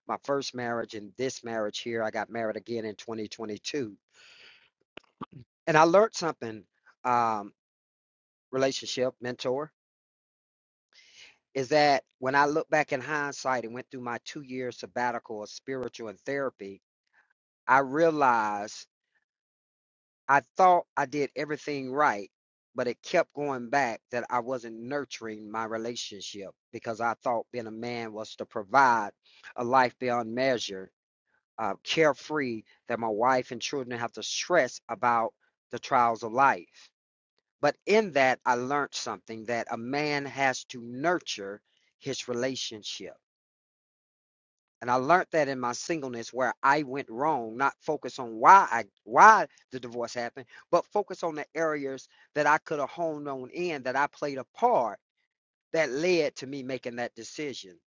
Speaker 6: my first marriage and this marriage here. I got married again in 2022. And I learned something, um, relationship mentor, is that when I look back in hindsight and went through my two year sabbatical of spiritual and therapy, I realized I thought I did everything right, but it kept going back that I wasn't nurturing my relationship because I thought being a man was to provide a life beyond measure, uh, carefree, that my wife and children have to stress about the trials of life. But in that, I learned something that a man has to nurture his relationship and I learned that in my singleness where I went wrong, not focus on why I why the divorce happened, but focus on the areas that I could have honed on in that I played a part that led to me making that decision.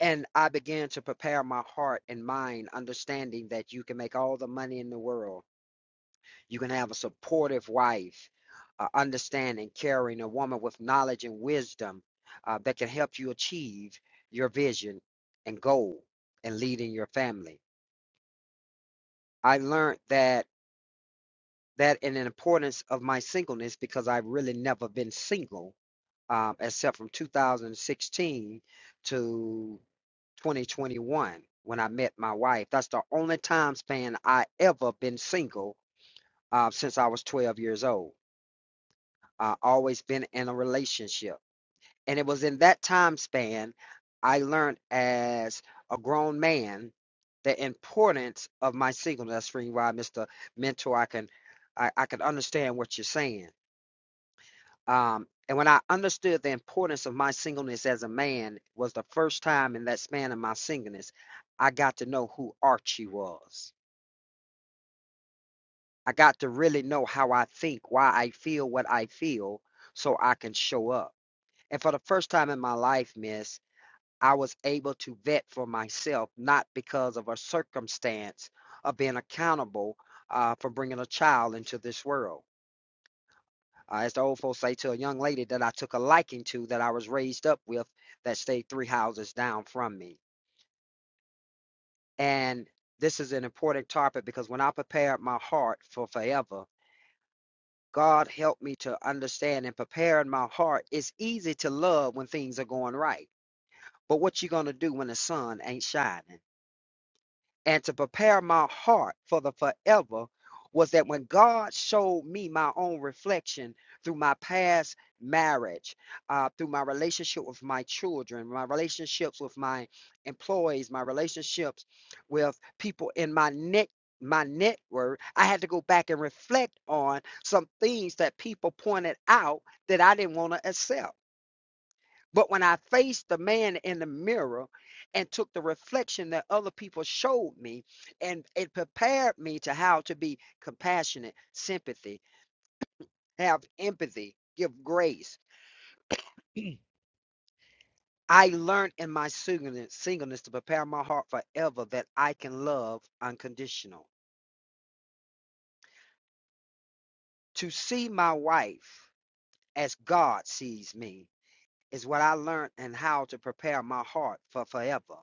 Speaker 6: And I began to prepare my heart and mind, understanding that you can make all the money in the world. You can have a supportive wife, uh, understanding, caring, a woman with knowledge and wisdom uh, that can help you achieve your vision and goal and leading your family I learned that that and the importance of my singleness because I've really never been single, um, except from 2016 to 2021 when I met my wife. That's the only time span I ever been single uh, since I was 12 years old. Uh, always been in a relationship And it was in that time span I learned as a grown man the importance of my singleness. That's really why, Mr. Mentor, I can I, I can understand what you're saying. Um, and when I understood the importance of my singleness as a man was the first time in that span of my singleness, I got to know who Archie was. I got to really know how I think, why I feel what I feel, so I can show up. And for the first time in my life, Miss, I was able to vet for myself, not because of a circumstance of being accountable uh, for bringing a child into this world. Uh, as the old folks say to a young lady that I took a liking to, that I was raised up with, that stayed three houses down from me. And this is an important topic because when I prepared my heart for forever, God helped me to understand and prepare in my heart. It's easy to love when things are going right, but what you gonna do when the sun ain't shining? and to prepare my heart for the forever was that when God showed me my own reflection through my past marriage, uh, through my relationship with my children, my relationships with my employees, my relationships with people in my net my network i had to go back and reflect on some things that people pointed out that i didn't want to accept but when I faced the man in the mirror and took the reflection that other people showed me, and it prepared me to how to be compassionate, sympathy, have empathy, give grace. I learned in my singleness, singleness to prepare my heart forever that I can love unconditional. To see my wife as God sees me is what I learned and how to prepare my heart for forever.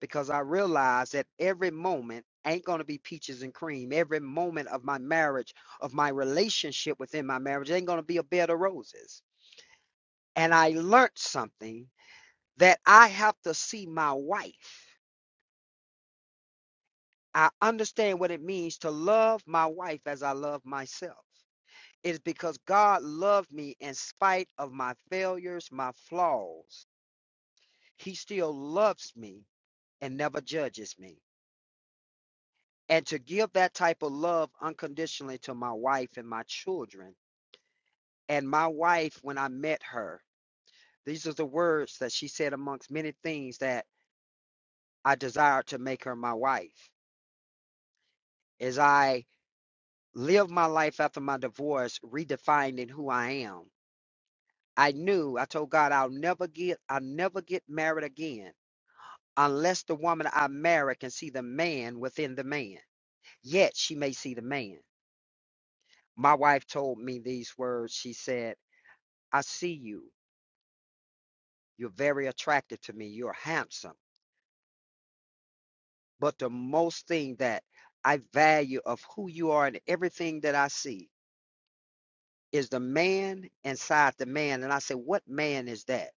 Speaker 6: because I realized that every moment ain't going to be peaches and cream. Every moment of my marriage, of my relationship within my marriage, ain't going to be a bed of roses. And I learned something that I have to see my wife. I understand what it means to love my wife as I love myself. It's because God loved me in spite of my failures, my flaws. He still loves me and never judges me. and to give that type of love unconditionally to my wife and my children. And my wife, when I met her, these are the words that she said amongst many things that I desired to make her my wife. As I lived my life after my divorce, redefining who I am, I knew I told God I'll never get I'll never get married again unless the woman I marry can see the man within the man. Yet she may see the man. My wife told me these words. She said, I see you. You're very attractive to me. You're handsome. But the most thing that I value of who you are and everything that I see is the man inside the man. And I said, What man is that?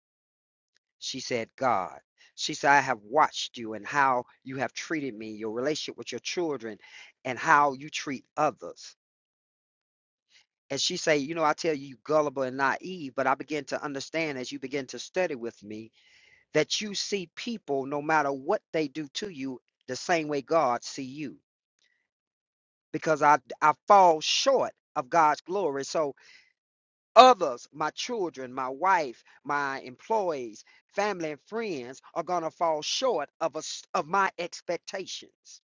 Speaker 6: She said, God. She said, I have watched you and how you have treated me, your relationship with your children, and how you treat others. And she said, You know, I tell you, you gullible and naive, but I begin to understand as you begin to study with me that you see people no matter what they do to you the same way God see you because I I fall short of God's glory so others my children my wife my employees family and friends are going to fall short of us of my expectations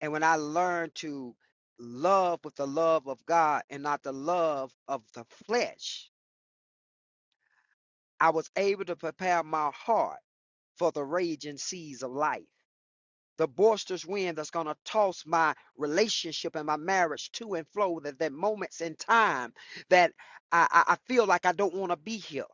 Speaker 6: and when I learn to love with the love of God and not the love of the flesh I was able to prepare my heart for the raging seas of life the boisterous wind that's going to toss my relationship and my marriage to and fro. That there are moments in time that I, I feel like I don't want to be here,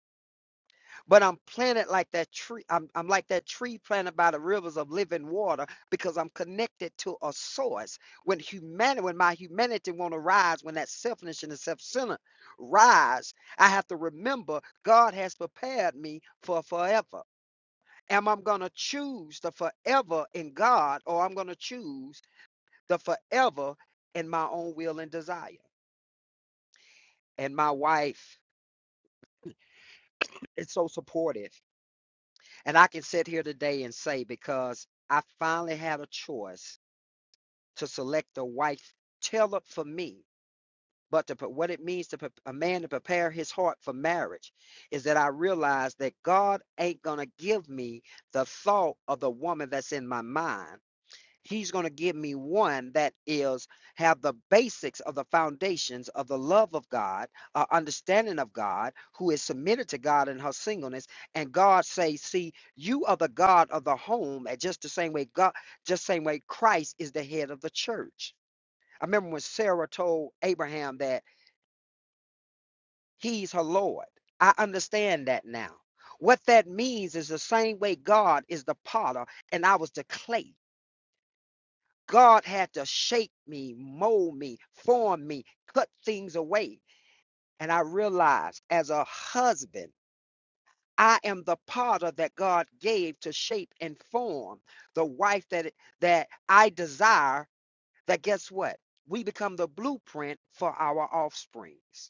Speaker 6: but I'm planted like that tree. I'm, I'm like that tree planted by the rivers of living water because I'm connected to a source. When humanity, when my humanity want to rise, when that selfishness and the self-centered rise, I have to remember God has prepared me for forever am I going to choose the forever in God or I'm going to choose the forever in my own will and desire? And my wife is so supportive. And I can sit here today and say, because I finally had a choice to select a wife tailored for me. But to, pre- what it means to a man to prepare his heart for marriage is that I realized that God ain't going to give me the thought of the woman that's in my mind he's going to give me one that is have the basics of the foundations of the love of god uh, understanding of god who is submitted to god in her singleness and god say see you are the god of the home and just the same way god just same way christ is the head of the church i remember when sarah told abraham that he's her lord i understand that now what that means is the same way god is the potter and i was the clay God had to shape me, mold me, form me, cut things away. And I realized as a husband, I am the potter that God gave to shape and form the wife that that I desire. That guess what? We become the blueprint for our offsprings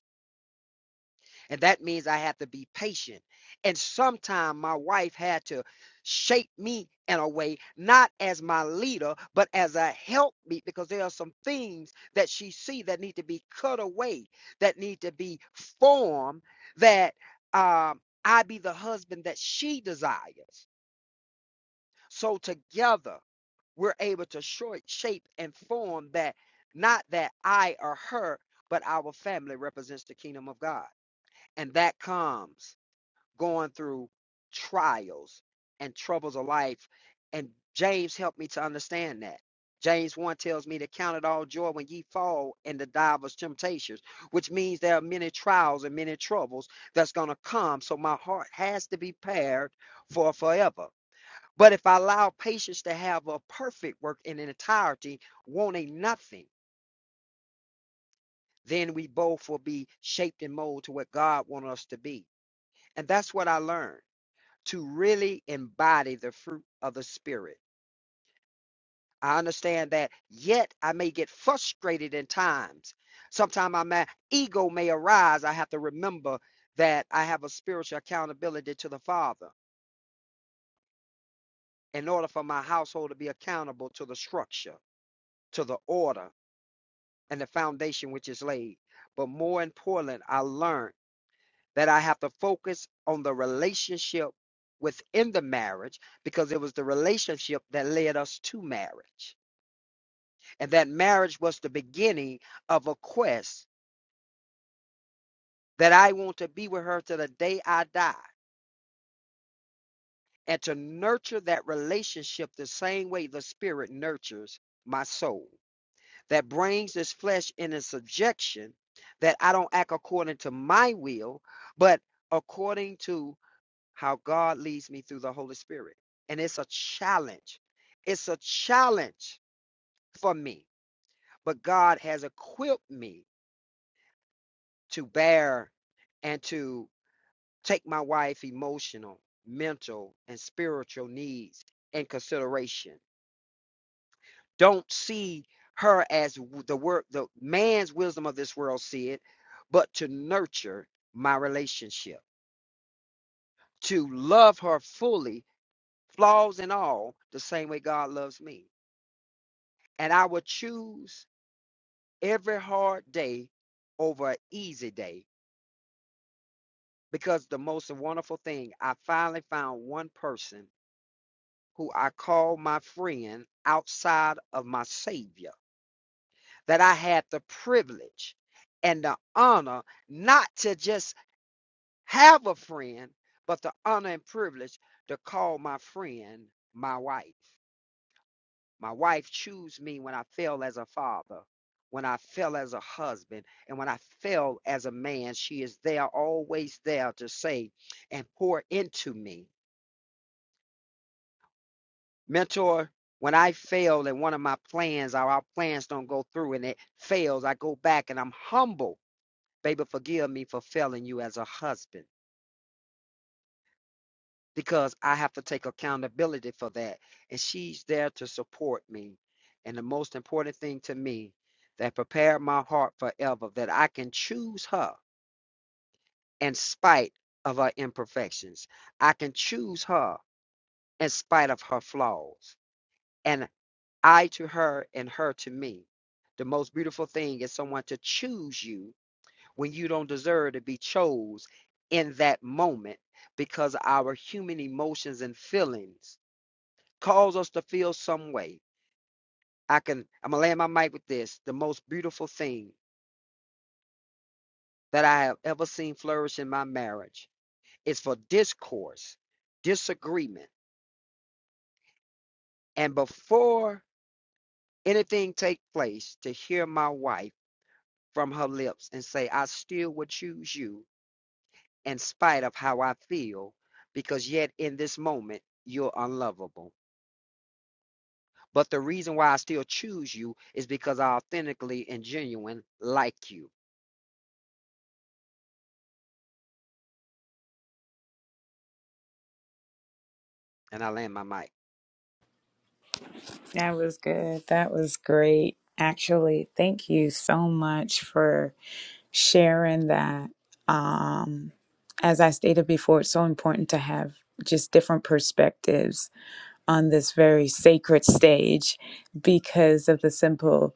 Speaker 6: and that means I have to be patient. And sometimes my wife had to shape me in a way, not as my leader, but as a helpmeet, because there are some things that she see that need to be cut away, that need to be formed, that um, I be the husband that she desires. So together we're able to short, shape and form that, not that I or her, but our family represents the kingdom of God. And that comes going through trials and troubles of life. And James helped me to understand that. James 1 tells me to count it all joy when ye fall into divers temptations, which means there are many trials and many troubles that's going to come. So my heart has to be prepared for forever. But if I allow patience to have a perfect work in entirety, wanting nothing, then we both will be shaped and molded to what God wants us to be. And that's what I learned. to really embody the fruit of the Spirit. I understand that, yet I may get frustrated in times. Sometimes my ego may arise. I have to remember that I have a spiritual accountability to the Father in order for my household to be accountable to the structure, to the order, and the foundation which is laid. But more important, I learned that I have to focus on the relationship within the marriage because it was the relationship that led us to marriage and that marriage was the beginning of a quest that I want to be with her to the day I die and to nurture that relationship the same way the spirit nurtures my soul that brings this flesh in a subjection that I don't act according to my will but according to how God leads me through the Holy Spirit and it's a challenge it's a challenge for me but God has equipped me to bear and to Take my wife's emotional, mental, and spiritual needs in consideration. Don't see her as the work the man's wisdom of this world see it, but to nurture my relationship, to love her fully, flaws and all, the same way God loves me. And I would choose every hard day over an easy day because the most wonderful thing, I finally found one person who I call my friend outside of my Savior, that I had the privilege and the honor not to just have a friend, but the honor and privilege to call my friend my wife. My wife chose me when I fell as a father, when I fell as a husband, and when I fell as a man. She is there, always there to say and pour into me. Mentor, when I fail in one of my plans or our plans don't go through and it fails, I go back and I'm humble. Baby, forgive me for failing you as a husband because I have to take accountability for that. And she's there to support me. And the most important thing to me that prepared my heart forever that I can choose her in spite of her imperfections. I can choose her in spite of her flaws. And I to her and her to me. The most beautiful thing is someone to choose you when you don't deserve to be chose in that moment because our human emotions and feelings cause us to feel some way. I can I'm gonna land my mic with this. The most beautiful thing that I have ever seen flourish in my marriage is for discourse, disagreement, and before anything take place to hear my wife from her lips and say, I still would choose you in spite of how I feel, because yet in this moment, you're unlovable. But the reason why I still choose you is because I authentically and genuine like you. And I land my mic.
Speaker 1: That was good. That was great. Actually, thank you so much for sharing that. Um, as I stated before, it's so important to have just different perspectives on this very sacred stage because of the simple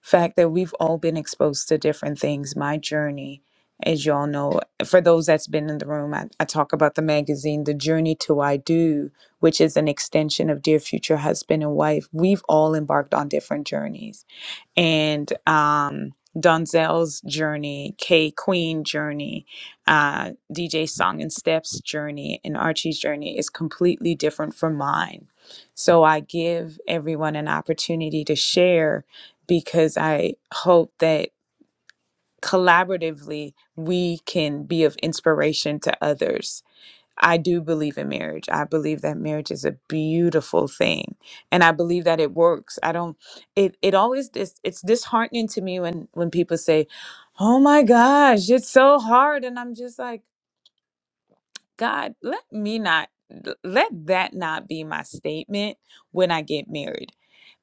Speaker 1: fact that we've all been exposed to different things. My journey, as y'all know, for those that's been in the room, I, I talk about the magazine, The Journey to I Do, which is an extension of Dear Future Husband and Wife. We've all embarked on different journeys and um, Donzel's journey, K Queen journey, uh, DJ Song and Steps journey, and Archie's journey is completely different from mine. So I give everyone an opportunity to share because I hope that collaboratively we can be of inspiration to others I do believe in marriage. I believe that marriage is a beautiful thing, and I believe that it works. I don't. It it always dis, it's disheartening to me when when people say, "Oh my gosh, it's so hard," and I'm just like. God, let me not, let that not be my statement when I get married.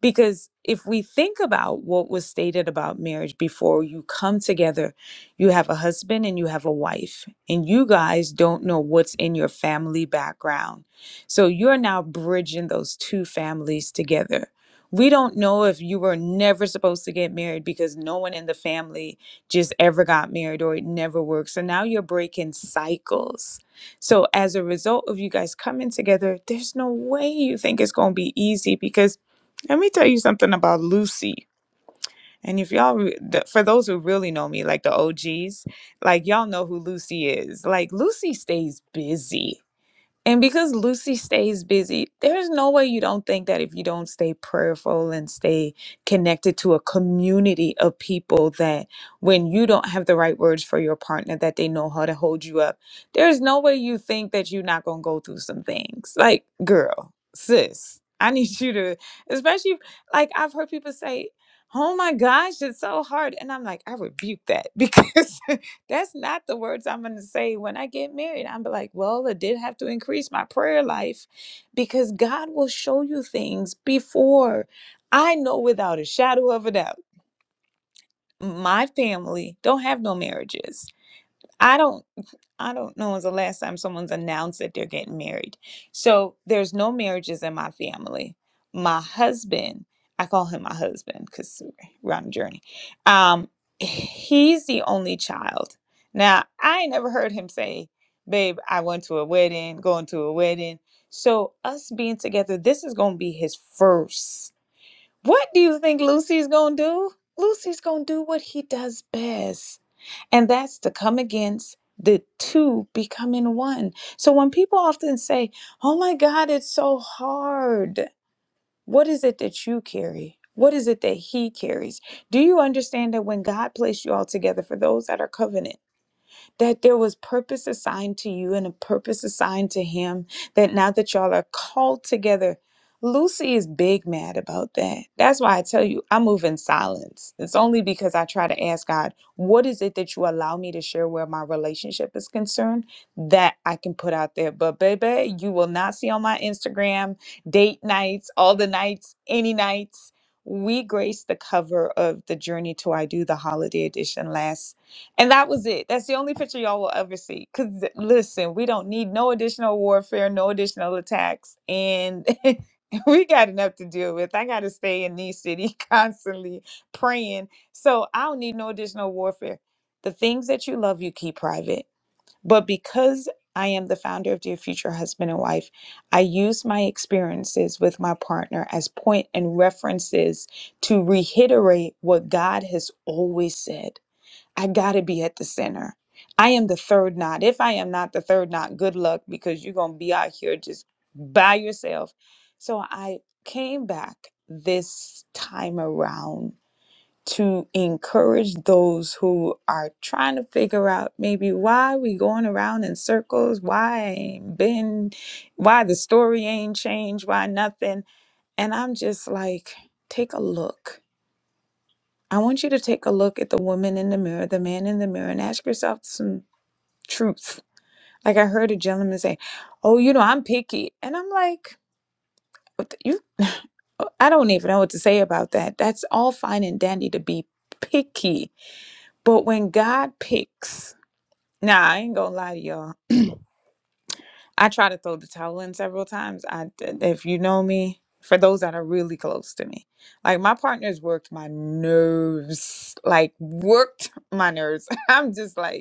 Speaker 1: Because if we think about what was stated about marriage before you come together, you have a husband and you have a wife, and you guys don't know what's in your family background. So you're now bridging those two families together. We don't know if you were never supposed to get married because no one in the family just ever got married or it never worked. So now you're breaking cycles so, as a result of you guys coming together, there's no way you think it's going to be easy because let me tell you something about Lucy. And if y'all, re- the, for those who really know me, like the OGs, like y'all know who Lucy is. Like Lucy stays busy and because Lucy stays busy, there's no way you don't think that if you don't stay prayerful and stay connected to a community of people that when you don't have the right words for your partner that they know how to hold you up. There's no way you think that you're not going to go through some things. Like, girl, sis, I need you to especially if- like I've heard people say, "Oh my gosh, it's so hard." And I'm like, I rebuke that because that's not the words I'm going to say when I get married. I'm be like, well, I did have to increase my prayer life because God will show you things before. I know without a shadow of a doubt, my family don't have no marriages. I don't. I don't know when's the last time someone's announced that they're getting married. So there's no marriages in my family. My husband, I call him my husband because we're on a journey. Um, he's the only child. Now I ain't never heard him say, "Babe, I went to a wedding, going to a wedding." So us being together, this is gonna be his first. What do you think Lucy's gonna do? Lucy's gonna do what he does best. And that's to come against the two becoming one. So when people often say, Oh my God, it's so hard, what is it that you carry? What is it that he carries? Do you understand that when God placed you all together for those that are covenant? that there was purpose assigned to you and a purpose assigned to him, that now that y'all are called together, Lucy is big mad about that. That's why I tell you, I move in silence. It's only because I try to ask God, what is it that you allow me to share where my relationship is concerned that I can put out there? But, baby, you will not see on my Instagram date nights, all the nights, any nights. We graced the cover of the Journey to I Do, the holiday edition last and that was it. That's the only picture y'all will ever see. Because listen, we don't need no additional warfare, no additional attacks. And we got enough to deal with. I got to stay in these city constantly praying. So I don't need no additional warfare. The things that you love, you keep private. But because I am the founder of Dear Future Husband and Wife, I use my experiences with my partner as point and references to reiterate what God has always said. I got to be at the center. I am the third knot. If I am not the third knot, good luck because you're going to be out here just by yourself. So I came back this time around to encourage those who are trying to figure out maybe why we going around in circles, why I ain't been, why the story ain't changed, why nothing. And I'm just like, take a look I want you to take a look at the woman in the mirror, the man in the mirror, and ask yourself some truth. Like I heard a gentleman say, "Oh, you know, I'm picky," and I'm like, "What the- "You, uh, I don't even know what to say about that. That's all fine and dandy to be picky, but when God picks, nah, I ain't gonna lie to y'all. I try to throw the towel in several times. I, if you know me, for those that are really close to me, like my partner's worked my nerves, like worked my nerves. I'm just like."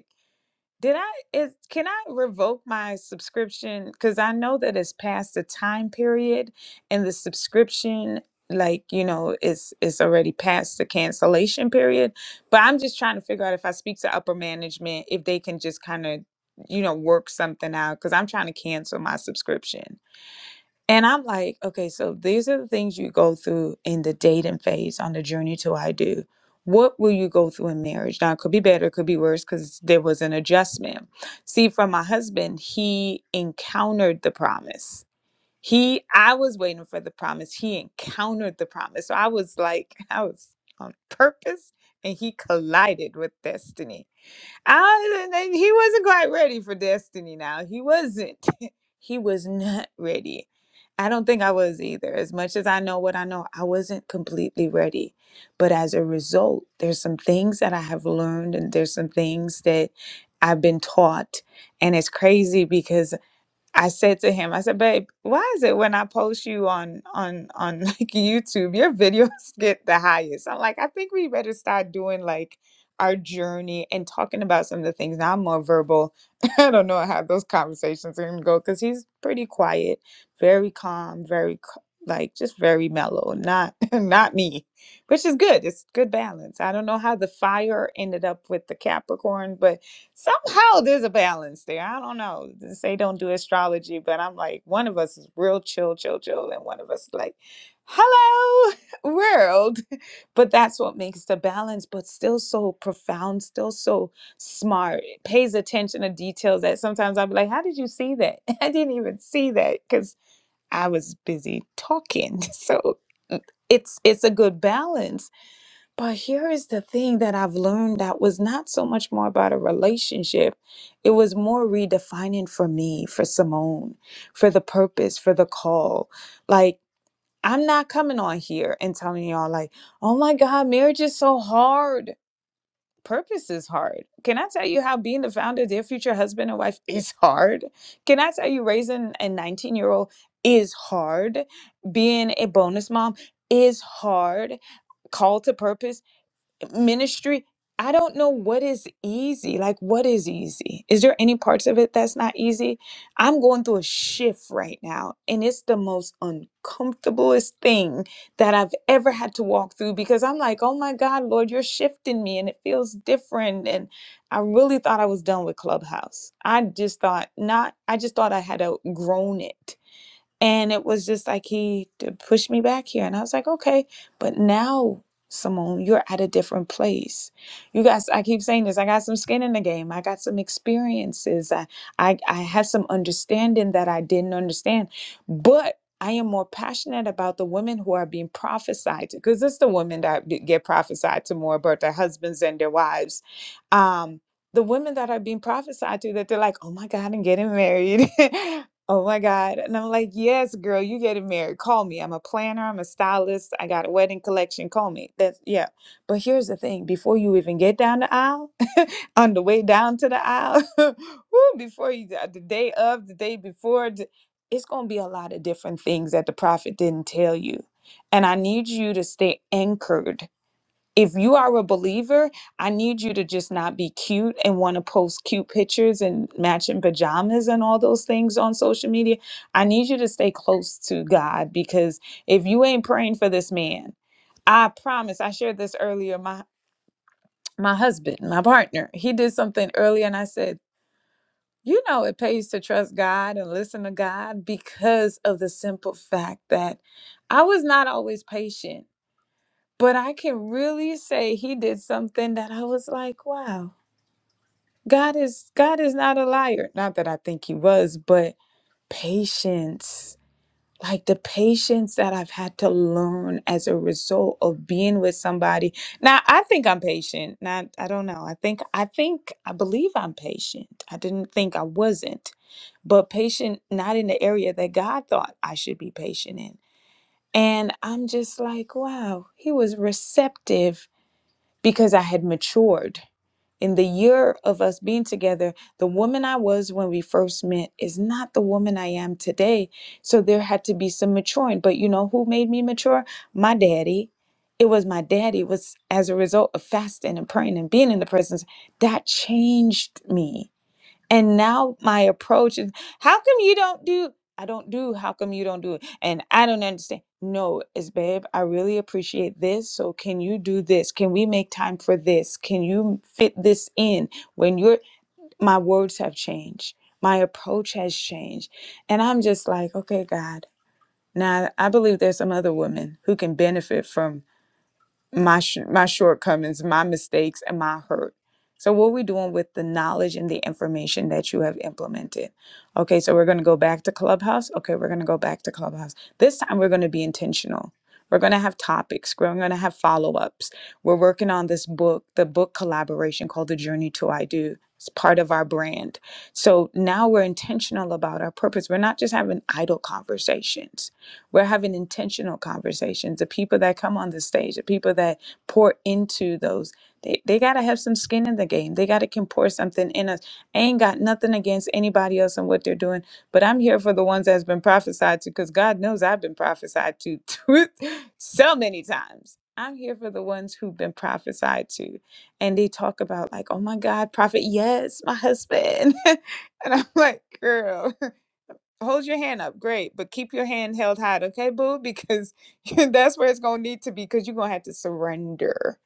Speaker 1: Did I is can I revoke my subscription? Because I know that it's past the time period and the subscription, like, you know, is is already past the cancellation period. But I'm just trying to figure out if I speak to upper management, if they can just kind of, you know, work something out because I'm trying to cancel my subscription. And I'm like, okay, so these are the things you go through in the dating phase on the journey to I do. What will you go through in marriage? Now, it could be better, it could be worse because there was an adjustment. See, from my husband, he encountered the promise. He, I was waiting for the promise. He encountered the promise. So I was like, I was on purpose and he collided with destiny I, and he wasn't quite ready for destiny now. He wasn't. he was not ready. I don't think I was either. As much as I know what I know, I wasn't completely ready. But as a result, there's some things that I have learned and there's some things that I've been taught. And it's crazy because I said to him, I said, babe, why is it when I post you on on on like YouTube, your videos get the highest? I'm like, I think we better start doing like our journey and talking about some of the things. Now I'm more verbal. I don't know how those conversations are gonna go because he's pretty quiet, very calm, very c- like just very mellow. Not not me, which is good. It's good balance. I don't know how the fire ended up with the Capricorn, but somehow there's a balance there. I don't know. They say don't do astrology, but I'm like, one of us is real chill, chill, chill, and one of us like, hello, world. But that's what makes the balance, but still so profound, still so smart. It pays attention to details that sometimes I'll be like, how did you see that? I didn't even see that because I was busy talking. So mm, it's it's a good balance but here is the thing that I've learned that was not so much more about a relationship. It was more redefining for me, for Simone, for the purpose, for the call. Like, I'm not coming on here and telling y'all, like, oh my God, marriage is so hard. Purpose is hard. Can I tell you how being the founder of their future husband and wife is hard? Can I tell you raising a 19 year old is hard? Being a bonus mom is hard call to purpose ministry i don't know what is easy like what is easy is there any parts of it that's not easy i'm going through a shift right now and it's the most uncomfortablest thing that i've ever had to walk through because i'm like oh my god lord you're shifting me and it feels different and i really thought i was done with clubhouse i just thought not i just thought i had outgrown it and it was just like he d- pushed me back here. And I was like, okay, but now, Simone, you're at a different place. You guys, I keep saying this, I got some skin in the game. I got some experiences. I, I, I had some understanding that I didn't understand. But I am more passionate about the women who are being prophesied to, because it's the women that be- get prophesied to more about their husbands and their wives. Um, the women that are being prophesied to that they're like, oh my God, I'm getting married. Oh my God. And I'm like, yes, girl, you getting married. Call me. I'm a planner. I'm a stylist. I got a wedding collection. Call me. That's yeah. But here's the thing, before you even get down the aisle, on the way down to the aisle, woo, before you uh, the day of, the day before, d- it's gonna be a lot of different things that the prophet didn't tell you. And I need you to stay anchored if you are a believer, I need you to just not be cute and want to post cute pictures and matching pajamas and all those things on social media. I need you to stay close to God because if you ain't praying for this man, I promise, I shared this earlier. My my husband, my partner, he did something earlier and I said, you know, it pays to trust God and listen to God because of the simple fact that I was not always patient but I can really say he did something that I was like, wow, God is God is not a liar. Not that I think he was, but patience. Like the patience that I've had to learn as a result of being with somebody. Now I think I'm patient. Not I don't know. I think I think I believe I'm patient. I didn't think I wasn't, but patient not in the area that God thought I should be patient in. And I'm just like, wow, he was receptive because I had matured. In the year of us being together, the woman I was when we first met is not the woman I am today. So there had to be some maturing. But you know who made me mature? My daddy. It was my daddy. It was as a result of fasting and praying and being in the presence that changed me and now my approach is, how come you don't do? I don't do. How come you don't do it? And I don't understand. No, it's babe. I really appreciate this. So can you do this? Can we make time for this? Can you fit this in? When you're, my words have changed. My approach has changed, and I'm just like, okay, God. Now I believe there's some other women who can benefit from my sh- my shortcomings, my mistakes, and my hurt. So what are we doing with the knowledge and the information that you have implemented? Okay, so we're going to go back to Clubhouse. Okay, we're going to go back to Clubhouse. This time we're going to be intentional. We're going to have topics. We're going to have follow-ups. We're working on this book, the book collaboration called The Journey to I Do. It's part of our brand. So now we're intentional about our purpose. We're not just having idle conversations we're having intentional conversations. The people that come on the stage, the people that pour into those, they, they got to have some skin in the game. They got to can pour something in us. I ain't got nothing against anybody else and what they're doing, but I'm here for the ones that's been prophesied to because God knows I've been prophesied to so many times. I'm here for the ones who've been prophesied to. And they talk about, like, oh my God, prophet, yes, my husband. and I'm like, girl. hold your hand up great but keep your hand held high okay boo because that's where it's going to need to be because you're going to have to surrender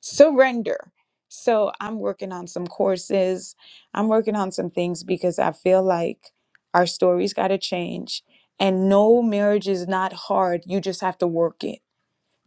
Speaker 1: surrender so i'm working on some courses i'm working on some things because i feel like our stories got to change and no marriage is not hard you just have to work it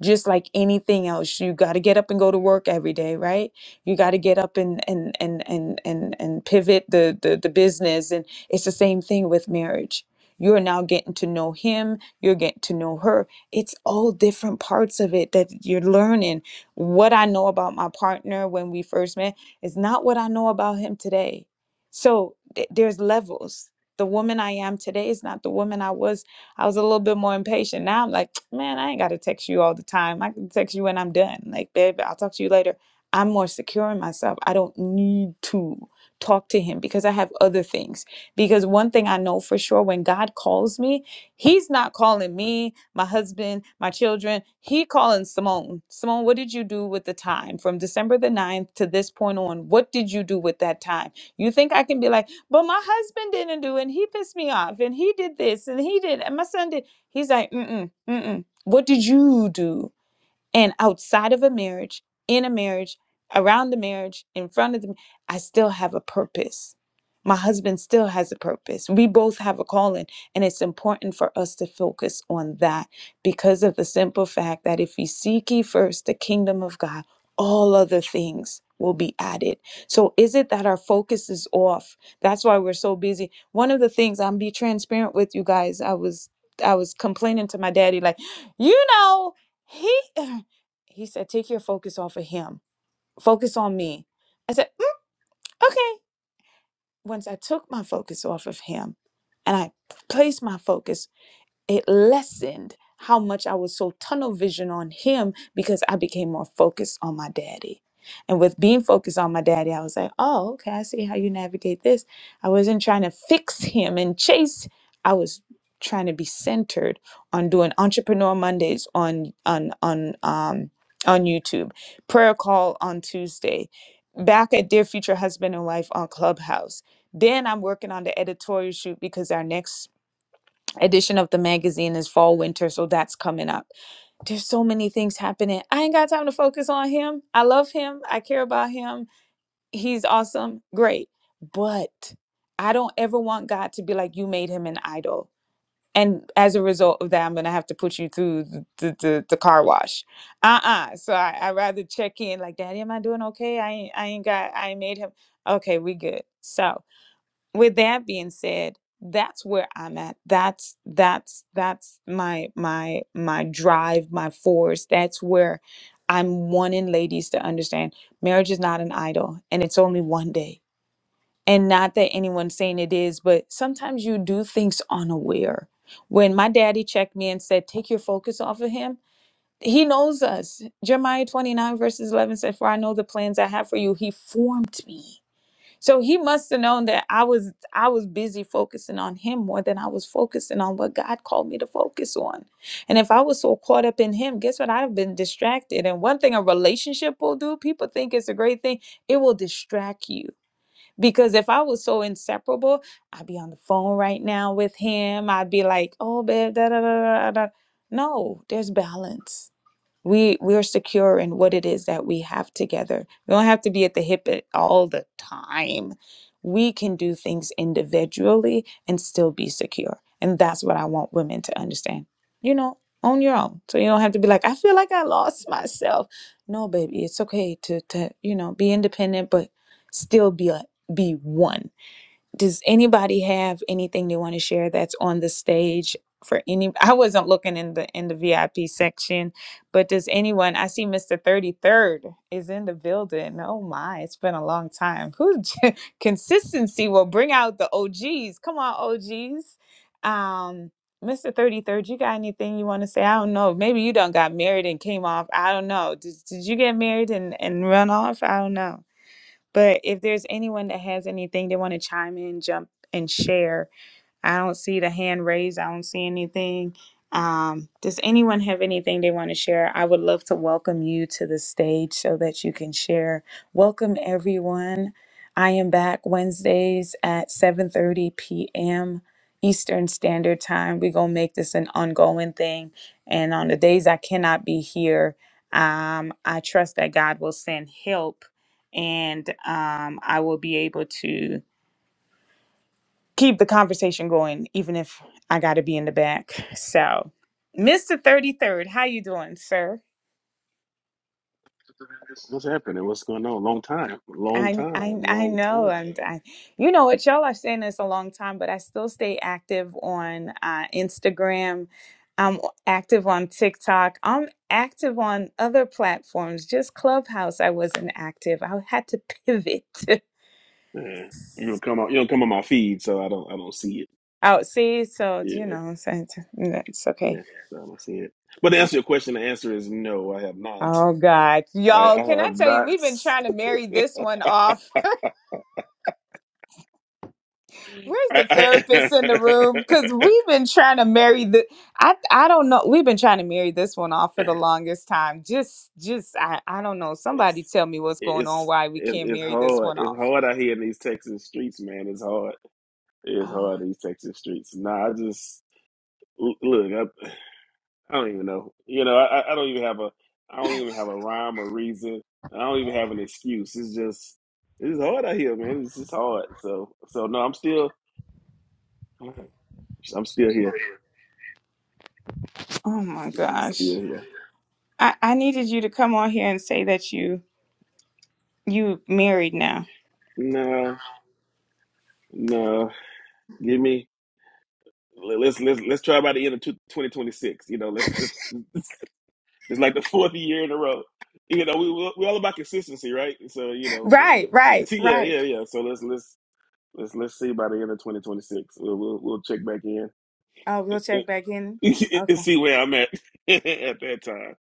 Speaker 1: just like anything else you got to get up and go to work every day right you got to get up and and and and and, and pivot the, the the business and it's the same thing with marriage you're now getting to know him you're getting to know her it's all different parts of it that you're learning what i know about my partner when we first met is not what i know about him today so th- there's levels the woman i am today is not the woman i was I was a little bit more impatient. Now I'm like, man, I ain't got to text you all the time. I can text you when I'm done. Like, babe, I'll talk to you later. I'm more secure in myself. I don't need to talk to him because I have other things. Because one thing I know for sure when God calls me, he's not calling me, my husband, my children. He calling Simone. Simone, what did you do with the time from December the ninth to this point on? What did you do with that time? You think I can be like, but my husband didn't do it. And he pissed me off. And he did this and he did. And my son did. He's like, mm mm, mm mm. What did you do? and outside of a marriage, in a marriage, around the marriage, in front of them, I still have a purpose. My husband still has a purpose. We both have a calling, and it's important for us to focus on that because of the simple fact that if we seek ye first the kingdom of God, all other things will be added. So is it that our focus is off? That's why we're so busy. One of the things I'm be transparent with you guys. I was I was complaining to my daddy like, "You know, he He said, Take your focus off of him. Focus on me. I said, "Mm, Okay. Once I took my focus off of him and I placed my focus it lessened how much I was so tunnel vision on him because I became more focused on my daddy. And with being focused on my daddy, I was like, oh, okay, I see how you navigate this. I wasn't trying to fix him and chase. I was trying to be centered on doing entrepreneur Mondays on on on um on YouTube, prayer call on Tuesday, back at Dear Future Husband and Wife on Clubhouse. Then I'm working on the editorial shoot because our next edition of the magazine is fall winter so that's coming up there's so many things happening i ain't got time to focus on him i love him i care about him he's awesome great but i don't ever want god to be like you made him an idol and as a result of that i'm gonna have to put you through the, the, the, the car wash uh-uh so I, i rather check in like daddy am i doing okay i ain't i ain't got i ain't made him okay we good so with that being said that's where i'm at that's that's that's my my my drive my force that's where i'm wanting ladies to understand marriage is not an idol and it's only one day and not that anyone's saying it is but sometimes you do things unaware when my daddy checked me and said take your focus off of him he knows us jeremiah 29 verses 11 said for i know the plans i have for you he formed me so he must have known that I was I was busy focusing on him more than I was focusing on what God called me to focus on. And if I was so caught up in him, guess what? I'd have been distracted. And one thing a relationship will do, people think it's a great thing, it will distract you. Because if I was so inseparable, I'd be on the phone right now with him. I'd be like, oh babe, da da da da da. No, there's balance we we are secure in what it is that we have together we don't have to be at the hip at all the time we can do things individually and still be secure and that's what i want women to understand you know on your own so you don't have to be like i feel like i lost myself no baby it's okay to to you know be independent but still be a be one does anybody have anything they want to share that's on the stage for any? I wasn't looking in the in the VIP section, but does anyone? I see Mr. Thirty Third is in the building. Oh my, it's been a long time. Who j- consistency will bring out the OGs? Come on, OGs. Um, Mr. Thirty Third, you got anything you want to say? I don't know. Maybe you done got married and came off. I don't know. Did Did you get married and and run off? I don't know. But if there's anyone that has anything they want to chime in, jump and share, I don't see the hand raised. I don't see anything. Um, does anyone have anything they want to share? I would love to welcome you to the stage so that you can share. Welcome everyone. I am back Wednesdays at 7:30 p.m. Eastern Standard Time. We're gonna make this an ongoing thing. And on the days I cannot be here, um, I trust that God will send help and um, I will be able to keep the conversation going, even if I got to be in the back. So, Mister Thirty Third, how you doing, sir?
Speaker 7: What's happening? What's going on? Long time, long
Speaker 1: I I
Speaker 7: time,
Speaker 1: I
Speaker 7: long
Speaker 1: know,
Speaker 7: time.
Speaker 1: and I, you know what y'all are saying this a long time, but I still stay active on uh, Instagram. I'm active on TikTok. I'm active on other platforms. Just Clubhouse, I wasn't active. I had to pivot.
Speaker 7: Yeah, you don't come on. You don't come on my feed, so I don't. I don't see it.
Speaker 1: out. see, so you
Speaker 7: Yeah,
Speaker 1: know, so it's, it's okay.
Speaker 7: yeah. So I don't see it. But to answer your question, the answer is no. I have not.
Speaker 1: Oh God,
Speaker 7: I,
Speaker 1: y'all!
Speaker 7: I
Speaker 1: Can I
Speaker 7: have
Speaker 1: tell you,
Speaker 7: not.
Speaker 1: we've been trying to marry this one off. Where's
Speaker 7: I,
Speaker 1: the
Speaker 7: I,
Speaker 1: therapist in the room? Because we've been trying to marry the. I I don't know. We've been trying to marry this one off for the longest time. Just just I I don't know. Somebody
Speaker 7: it's,
Speaker 1: tell me what's going on.
Speaker 7: it's
Speaker 1: Why we
Speaker 7: it's
Speaker 1: can't
Speaker 7: it's
Speaker 1: marry this
Speaker 7: hard.
Speaker 1: one
Speaker 7: It's
Speaker 1: off?
Speaker 7: hard out here in these Texas streets, man. It's hard. It's
Speaker 1: Oh
Speaker 7: hard in these Texas streets. Nah, I just l- look. I don't even know. You know, I, I I don't even have a I don't even have a rhyme or reason. I don't even have an excuse. It's just it's hard out here, man. It's just hard. So so no, I'm still I'm still here.
Speaker 1: oh my
Speaker 7: I'm still
Speaker 1: gosh!
Speaker 7: here.
Speaker 1: I I needed you to come on here and say that you you married now.
Speaker 7: No, no. Give me le- let's let's let's try by the end of two- 2026. You know, let's, let's it's like the fourth year in a row. You know, we we we all about consistency, right? So you know, the-
Speaker 1: Right right
Speaker 7: the- yeah,
Speaker 1: right.
Speaker 7: yeah, yeah. So let's let's let's let's see by the end of 2026. We'll we'll, we'll check back in.
Speaker 1: Oh, we'll check back in.
Speaker 7: and
Speaker 1: Okay.
Speaker 7: see where I'm at at that time.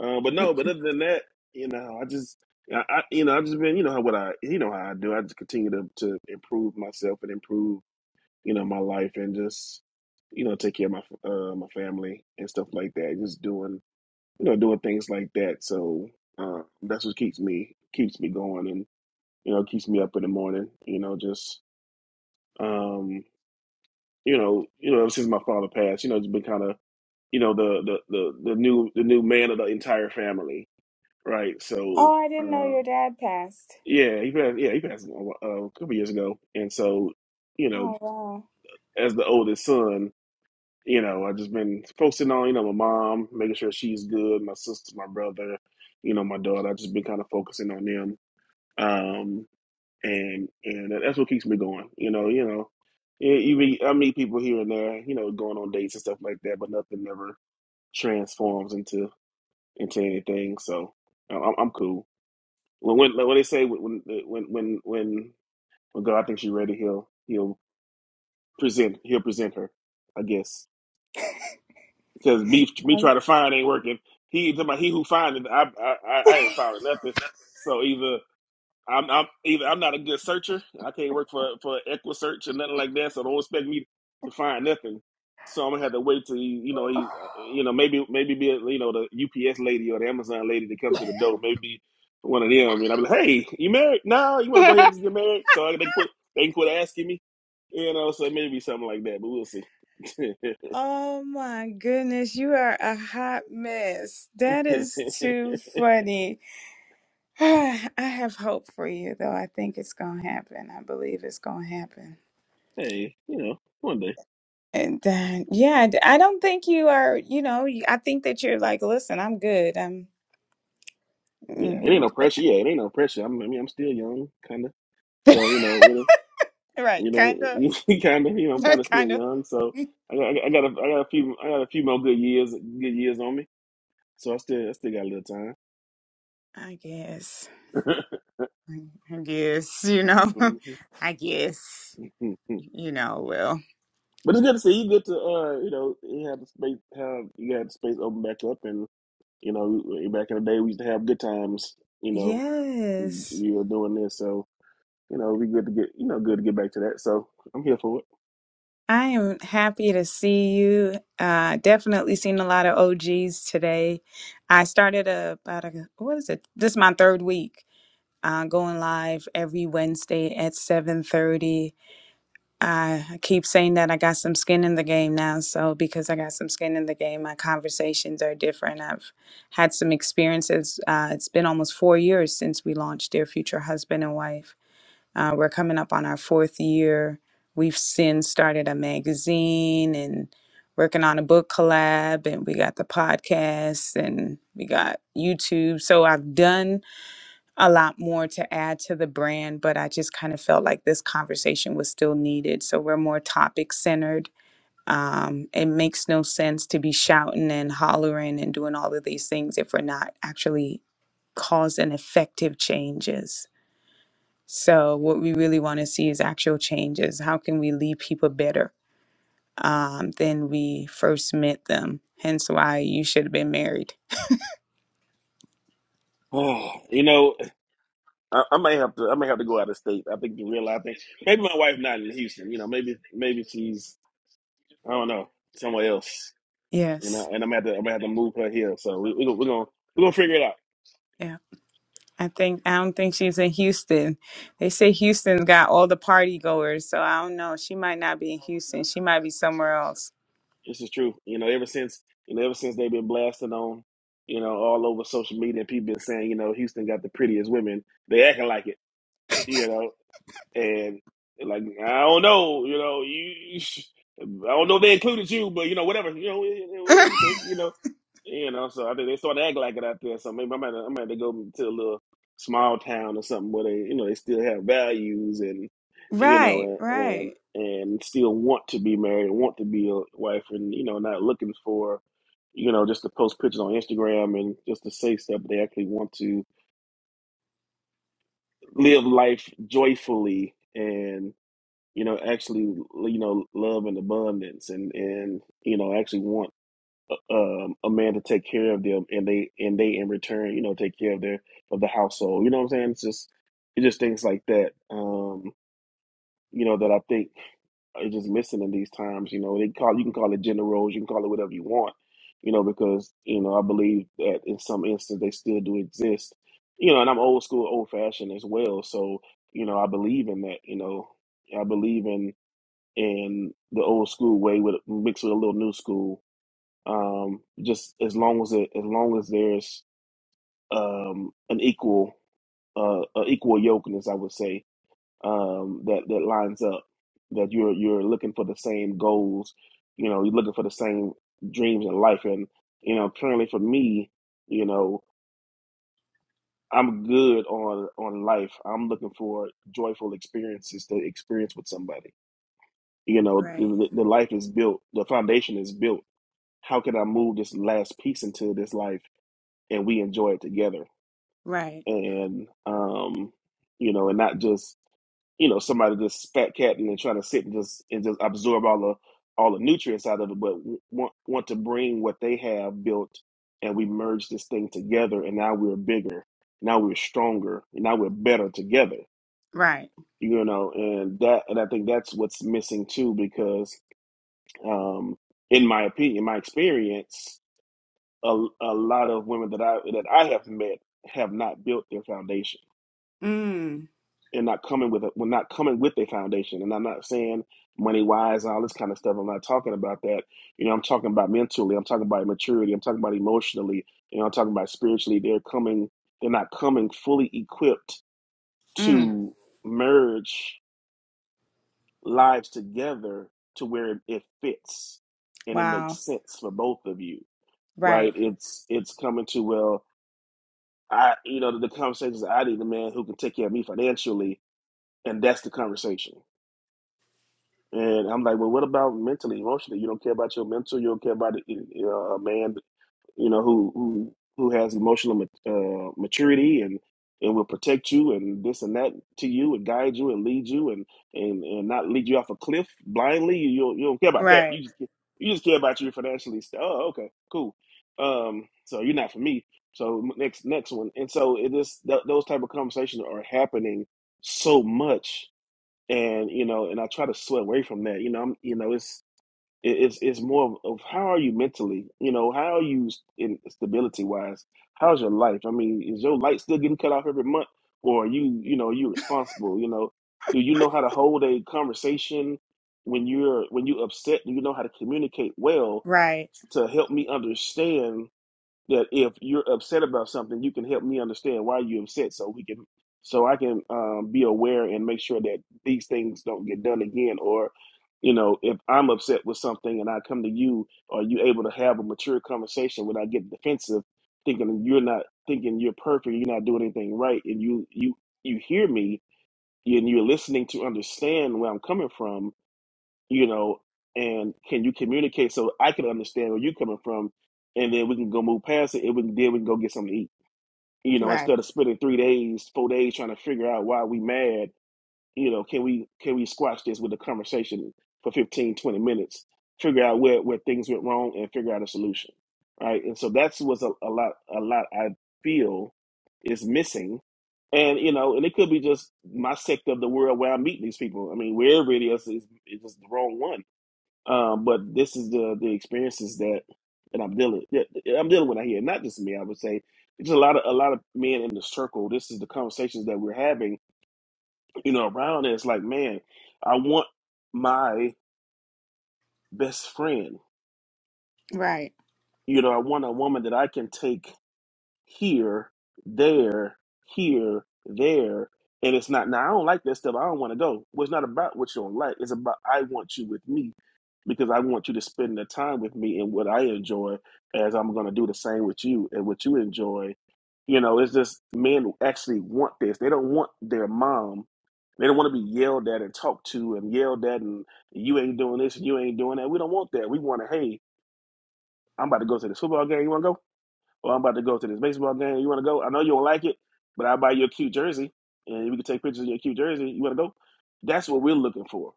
Speaker 7: Uh, but no, but other than that, you know, I just, I, I, you know, I've just been, you know, how what I, you know, how I do. I just continue to to improve myself and improve, you know, my life and just, you know, take care of my uh, my family and stuff like that. Just doing, you know, doing things like that. So uh, that's what keeps me keeps me going and you know keeps me up in the morning. You know, just um, you know, you know, since my father passed, you know, it's been kind of you know the the the, the new the new man of the entire family, right? So
Speaker 1: Oh, I didn't know your
Speaker 7: um,
Speaker 1: dad passed.
Speaker 7: yeah, he passed. Yeah, he passed a, wh- uh, a couple years ago, and so you know,
Speaker 1: Oh wow.
Speaker 7: as the oldest son, you know, I've just been focusing on you know my mom, making sure she's good, my sister, my brother, you know, my daughter. I've just been kind of focusing on them, um, and and that's what keeps me going. You know, you know. You you meet, I meet people here and there, you know, going on dates and stuff like that, but nothing ever transforms into into anything. So I- I'm, I'm cool. When, when like, when they say when when when when when God thinks you're ready, he'll he'll present he'll present her, I guess. Because me me trying to find ain't working. He talking about he who findeth I I I I ain't found nothing. So either. I'm I'm either I'm not a good searcher. I can't work for for Equisearch or nothing like that. So don't expect me to find nothing. So I'm gonna have to wait till he, you know he uh, you know maybe maybe be a, you know the UPS lady or the Amazon lady to come to the door. Maybe one of them. And I'm like, hey, you married? No, you want to go ahead and just get married? So I, they quit they can quit asking me. You know, so maybe something like that. But we'll see.
Speaker 1: Oh my goodness, you are a hot mess. That is too funny. I have hope for you, though. I think it's going to happen. I believe it's going to happen.
Speaker 7: hey, you know, one day.
Speaker 1: And uh, yeah, I d- I don't think you are, you know, you- I think that you're like, listen, I'm good. I'm
Speaker 7: Yeah, it ain't
Speaker 1: mm."
Speaker 7: no pressure. Yeah, it ain't no pressure. I'm, I mean, I'm still young, kind of. So you know, it.
Speaker 1: right,
Speaker 7: You know,
Speaker 1: kind of,
Speaker 7: you kind of, you know, I'm kind of still
Speaker 1: kind of.
Speaker 7: young, so I got, I got, a, I got a few, I got a few more good years, good years on me. So I still, I still got a little time.
Speaker 1: I guess, I guess, you know, I guess,
Speaker 7: Mhm.
Speaker 1: you know, well,
Speaker 7: but it's good to see you. Good to, uh, you know, you have the space, have you got the space open back up, and you know, we- back in the day we used to have good times. You know,
Speaker 1: yes.
Speaker 7: you were doing this, so you know, we good to get, you know, good to get back to that. So I'm here for
Speaker 1: I am happy to see you. Uh, definitely seen a lot of OGs today. I started a, about a, what is it? This is my third week uh, going live every Wednesday at 7.30. I I keep saying that I got some skin in the game now. So because I got some skin in the game, my conversations are different. I've had some experiences. Uh, it's been almost four years since we launched Dear Future Husband and Wife uh, we're coming up on our fourth year. We've since started a magazine and working on a book collab, and we got the podcast and we got YouTube. So I've done a lot more to add to the brand, but I just kind of felt like this conversation was still needed. So we're more topic centered. Um, it makes no sense to be shouting and hollering and doing all of these things if we're not actually causing effective changes. So, what we really want to see is actual changes. How can we lead people better um, than we first met them? Hence, why you should have been married.
Speaker 7: it. you know, I, I may have to. I may have to go out of state. I think you realize that. Maybe my wife not in Houston. You know, maybe maybe she's I don't know somewhere else. You know,
Speaker 1: Yes.
Speaker 7: and I'm gonna have to. I'm gonna have to move her here. So we, we, we're gonna we're gonna figure it out.
Speaker 1: Yeah. I think, I don't think she's in Houston. They say Houston's got all the party goers. So, I don't know. She might not be in Houston. She might be somewhere else.
Speaker 7: This is true. You know, ever since you know ever since they've been blasting on, you know, all over social media, and people been saying you know Houston got the prettiest women. They acting like it. You know. And like, I don't know, you know, you, I don't know if they included you, but you know, whatever, you know, eh, eh, whatever you think, you know, you know. So I think they started acting like it out there. So maybe i might, i might have to go to a little small town or something where they, you know, they still have values and, you
Speaker 1: Right,
Speaker 7: know, and
Speaker 1: right.
Speaker 7: and, and still want to be married and want to be a wife and you know, not looking for. You know, just to post pictures on Instagram and just to say stuff. They actually want to live life joyfully and you know, actually, you know, love and abundance, and and you know, actually want uh, um, a man to take care of them, and they and they in return, you know, take care of their of the household. You know what I'm saying? It's just it's just things like that. Um, you know, that I think are just missing in these times. You know, they call you can call it gender roles, you can call it whatever you want. You know, because you know I believe that in some instance they still do exist. You know, and I'm old school, old fashioned as well. So you know, I believe in that. You know, I believe in in the old school way with mixed with a little new school. Um, just as long as it, as long as there's um, an equal uh, a equal yokeness, I would say um, that that lines up. That you're you're looking for the same goals, you know, you're looking for the same dreams in life, and you know, currently for me, you know, I'm good on on life. I'm looking for joyful experiences to experience with somebody. You know,
Speaker 1: Right.
Speaker 7: the the life is built, the foundation is built how can I move this last piece into this life and we enjoy it together?
Speaker 1: Right.
Speaker 7: And um, you know, and not just, you know, somebody just spat catting and trying to sit and just and just absorb all the all the nutrients out of it, but want want to bring what they have built and we merge this thing together and now we're bigger, now we're stronger, and now we're better together.
Speaker 1: Right.
Speaker 7: You know, and that and I think that's what's missing too, because um in my opinion, my experience a, a lot of women that I that I have met have not built their foundation
Speaker 1: Mm.
Speaker 7: and not coming with a, well, not coming with their foundation. And I'm not saying money wise and all this kind of stuff. I'm not talking about that. You know, I'm talking about mentally. I'm talking about maturity. I'm talking about emotionally. You know, I'm talking about spiritually. They're coming. They're not coming fully equipped
Speaker 1: Mm.
Speaker 7: to merge lives together to where it it fits and it makes
Speaker 1: Wow.
Speaker 7: sense for both of you, right?
Speaker 1: Right.
Speaker 7: It's it's coming to well I, you know, the, the conversations I need a man who can take care of me financially, and that's the conversation. And I'm like, well, what about mentally, emotionally? You don't care about your mental. You don't care about a, a man you know, who who who has emotional mat- uh, maturity and and will protect you and this and that to you and guide you and lead you and and and not lead you off a cliff blindly. You you don't, you don't care about that.
Speaker 1: Right.
Speaker 7: You just ca- you just care about your financially. st- Oh, okay, cool. Um, so you're not for me. So m- next next one. And so it is th- those type of conversations are happening so much. And you know, and I try to sweat away from that. You know, I'm you know, it's it, it's it's more of how are you mentally? You know, how are you in stability wise? How's your life? I mean, is your light still getting cut off every month, or are you you know you responsible? You know, do you know how to hold a conversation when you're when you upset? Do you know how to communicate well
Speaker 1: Right.
Speaker 7: to help me understand? that if you're upset about something, you can help me understand why you're upset, so we can, so I can um, be aware and make sure that these things don't get done again. Or, you know, if I'm upset with something and I come to you, are you able to have a mature conversation without getting defensive, thinking you're not thinking you're perfect, you're not doing anything right, and you you you hear me and you're listening to understand where I'm coming from, you know, and can you communicate so I can understand where you're coming from, and then we can go move past it, and we can then we can go get something to eat. You know,
Speaker 1: Right.
Speaker 7: instead of spending three days, four days trying to figure out why we mad, you know, can we can we squash this with a conversation for 15, 20 minutes, figure out where where things went wrong, and figure out a solution, right? And so that's what's a, a lot a lot I feel is missing. And you know, and it could be just my sector of the world where I meet these people. I mean, wherever it is, is is just the wrong one um, but this is the the experiences that that I'm dealing that I'm dealing with out here. Not just me, I would say. It's a lot of a lot of men in the circle. This is the conversations that we're having, you know, around it. It's like, man, I want my best friend.
Speaker 1: Right.
Speaker 7: You know, I want a woman that I can take here, there, here, there. And it's not now I don't like that stuff. I don't want to go. Well, it's not about what you don't like. It's about I want you with me because I want you to spend the time with me and what I enjoy as I'm going to do the same with you and what you enjoy. You know, it's just men actually want this. They don't want their mom. They don't want to be yelled at and talked to and yelled at and you ain't doing this and you ain't doing that. We don't want that. We want to, hey, I'm about to go to this football game. You want to go? Or I'm about to go to this baseball game. You want to go? I know you don't like it, but I'll buy you a cute jersey and we can take pictures of your cute jersey. You want to go? That's what we're looking for,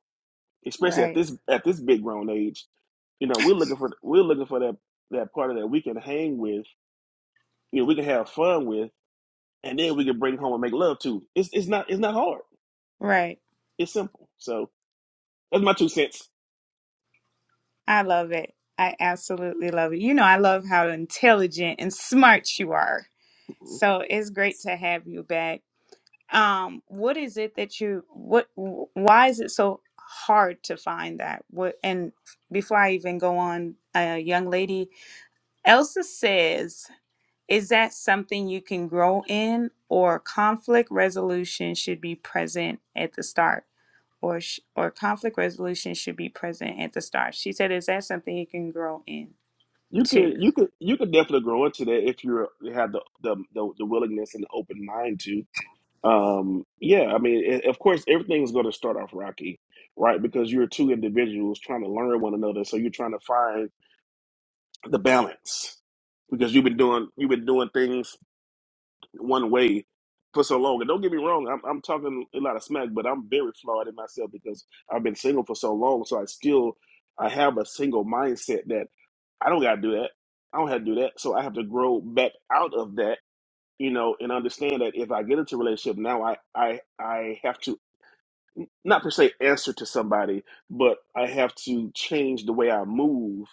Speaker 7: especially at
Speaker 1: Right.
Speaker 7: this at this big grown age you know, we're looking for we're looking for that that partner that we can hang with, you know, we can have fun with, and then we can bring home and make love to. It's it's not it's not hard.
Speaker 1: Right.
Speaker 7: It's simple. So that's my two cents.
Speaker 1: I love it. I absolutely love it. You know, I love how intelligent and smart you are. So it's great to have you back. Um, what is it that you what wh- why is it so hard to find that? What and before I even go on, a young lady Elsa says, is that something you can grow in or conflict resolution should be present at the start? or sh- or conflict resolution should be present at the start. She said, "Is that something you can grow in?"
Speaker 7: You
Speaker 1: Two.
Speaker 7: could you could you could definitely grow into that if you're, you have the, the the the willingness and the open mind to. Um, yeah, I mean, a- of course, everything's going to start off rocky, right? Because you're two individuals trying to learn one another, so you're trying to find the balance because you've been doing you've been doing things one way for so long. And don't get me wrong, I'm, I'm talking a lot of smack, but I'm very flawed in myself because I've been single for so long. So I still, I have a single mindset that I don't got to do that. I don't have to do that. So I have to grow back out of that, you know, and understand that if I get into a relationship now, I, I, I have to not per se answer to somebody, but I have to change the way I move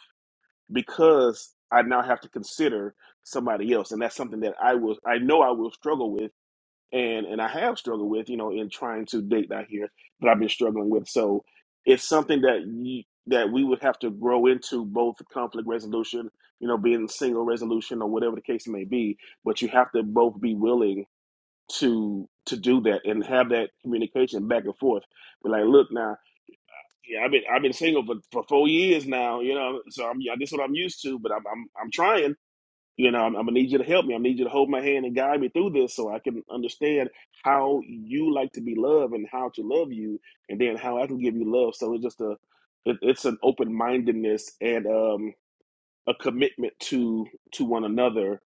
Speaker 7: because I now have to consider somebody else, and that's something that I will, I know I will struggle with and and I have struggled with, you know, in trying to date out here that I've been struggling with. So it's something that you, that we would have to grow into both conflict resolution, you know, being single resolution or whatever the case may be. But you have to both be willing to to do that and have that communication back and forth. But like, look now, yeah, I've been I've been single for, for four years now, you know, so I'm yeah, this is what I'm used to, but I'm I'm I'm trying you know, I'm, I'm gonna need you to help me. I need you to hold my hand and guide me through this so I can understand how you like to be loved and how to love you, and then how I can give you love. So it's just a, it, it's an open mindedness and um, a commitment to to one another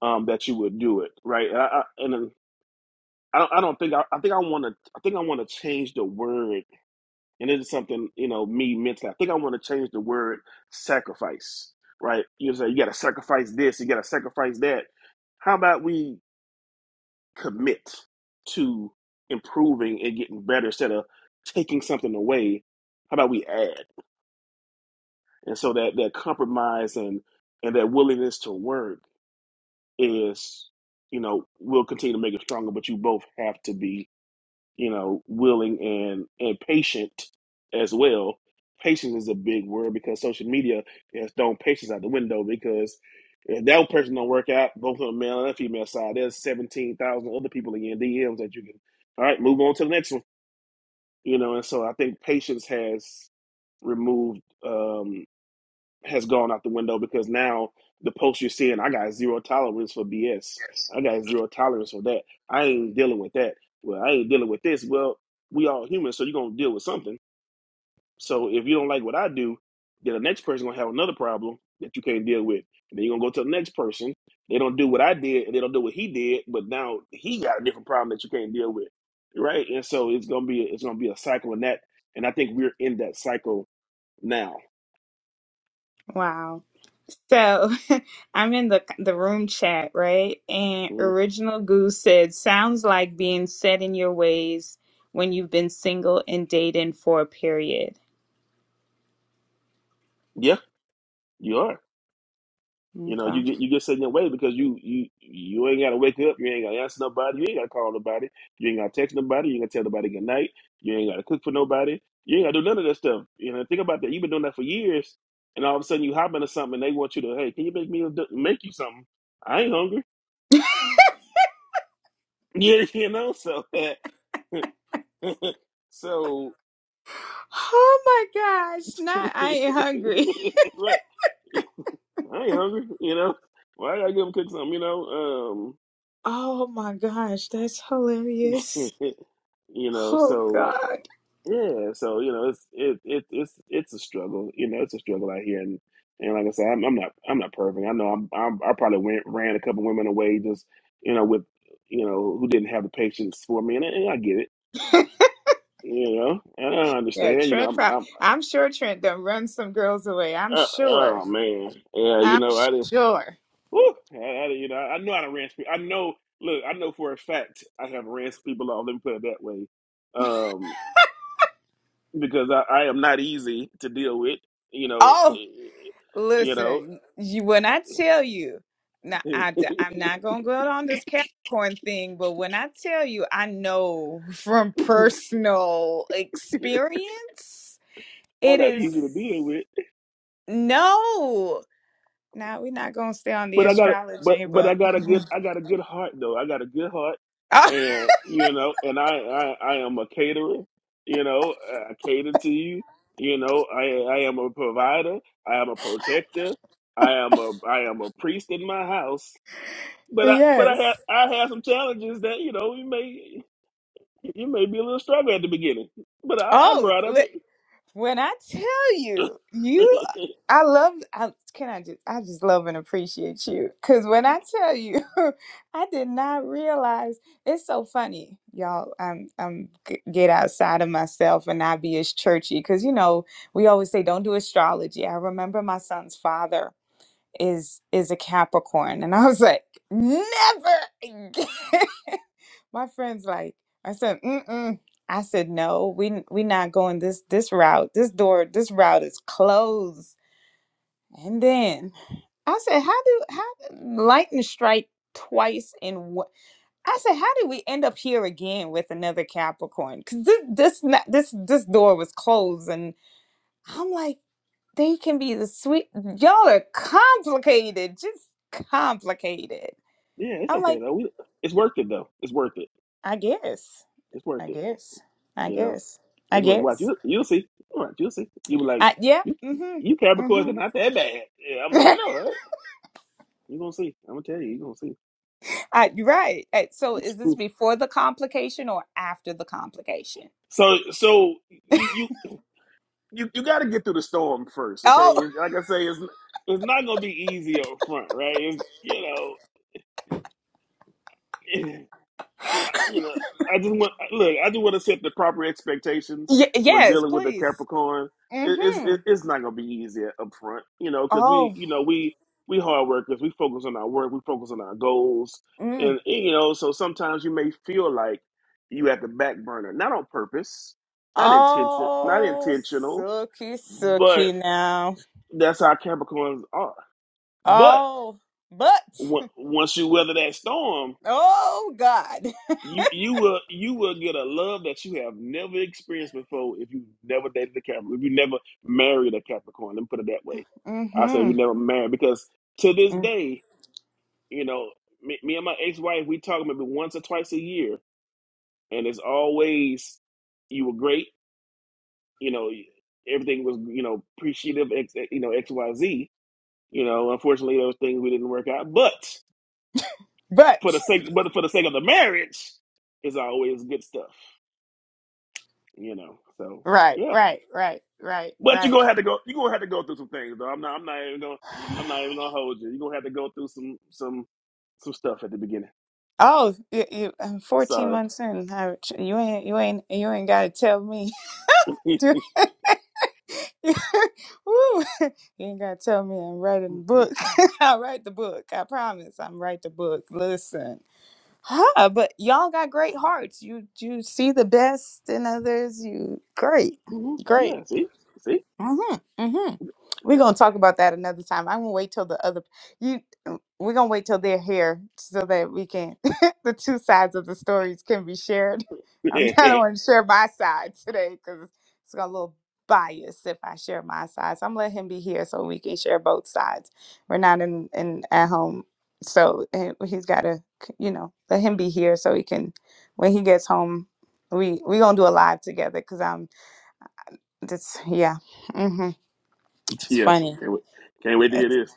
Speaker 7: um, that you would do it right. And I, I, and I don't, I don't think I, I think I want to I think I want to change the word and it is something, you know, me mentally. I think I want to change the word sacrifice, right? You say you got to sacrifice this, you got to sacrifice that. How about we commit to improving and getting better instead of taking something away? How about we add? And so that that compromise and and that willingness to work is, you know, will continue to make it stronger. But you both have to be you know, willing and and patient as well. Patience is a big word because social media has thrown patience out the window because if that person don't work out, both on the male and female side, there's seventeen thousand other people in your DMs that you can all right, move on to the next one. You know, and so I think patience has removed um, has gone out the window because now the post you're seeing, I got zero tolerance for BS. I got zero tolerance for that. I ain't dealing with that. Well, I ain't dealing with this. Well, we all humans, so you're gonna deal with something. So if you don't like what I do, then the next person gonna have another problem that you can't deal with. And then you're gonna go to the next person. They don't do what I did, and they don't do what he did, but now he got a different problem that you can't deal with, right? And so it's gonna be it's gonna be a cycle in that, and I think we're in that cycle now.
Speaker 1: Wow. So I'm in the the room chat, right? And
Speaker 7: Mhm.
Speaker 1: Original Goose said, "Sounds like being set in your ways when you've been single and dating for a period."
Speaker 7: Yeah, you are. You know, you
Speaker 1: Okay.
Speaker 7: get you get set in your way because you you you ain't gotta wake up, you ain't gotta answer nobody, you ain't gotta call nobody, you ain't gotta text nobody, you ain't gotta tell nobody good night, you ain't gotta cook for nobody, you ain't gotta do none of that stuff. You know, think about that. You've been doing that for years, and all of a sudden you hop into something, and they want you to, hey, can you make me a, d- make you something? I ain't hungry. Yeah, you know, so so
Speaker 1: Oh my gosh! Not I ain't hungry.
Speaker 7: right, I ain't hungry. You know, why I gotta give them cook something? You know,
Speaker 1: Oh my gosh, that's
Speaker 7: um,
Speaker 1: hilarious.
Speaker 7: you know,
Speaker 1: Oh
Speaker 7: so.
Speaker 1: God.
Speaker 7: Yeah, so you know, it's it it it's it's a struggle. You know, it's a struggle out here, and and like I said, I'm, I'm not I'm not perfect. I know I'm, I'm I probably went, ran a couple women away just you know with you know who didn't have the patience for me, and, and I get it. You know, and I
Speaker 1: Yeah,
Speaker 7: understand. You know,
Speaker 1: Trent.
Speaker 7: I'm
Speaker 1: Prob-
Speaker 7: I'm
Speaker 1: I'm sure Trent done run some girls away. I'm
Speaker 7: uh,
Speaker 1: sure.
Speaker 7: oh man, yeah. You
Speaker 1: I'm
Speaker 7: know, I didn't.
Speaker 1: sure.
Speaker 7: Whew, I, I didn't- you know, I know I done ran. some pe- I know. Look, I know for a fact I have ran some people off. Let me put it that way. Um, because I, I am not easy to deal with. You know, eh, eh, you know,
Speaker 1: Listen, you when I tell you, now I, am not gonna go on this Capricorn thing, but when I tell you, I know from
Speaker 7: I'm
Speaker 1: personal experience, it
Speaker 7: not
Speaker 1: is
Speaker 7: easy to deal with.
Speaker 1: no. Now we're not gonna stay on the
Speaker 7: But I got a but
Speaker 1: astrology,
Speaker 7: but I
Speaker 1: but
Speaker 7: got a good I got a good heart though. I got a good heart,
Speaker 1: oh,
Speaker 7: and you know, and I I, I am a caterer. You know, I cater to you. You know, I I am a provider. I am a protector. I am a I am a priest in my house. But I but I
Speaker 1: yes.
Speaker 7: had I had some challenges that you know we may. It may be a little struggle at the beginning, but I, I
Speaker 1: Oh,
Speaker 7: grow out of it.
Speaker 1: When I tell you, you, I love. I can I just, I just love and appreciate you. Cause when I tell you, I did not realize. It's so funny, y'all. I'm, I'm g- get outside of myself and not be as churchy. Cause you know, we always say don't do astrology. I remember my son's father is is a Capricorn, and I was like, never. again. My friend's like, I said, mm-mm. I said, no, we we not going this this route. This door, this route is closed. And then I said, how do how lightning strike twice in what? I said, how did we end up here again with another Capricorn? Because this this not, this this door was closed, and I'm like, they can be the sweet. Y'all are complicated, just complicated.
Speaker 7: yeah, it's
Speaker 1: I'm
Speaker 7: okay
Speaker 1: like,
Speaker 7: though. We, it's worth it though. It's worth it.
Speaker 1: I guess,
Speaker 7: It's worth
Speaker 1: I
Speaker 7: it.
Speaker 1: guess, I
Speaker 7: You know,
Speaker 1: guess, I
Speaker 7: it's worth it. Watch
Speaker 1: guess.
Speaker 7: you. You'll see. Watch you'll see. You were like,
Speaker 1: I, yeah.
Speaker 7: you
Speaker 1: Mm-hmm.
Speaker 7: you Capricorns are
Speaker 1: Mm-hmm.
Speaker 7: not that bad. Yeah, I'm like, I know, right? You gonna see. I'm gonna tell you. You are gonna
Speaker 1: I, you're right. Uh, So
Speaker 7: see.
Speaker 1: is this before the complication or after the complication?
Speaker 7: so so you you you you got to get through the storm first, okay?
Speaker 1: Oh,
Speaker 7: It's- Like I say, it's it's not gonna be easy up front, right? It's, you know. you know, I just want look. I just want to set the proper expectations
Speaker 1: y-
Speaker 7: when
Speaker 1: yes,
Speaker 7: dealing with a
Speaker 1: please.
Speaker 7: Capricorn. It, it's
Speaker 1: Mm-hmm.
Speaker 7: it, it's not gonna be easy up front, you know, because we
Speaker 1: Oh,
Speaker 7: you know we we hard workers. We focus on our work. We focus on our goals, and,
Speaker 1: mm.
Speaker 7: and, you know, so sometimes you may feel like you at the back burner, not on purpose, not intention, not
Speaker 1: oh,
Speaker 7: intentional,
Speaker 1: sucky,
Speaker 7: but
Speaker 1: sucky now.
Speaker 7: that's how Capricorns are. But
Speaker 1: Oh, but,
Speaker 7: on- once you weather that storm,
Speaker 1: oh, God.
Speaker 7: You you will you will get a love that you have never experienced before if you never dated a Capricorn, if you never married a Capricorn. Let me put it that way. I say
Speaker 1: Mm-hmm.
Speaker 7: we never married because to this
Speaker 1: Mm.
Speaker 7: day, you know, me, me and my ex-wife, we talk maybe once or twice a year, and it's always you were great, you know, everything was you know appreciative, X, you know X Y Z. You know, unfortunately, those things we didn't work out, but
Speaker 1: But,
Speaker 7: for the sake, but for the sake of the marriage, it's always good stuff. you know. So
Speaker 1: right,
Speaker 7: yeah,
Speaker 1: right, right, right,
Speaker 7: but you're gonna
Speaker 1: right.
Speaker 7: have to go. You're gonna have to go through some things, though. I'm not. I'm not even gonna. I'm not even gonna hold you. You're gonna have to go through some some some stuff at the beginning.
Speaker 1: Oh, you, you, I'm 14
Speaker 7: Sorry.
Speaker 1: months in. I, you ain't, you ain't, you ain't got to tell me. Woo. You ain't gotta tell me I'm writing the
Speaker 7: hmm
Speaker 1: book. I'll write the book. I promise. I'm write the book. Listen. Huh, but y'all got great hearts. You you see the best in others. You great.
Speaker 7: hmm
Speaker 1: Great.
Speaker 7: Yeah. See. See.
Speaker 1: Mm-hmm. Mm-hmm. We're
Speaker 7: Yeah.
Speaker 1: gonna talk about that another time. I'm gonna wait till the other you. We're gonna wait till they're here so that we can the two sides of the stories can be shared. I'm, I don't want to share my side today because it's got a little bias if I share my side. So I'm gonna let him be here so we can share both sides. We're not in in at home, so eh, he's gotta you know let him be here so he can when he gets home. We we gonna do a live together because I'm just yeah. mm-hmm. It's
Speaker 7: yeah.
Speaker 1: funny.
Speaker 7: Can't wait. Can't wait to hear
Speaker 1: It's
Speaker 7: this.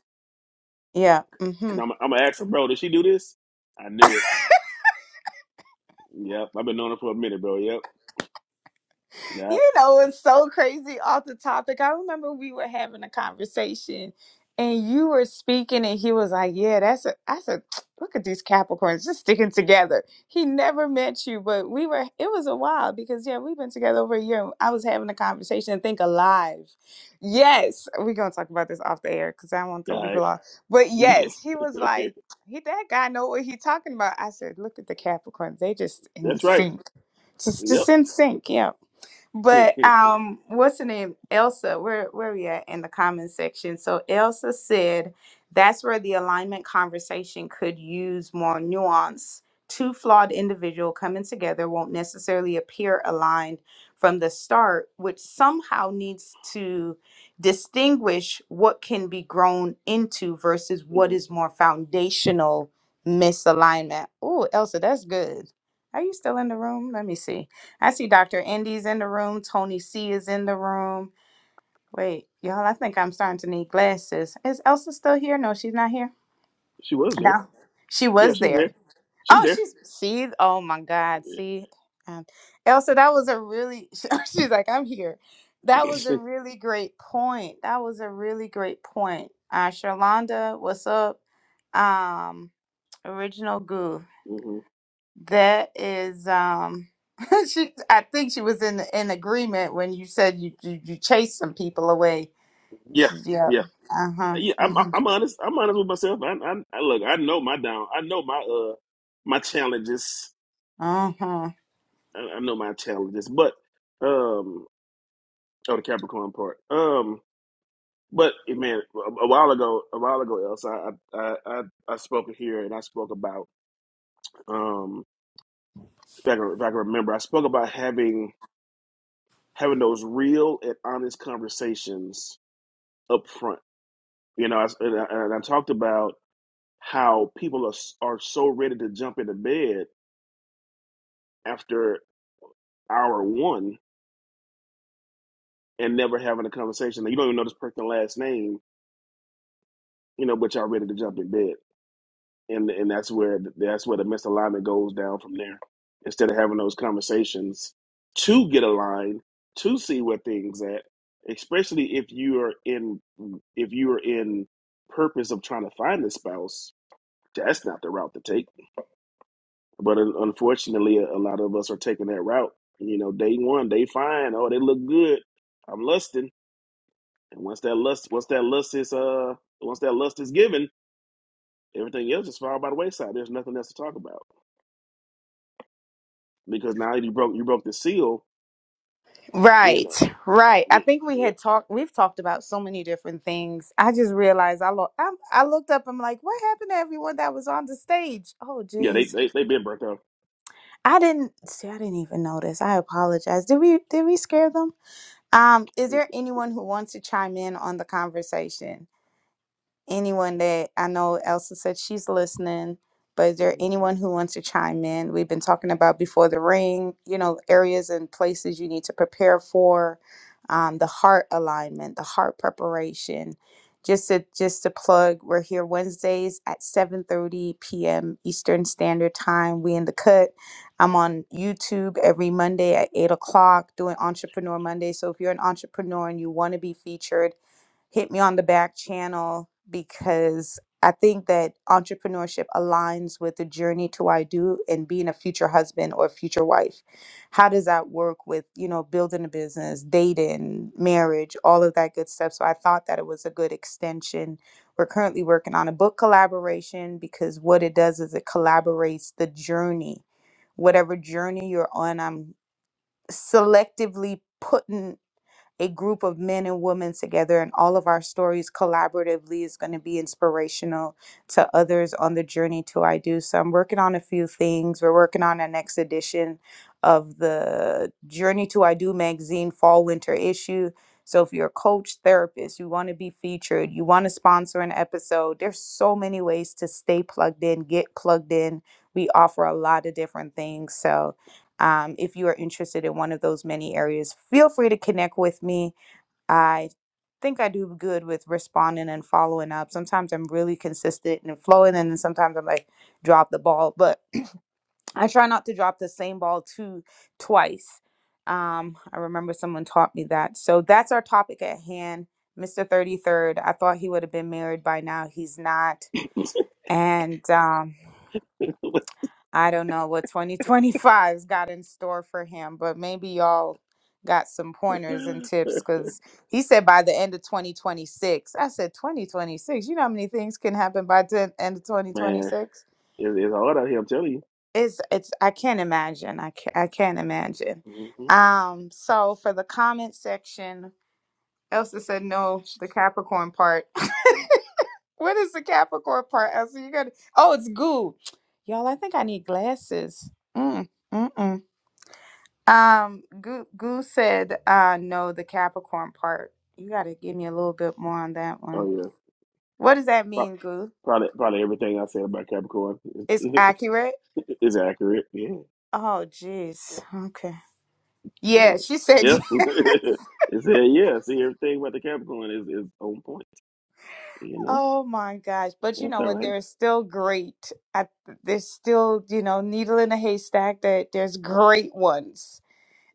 Speaker 1: yeah. hmm
Speaker 7: Cause I'm. I'm gonna ask her, bro. Did she do this? I knew it. Yep. I've been knowing her for a minute, bro. Yep. Yep.
Speaker 1: you know, it's so crazy off the topic. I remember we were having a conversation and you were speaking and he was like, Yeah, that's a that's a look at these Capricorns just sticking together. He never met you, but we were it was a while because yeah, we've been together over a year. and I was having a conversation and think alive. Yes, we're gonna talk about this off the air because I don't want to throw
Speaker 7: All right.
Speaker 1: people off. But yes, he was like, he that guy know what he talking about. I said, look at the Capricorns, they just in
Speaker 7: That's right.
Speaker 1: sync. Just
Speaker 7: Yep.
Speaker 1: just in sync. Yeah. But um, what's her name? Elsa. Where where we at in the comment section? So Elsa said that's where the alignment conversation could use more nuance. Two flawed individual coming together won't necessarily appear aligned from the start, which somehow needs to distinguish what can be grown into versus what
Speaker 7: Mhm.
Speaker 1: is more foundational misalignment. Oh, Elsa, that's good. Are you still in the room? Let me see. I see Dr. Indy's in the room. Tony C is in the room. Wait, y'all, I think I'm starting to need glasses. Is Elsa still here? No, she's not here.
Speaker 7: She was there.
Speaker 1: No, she
Speaker 7: Yeah,
Speaker 1: was
Speaker 7: she's there.
Speaker 1: there.
Speaker 7: She's
Speaker 1: Oh,
Speaker 7: there.
Speaker 1: she's, see, oh my God, see. Um, Elsa, that was a really, she's like, I'm here. That was a really great point. That was a really great point. Uh, Sherlonda, what's up? Um, original goo.
Speaker 7: Mhm.
Speaker 1: That is, um, she. I think she was in in agreement when you said you you, you chased some people away.
Speaker 7: Yeah,
Speaker 1: She says, "Yep,
Speaker 7: yeah,
Speaker 1: uh huh,
Speaker 7: yeah. I'm, I'm
Speaker 1: mm-hmm.
Speaker 7: I'm honest. I'm honest with myself. I, I, I look. I know my down. I know my uh my challenges.
Speaker 1: uh huh."
Speaker 7: I, I know my challenges. But um, oh, the Capricorn part. Um, but eh, man, a, a while ago, a while ago, else I I I I I spoke here and I spoke about um if I can, if I can remember, I spoke about having having those real and honest conversations up front. You know, I, s- and, I, and I talked about how people are s- are so ready to jump into bed after hour one and never having a conversation. You don't even know this person's last name, you know, but y'all ready to jump in bed, and and that's where that's where the misalignment goes down from there. Instead of having those conversations to get aligned, to see where things at, especially if you are in if you are in purpose of trying to find a spouse, that's not the route to take. But un- unfortunately, a lot of us are taking that route. You know, day one, day fine. Oh, they look good. I'm lusting And once that lust, once that lust is uh, once that lust is given, everything else just filed by the wayside. There's nothing else to talk about because now you broke you broke the seal. You
Speaker 1: Right,
Speaker 7: know,
Speaker 1: right. I
Speaker 7: yeah,
Speaker 1: think we
Speaker 7: yeah,
Speaker 1: had talked. We've talked about so many different things. I just realized I look. I, I looked up. I'm like, what happened to everyone that was on the stage? Oh,
Speaker 7: yeah, they
Speaker 1: geez,
Speaker 7: they they been burnt up.
Speaker 1: I didn't see. I didn't even notice. I apologize. Did we did we scare them? Um, is there anyone who wants to chime in on the conversation? anyone that I know Elsa said she's listening, but is there anyone who wants to chime in? We've been talking about before the ring, you know, areas and places you need to prepare for, um, the heart alignment, the heart preparation. Just to just to plug, we're here Wednesdays at 7:30 p.m. Eastern Standard Time. We in the cut. I'm on YouTube every Monday at 8 o'clock doing Entrepreneur Monday. So if you're an entrepreneur and you want to be featured, hit me on the back channel because I think that entrepreneurship aligns with the journey to I do and being a future husband or future wife. How does that work with, you know, building a business, dating, marriage, all of that good stuff? So I thought that it was a good extension. We're currently working on a book collaboration because what it does is it collaborates the journey. Whatever journey you're on, I'm selectively putting a group of men and women together, and all of our stories collaboratively is going to be inspirational to others on the journey to I Do. So I'm working on a few things. We're working on a next edition of the Journey to I Do magazine fall winter issue. So if you're a coach, therapist, you want to be featured, you want to sponsor an episode, there's so many ways to stay plugged in, get plugged in. We offer a lot of different things. So um, if you are interested in one of those many areas, feel free to connect with me. I think I do good with responding and following up. Sometimes I'm really consistent and flowing, and then sometimes I'm like, drop the ball. But I try not to drop the same ball two twice. Um, I remember someone taught me that. So that's our topic at hand. Mr. 33rd, I thought he would have been married by now. He's not. And um, I don't know what 2025's got in store for him, but maybe y'all got some pointers and tips because he said by the end of 2026. I said 2026. You know how many things can happen by the end of
Speaker 7: Man,
Speaker 1: 2026?
Speaker 7: it, it's hard out here. I'm telling
Speaker 1: It's it's I can't imagine. I can't, I can't imagine.
Speaker 7: you. hmm
Speaker 1: Um, so for the comment section, Elsa said no, the Capricorn part. what is the Capricorn part, Elsa? You got to Oh, it's goo. Y'all, I think I need glasses. Mm, mm-mm. Um, Goo, Goo said, uh, no, the Capricorn part. You got to give me a little bit more on that one.
Speaker 7: Oh yeah,
Speaker 1: What does that
Speaker 7: Pro-
Speaker 1: mean, Goo?
Speaker 7: probably probably everything I said about Capricorn
Speaker 1: It's
Speaker 7: is,
Speaker 1: accurate?
Speaker 7: is accurate. Yeah,
Speaker 1: Oh, jeez. Okay.
Speaker 7: yeah.
Speaker 1: Yeah, she said,
Speaker 7: yep. it said yeah. See, everything about the Capricorn is is on point. You know,
Speaker 1: oh my gosh. But you
Speaker 7: that's
Speaker 1: know
Speaker 7: all
Speaker 1: what?
Speaker 7: right.
Speaker 1: There's still great. I, there's still, you know, needle in a haystack that there's great ones.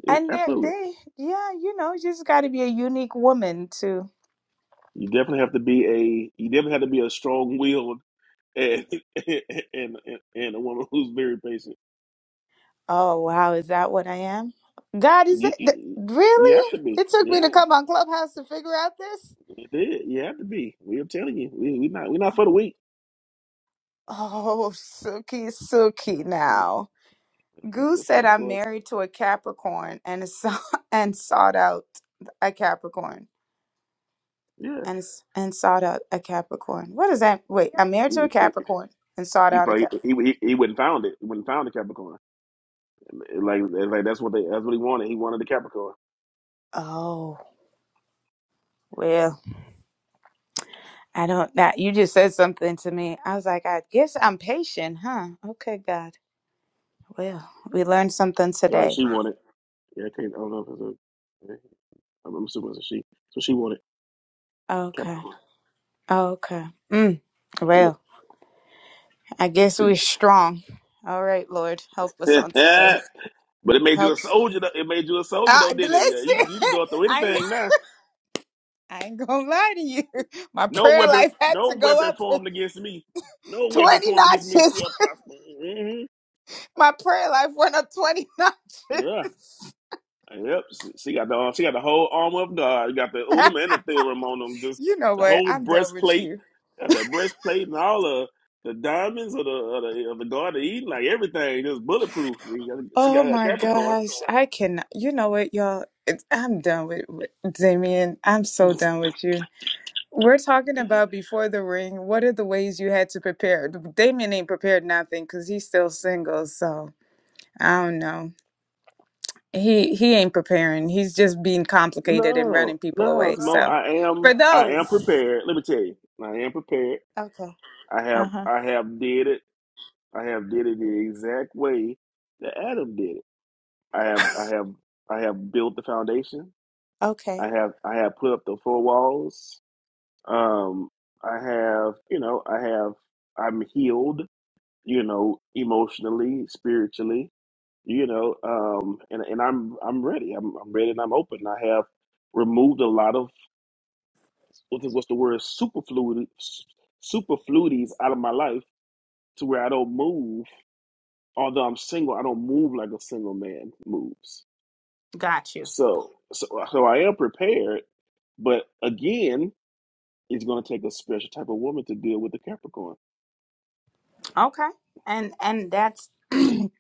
Speaker 7: It,
Speaker 1: And they're,
Speaker 7: absolutely.
Speaker 1: they, yeah, you know, you just got to be a unique woman too.
Speaker 7: You definitely have to be a you definitely have to be a strong willed and and, and and a woman who's very patient.
Speaker 1: Oh wow, is that what I am? God, is it
Speaker 7: You,
Speaker 1: th-
Speaker 7: you have
Speaker 1: really?
Speaker 7: to be.
Speaker 1: It took
Speaker 7: Yeah,
Speaker 1: me to come on Clubhouse to figure out this.
Speaker 7: it is. You have to be. We are telling you, we we not we not for the weak.
Speaker 1: Oh, Suki, Suki.
Speaker 7: Mm,
Speaker 1: Now,
Speaker 7: For the weak,
Speaker 1: Goose
Speaker 7: That's
Speaker 1: said I'm
Speaker 7: Capricorn.
Speaker 1: married to a Capricorn and saw and sought out a Capricorn
Speaker 7: Yeah,
Speaker 1: and s- and sought out a Capricorn. What is that? Wait, I'm married to
Speaker 7: he
Speaker 1: a Capricorn and sought
Speaker 7: he,
Speaker 1: out a
Speaker 7: probably-
Speaker 1: Cap.
Speaker 7: he he he wouldn't found it. He wouldn't found the Capricorn. Like like that's what they that's what he wanted. He wanted the Capricorn.
Speaker 1: Oh well, I don't. That you just said something to me. I was like, I guess I'm patient, huh? Okay, God. Well, we learned something
Speaker 7: Sorry,
Speaker 1: today.
Speaker 7: she wanted. Yeah, I can't. I don't know if it's a. yeah, I'm I'm assuming it's a she. So she wanted
Speaker 1: Okay.
Speaker 7: Capricorn.
Speaker 1: Okay. Mm. Well,
Speaker 7: Yep.
Speaker 1: I guess we're strong. All right, Lord, help us
Speaker 7: but
Speaker 1: on today.
Speaker 7: it made you
Speaker 1: Help.
Speaker 7: a soldier. Though. It made you a soldier,
Speaker 1: Uh,
Speaker 7: though, did it? Yeah, you
Speaker 1: listen,
Speaker 7: can you can go through
Speaker 1: I ain't,
Speaker 7: anything now.
Speaker 1: I ain't gonna lie to you. My
Speaker 7: No
Speaker 1: prayer
Speaker 7: weapon,
Speaker 1: life had
Speaker 7: no
Speaker 1: to go
Speaker 7: weapon
Speaker 1: up
Speaker 7: formed against me. No weapon
Speaker 1: 20
Speaker 7: formed against me
Speaker 1: notches.
Speaker 7: shall prosper. hmm
Speaker 1: My prayer life went up 20 notches.
Speaker 7: Yeah, yep. She, she got the uh, she got the whole armor of God. You got the Ulam and the Theorem on them. Just
Speaker 1: You know
Speaker 7: the
Speaker 1: what?
Speaker 7: whole
Speaker 1: I'm done with
Speaker 7: breastplate,
Speaker 1: you.
Speaker 7: got the breastplate and all the the diamonds of the of the, of the Garden of Eden, like everything, just bulletproof. She got, she got
Speaker 1: Oh
Speaker 7: her
Speaker 1: my
Speaker 7: Capricorn.
Speaker 1: gosh. I cannot. You know what, y'all? It's, I'm done with, with Damien. I'm so done with you. We're talking about before the ring. What are the ways you had to prepare? Damien ain't prepared nothing because he's still single. So I don't know. He he ain't preparing. He's just being complicated and
Speaker 7: No,
Speaker 1: running people
Speaker 7: no,
Speaker 1: away.
Speaker 7: Smo.
Speaker 1: So
Speaker 7: I am
Speaker 1: for
Speaker 7: I
Speaker 1: those,
Speaker 7: am prepared. Let me tell you, I am prepared.
Speaker 1: Okay.
Speaker 7: I
Speaker 1: Uh
Speaker 7: have
Speaker 1: huh.
Speaker 7: I have did it. I have did it the exact way that Adam did it. I have I have I have built the foundation. I
Speaker 1: Okay.
Speaker 7: have I have put up the four walls. Um I have, you know, I have I'm healed, you know, emotionally, spiritually, you know, um and and I'm I'm ready. I'm I'm ready and I'm open. I have removed a lot of what's the, what's the word superfluid superfluities out of my life to where I don't move. Although I'm single, I don't move like a single man moves.
Speaker 1: Got you.
Speaker 7: So so so I am prepared, but again, it's going to take a special type of woman to deal with the Capricorn.
Speaker 1: Okay. And and that's and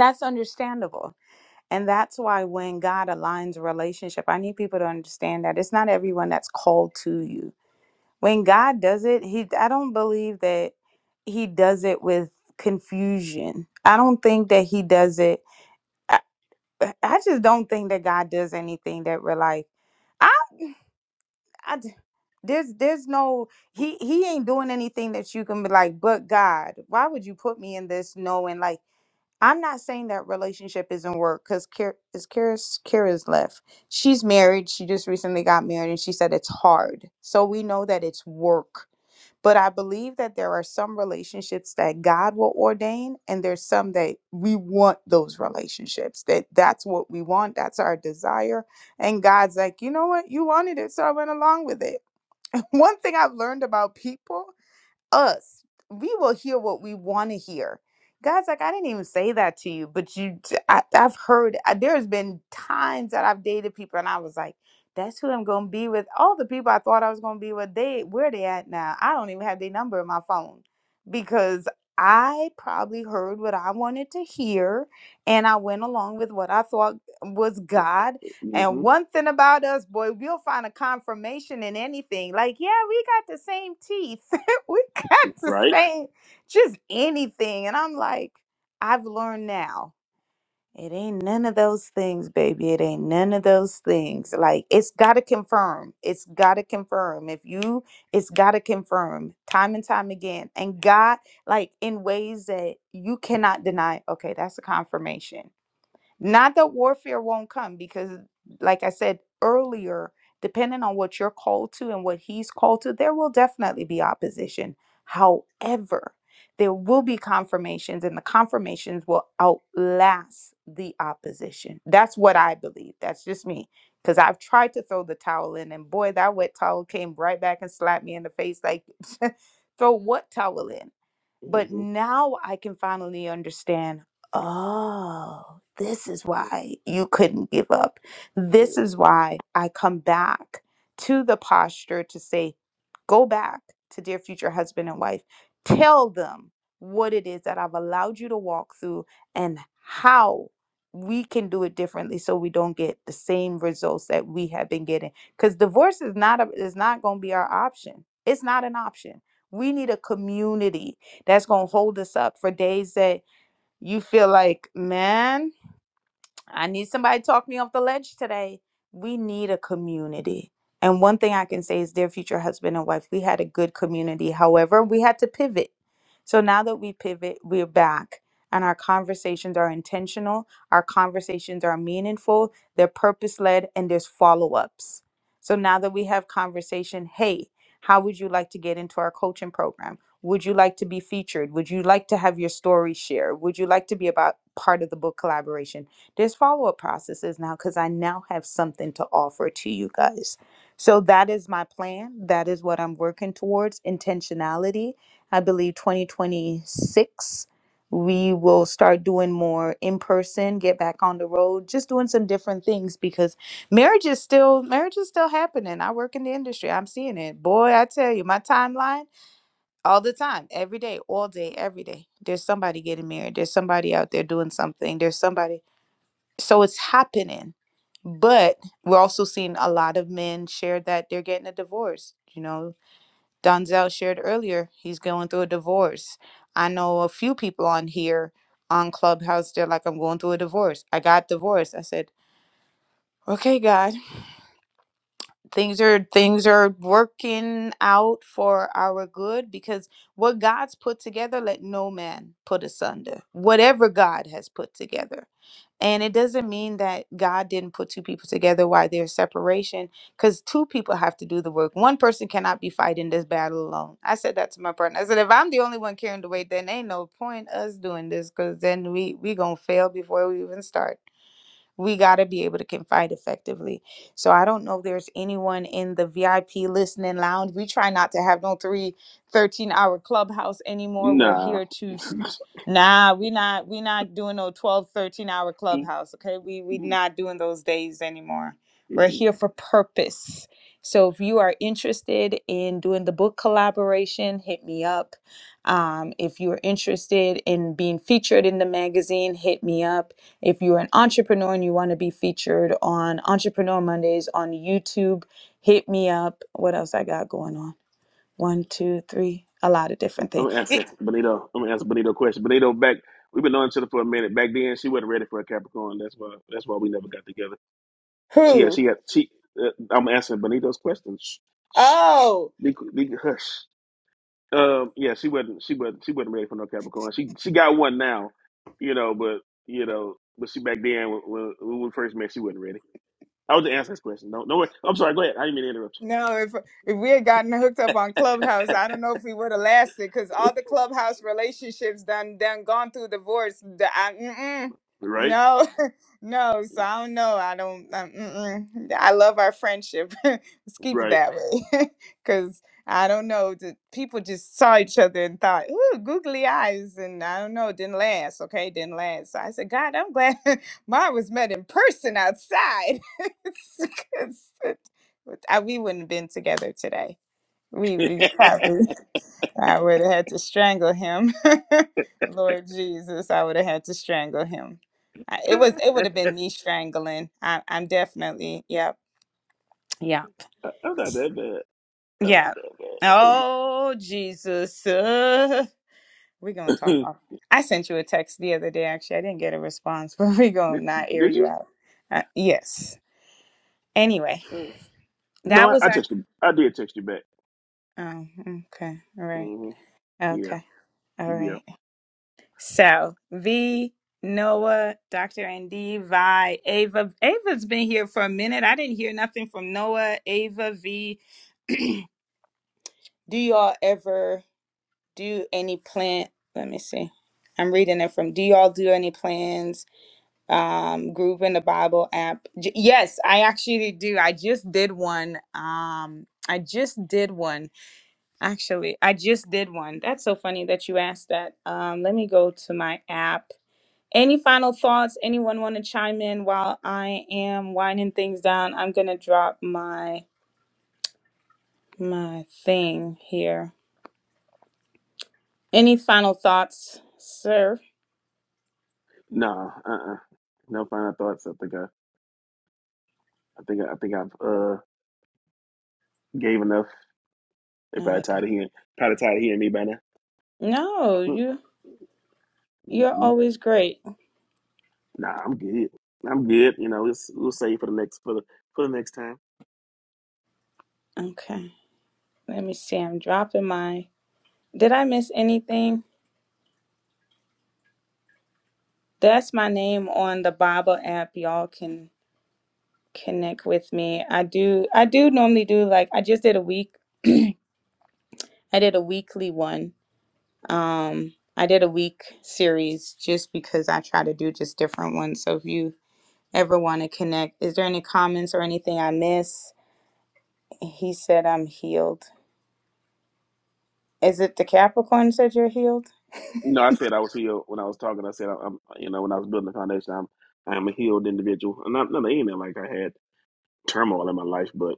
Speaker 1: that's understandable. And that's why when God aligns a relationship, I need people to understand that it's not everyone that's called to you. when God does it, he I don't believe that he does it with confusion. I don't think that he does it. I, I just don't think that God does anything that we're like, I, I d- there's there's no he he ain't doing anything that you can be like, but God, why would you put me in this knowing like I'm not saying that relationship isn't work because Kira, is Kira's Kira's left. She's married. She just recently got married, and she said it's hard. So we know that it's work. But I believe that there are some relationships that God will ordain, and there's some that we want those relationships. That that's what we want. That's our desire. And God's like, you know what? You wanted it, so I went along with it. One thing I've learned about people us, we will hear what we want to hear. God's like, I didn't even say that to you, but you, I, I've heard. I, there's been times that I've dated people, and I was like, that's who I'm gonna be with. All the people I thought I was gonna be with, they where they at now? I don't even have their number in my phone because I probably heard what I wanted to hear, and I went along with what I thought was God. And
Speaker 7: hmm
Speaker 1: one thing about us, boy, we'll find a confirmation in anything. Like, yeah, we got the same teeth we got to
Speaker 7: Right?
Speaker 1: say just anything. And I'm like, I've learned now. It ain't none of those things, baby. It ain't none of those things. Like it's gotta confirm. It's gotta confirm. If you it's gotta confirm time and time again. And God, like in ways that you cannot deny, okay, that's a confirmation. Not that warfare won't come, because, like I said earlier, depending on what you're called to and what he's called to, there will definitely be opposition. However, there will be confirmations, and the confirmations will outlast the opposition. That's what I believe. That's just me. Because I've tried to throw the towel in, and boy, that wet towel came right back and slapped me in the face like, throw what towel in? But
Speaker 7: hmm
Speaker 1: now I can finally understand oh, this is why you couldn't give up. This is why I come back to the posture to say, go back to dear future husband and wife, tell them what it is that I've allowed you to walk through and how we can do it differently so we don't get the same results that we have been getting because divorce is not a, is not going to be our option it's not an option we need a community that's going to hold us up for days that you feel like, man, I need somebody to talk me off the ledge today. We need a community. And one thing I can say is, dear future husband and wife, we had a good community. However, we had to pivot. So now that we pivot, we're back. And our conversations are intentional, our conversations are meaningful, they're purpose led, and there's follow ups. So now that we have conversation, hey, how would you like to get into our coaching program? Would you like to be featured? Would you like to have your story shared? Would you like to be about part of the book collaboration? there's follow up processes now because I now have something to offer to you guys. So that is my plan. That is what I'm working towards intentionality. I believe 2026, we will start doing more in person, get back on the road, just doing some different things because marriage is still marriage is still happening. I work in the industry. I'm seeing it. Boy, I tell you, my timeline all the time, every day, all day, every day. There's somebody getting married. There's somebody out there doing something. There's somebody so it's happening. But we're also seeing a lot of men share that they're getting a divorce. You know, Donzel shared earlier, he's going through a divorce. I know a few people on here on Clubhouse, they're like, I'm going through a divorce. I got divorced. I said, Okay, God, things are things are working out for our good because what God's put together, let no man put asunder. Whatever God has put together And it doesn't mean that God didn't put two people together why there's separation, because two people have to do the work. One person cannot be fighting this battle alone. I said that to my partner. I said, if I'm the only one carrying the weight, then ain't no point us doing this, because then we we gonna fail before we even start. We gotta be able to confide effectively. So I don't know if there's anyone in the VIP listening lounge. We try not to have no three thirteen hour clubhouse anymore. We're
Speaker 7: Nah.
Speaker 1: here to Nah, we not we not doing no 12, 13 hour clubhouse, okay? We we not doing those days anymore. We're here for purpose. So if you are interested in doing the book collaboration, hit me up. Um, if you are interested in being featured in the magazine, hit me up. If you're an entrepreneur and you want to be featured on Entrepreneur Mondays on YouTube, hit me up. What else I got going on? One, two, three, a lot of different
Speaker 7: I'm
Speaker 1: things.
Speaker 7: gonna answer Benito. I'm gonna answer Benito question. Benito, back we've been knowing each other for a minute. Back then, she wasn't ready for a Capricorn. That's why. That's why we never got together. She had. She had. She. Uh, I'm answering Benito's question. Shh, shh, be, qu- be hush. Um. Yeah. She wasn't. She wasn't. She wasn't ready for no Capricorn. She. She got one now. You know. But you know. But she back then when, when when we first met, she wasn't ready. I was just answering this question. No. No. worry. I'm sorry. Go ahead. I didn't mean to interrupt you.
Speaker 1: No, if if we had gotten hooked up on Clubhouse, I don't know if we would have lasted because all the Clubhouse relationships done done gone through divorce. The- I, mm-mm,
Speaker 7: Right.
Speaker 1: no, no. So I don't know. I don't. Um, mm-mm. I love our friendship. Let's keep it
Speaker 7: Right.
Speaker 1: that way because I don't know. The people just saw each other and thought, "Ooh, googly eyes," and I don't know. It didn't last. Okay, it didn't last. So I said, "God, I'm glad mine was met in person outside." 'Cause I, we wouldn't have been together today. We,
Speaker 7: I'm
Speaker 1: we probably, I would have had to strangle him. Lord Jesus, I would have had to strangle him. I, it was, it would have been me strangling. I, I'm definitely, yep, yep,
Speaker 7: not that bad. I'm not
Speaker 1: yeah.
Speaker 7: that bad.
Speaker 1: Oh Jesus, uh, we gonna talk. Off. I sent you a text the other day. Actually, I didn't get a response, but we
Speaker 7: Did
Speaker 1: gonna not air
Speaker 7: did
Speaker 1: you
Speaker 7: you?
Speaker 1: out. Uh, yes. Anyway,
Speaker 7: Uh, no,
Speaker 1: that
Speaker 7: I,
Speaker 1: was
Speaker 7: I
Speaker 1: our.
Speaker 7: texted you. I did text you back.
Speaker 1: Oh, okay. All right.
Speaker 7: hmm Yeah,
Speaker 1: Okay. All
Speaker 7: yeah.
Speaker 1: right. So V, Noah, Dr. Andy, Vi, Ava. Ava's been here for a minute. I didn't hear nothing from Noah, Ava, V. do y'all ever do any plan? Let me see. I'm reading it from. Do y'all do any plans? Um, group in the Bible app. J- yes, I actually do. I just did one. Um, I just did one. Actually, I just did one. That's so funny that you asked that. Um, let me go to my app Any final thoughts? Anyone want to chime in while I am winding things down? I'm gonna drop my my thing here. Any final thoughts, sir?
Speaker 7: Nah, uh, uh no final thoughts. I think I, I think I, I think I've uh gave enough. They
Speaker 1: Not
Speaker 7: probably tired
Speaker 1: again.
Speaker 7: of hearing, probably tired of hearing me by now.
Speaker 1: No, you you're
Speaker 7: Mm-mm.
Speaker 1: always great.
Speaker 7: Nah, I'm good. I'm good. You know, it's, we'll save for the next for the for the next time.
Speaker 1: Okay. Let me see. I'm dropping my did I miss anything? That's my name on the Bible app. Y'all can connect with me. I do I do normally do like I just did a week. I did a weekly one Um, I did a week series just because I try to do just different ones. So if you ever want to connect, is there any comments or anything I miss? He said I'm healed. Is it the Capricorn said you're healed?
Speaker 7: No, I said I was healed when I was talking. I said I, am you know, when I was building the foundation, I'm I'm a healed individual. And Not not even like I had turmoil in my life, but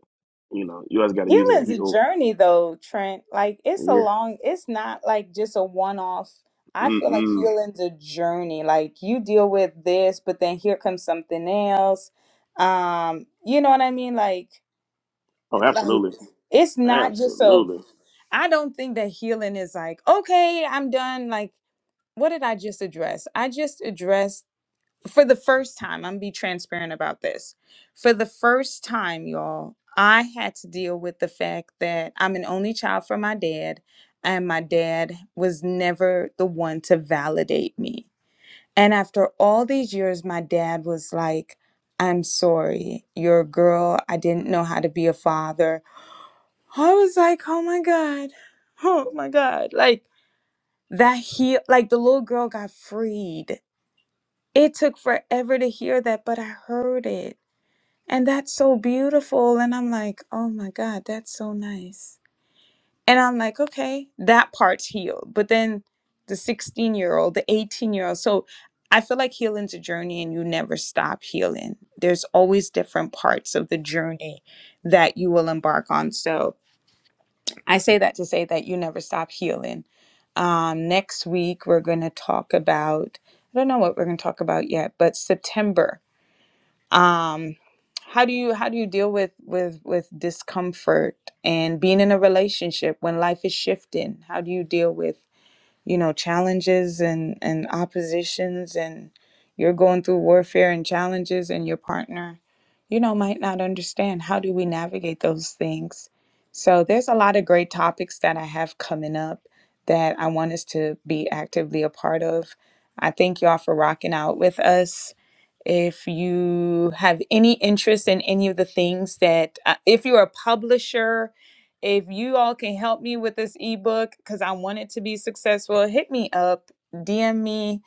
Speaker 7: you know, you always got to use that
Speaker 1: Healing's a
Speaker 7: heal
Speaker 1: journey though, Trent. Like it's a
Speaker 7: Yeah.
Speaker 1: long it's not like just a one off. I feel like
Speaker 7: Mm-mm.
Speaker 1: healing's a journey. Like you deal with this, but then here comes something else. Um, you know what I mean? Like
Speaker 7: Oh,
Speaker 1: Like
Speaker 7: absolutely.
Speaker 1: it's not just a
Speaker 7: Absolutely.
Speaker 1: I don't think that healing is like, okay, I'm done. Like, what did I just address? I just addressed for the first time, I'm be transparent about this. For the first time, y'all, I had to deal with the fact that I'm an only child from my dad, and my dad was never the one to validate me. And after all these years, my dad was like, I'm sorry, you're a girl. I didn't know how to be a father I was like, oh my God. Oh my God. Like that he like the little girl got freed. It took forever to hear that, but I heard it. And that's so beautiful. And I'm like, oh my God, that's so nice. And I'm like, okay, that part's healed. But then the 16 year old, the 18 year old. So I feel like healing's a journey and you never stop healing. There's always different parts of the journey that you will embark on. So I say that to say that you never stop healing. Um, next week, we're going to talk about, I don't know what we're going to talk about yet, but September. Um, how do you how do you deal with with with discomfort and being in a relationship when life is shifting? How do you deal with you know challenges and and oppositions and you're going through warfare and challenges and your partner you know might not understand how do we navigate those things so there's a lot of great topics that i have coming up that i want us to be actively a part of i thank y'all for rocking out with us if you have any interest in any of the things that uh, if you're a publisher if you all can help me with this ebook because I want it to be successful, hit me up, DM me,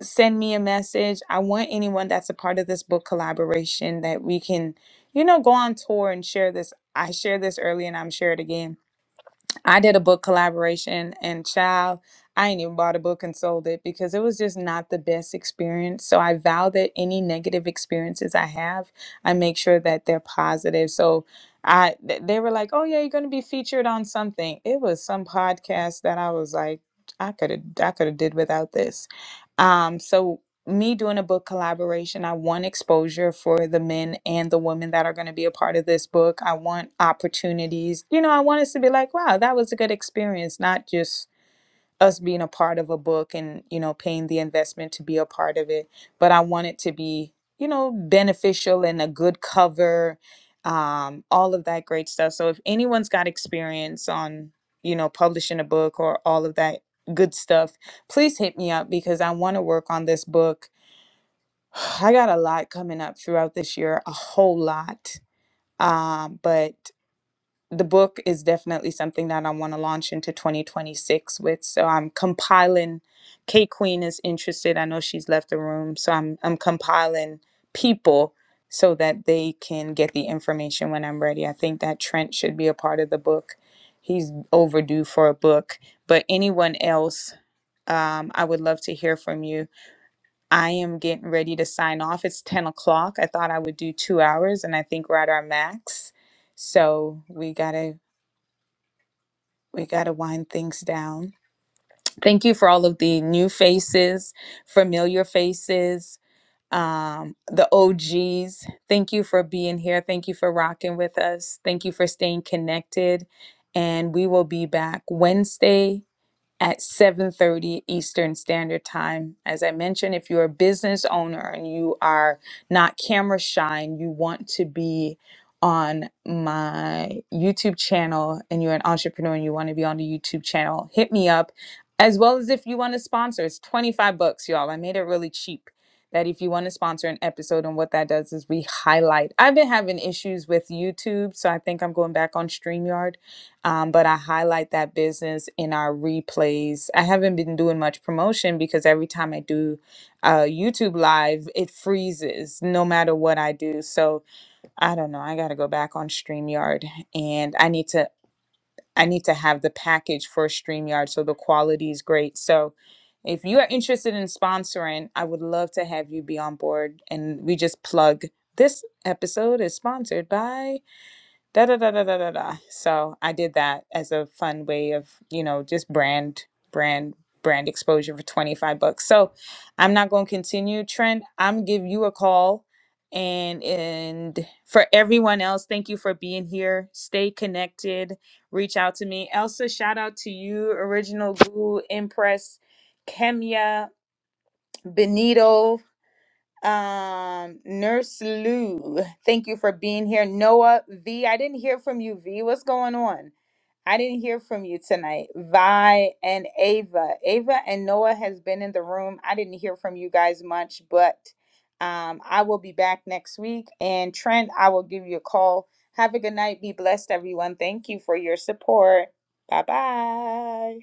Speaker 1: send me a message. I want anyone that's a part of this book collaboration that we can, you know, go on tour and share this. I shared this early and I'm shared again I did a book collaboration and child, I ain't even bought a book and sold it because it was just not the best experience. So I vow that any negative experiences I have, I make sure that they're positive. So I th- they were like, "Oh yeah, you're going to be featured on something." It was some podcast that I was like, I could have I could have did without this. Um so me doing a book collaboration, I want exposure for the men and the women that are going to be a part of this book. I want opportunities. You know, I want us to be like, wow, that was a good experience, not just us being a part of a book and, you know, paying the investment to be a part of it, but I want it to be, you know, beneficial and a good cover, um, all of that great stuff. So if anyone's got experience on, you know, publishing a book or all of that good stuff, please hit me up because I want to work on this book I got a lot coming up throughout this year, a whole lot. Um, but the book is definitely something that I want to launch into 2026 with. So I'm compiling. K Queen is interested. I know she's left the room, so I'm I'm compiling people so that they can get the information when I'm ready. I think that Trent should be a part of the book. He's overdue for a book. But anyone else, um, I would love to hear from you I am getting ready to sign off. It's 10 o'clock. I thought I would do two hours and I think we're at our max. So we gotta we gotta wind things down. Thank you for all of the new faces, familiar faces, um, the OGs. Thank you for being here. Thank you for rocking with us. Thank you for staying connected. And we will be back Wednesday at 7:30 Eastern Standard Time. As I mentioned, if you're a business owner and you are not camera shy and you want to be on my YouTube channel and you're an entrepreneur and you want to be on the YouTube channel, hit me up. As well as if you want to sponsor, it's 25 bucks, y'all. I made it really cheap. That if you want to sponsor an episode, and what that does is we highlight. I've been having issues with YouTube, so I think I'm going back on StreamYard um, but I highlight that business in our replays. I haven't been doing much promotion because every time I do uh, YouTube live, it freezes no matter what I do. So I don't know. I got to go back on Streamyard, and I need to I need to have the package for Streamyard so the quality is great. So if you are interested in sponsoring, I would love to have you be on board. And we just plug this episode is sponsored by da da da da da da da. So I did that as a fun way of, you know, just brand brand brand exposure for 25 bucks. So I'm not going to continue Trent. I'm give you a call and and for everyone else, thank you for being here. Stay connected. Reach out to me. Elsa, shout out to you, Original Glue, Impress, Kemia, Benito. Um, Nurse Lou, thank you for being here. Noah V, I didn't hear from you, V. What's going on? I didn't hear from you tonight. Vi and Ava. Ava and Noah has been in the room. I didn't hear from you guys much, but um, I will be back next week. And Trent, I will give you a call. Have a good night. Be blessed, everyone. Thank you for your support. Bye bye.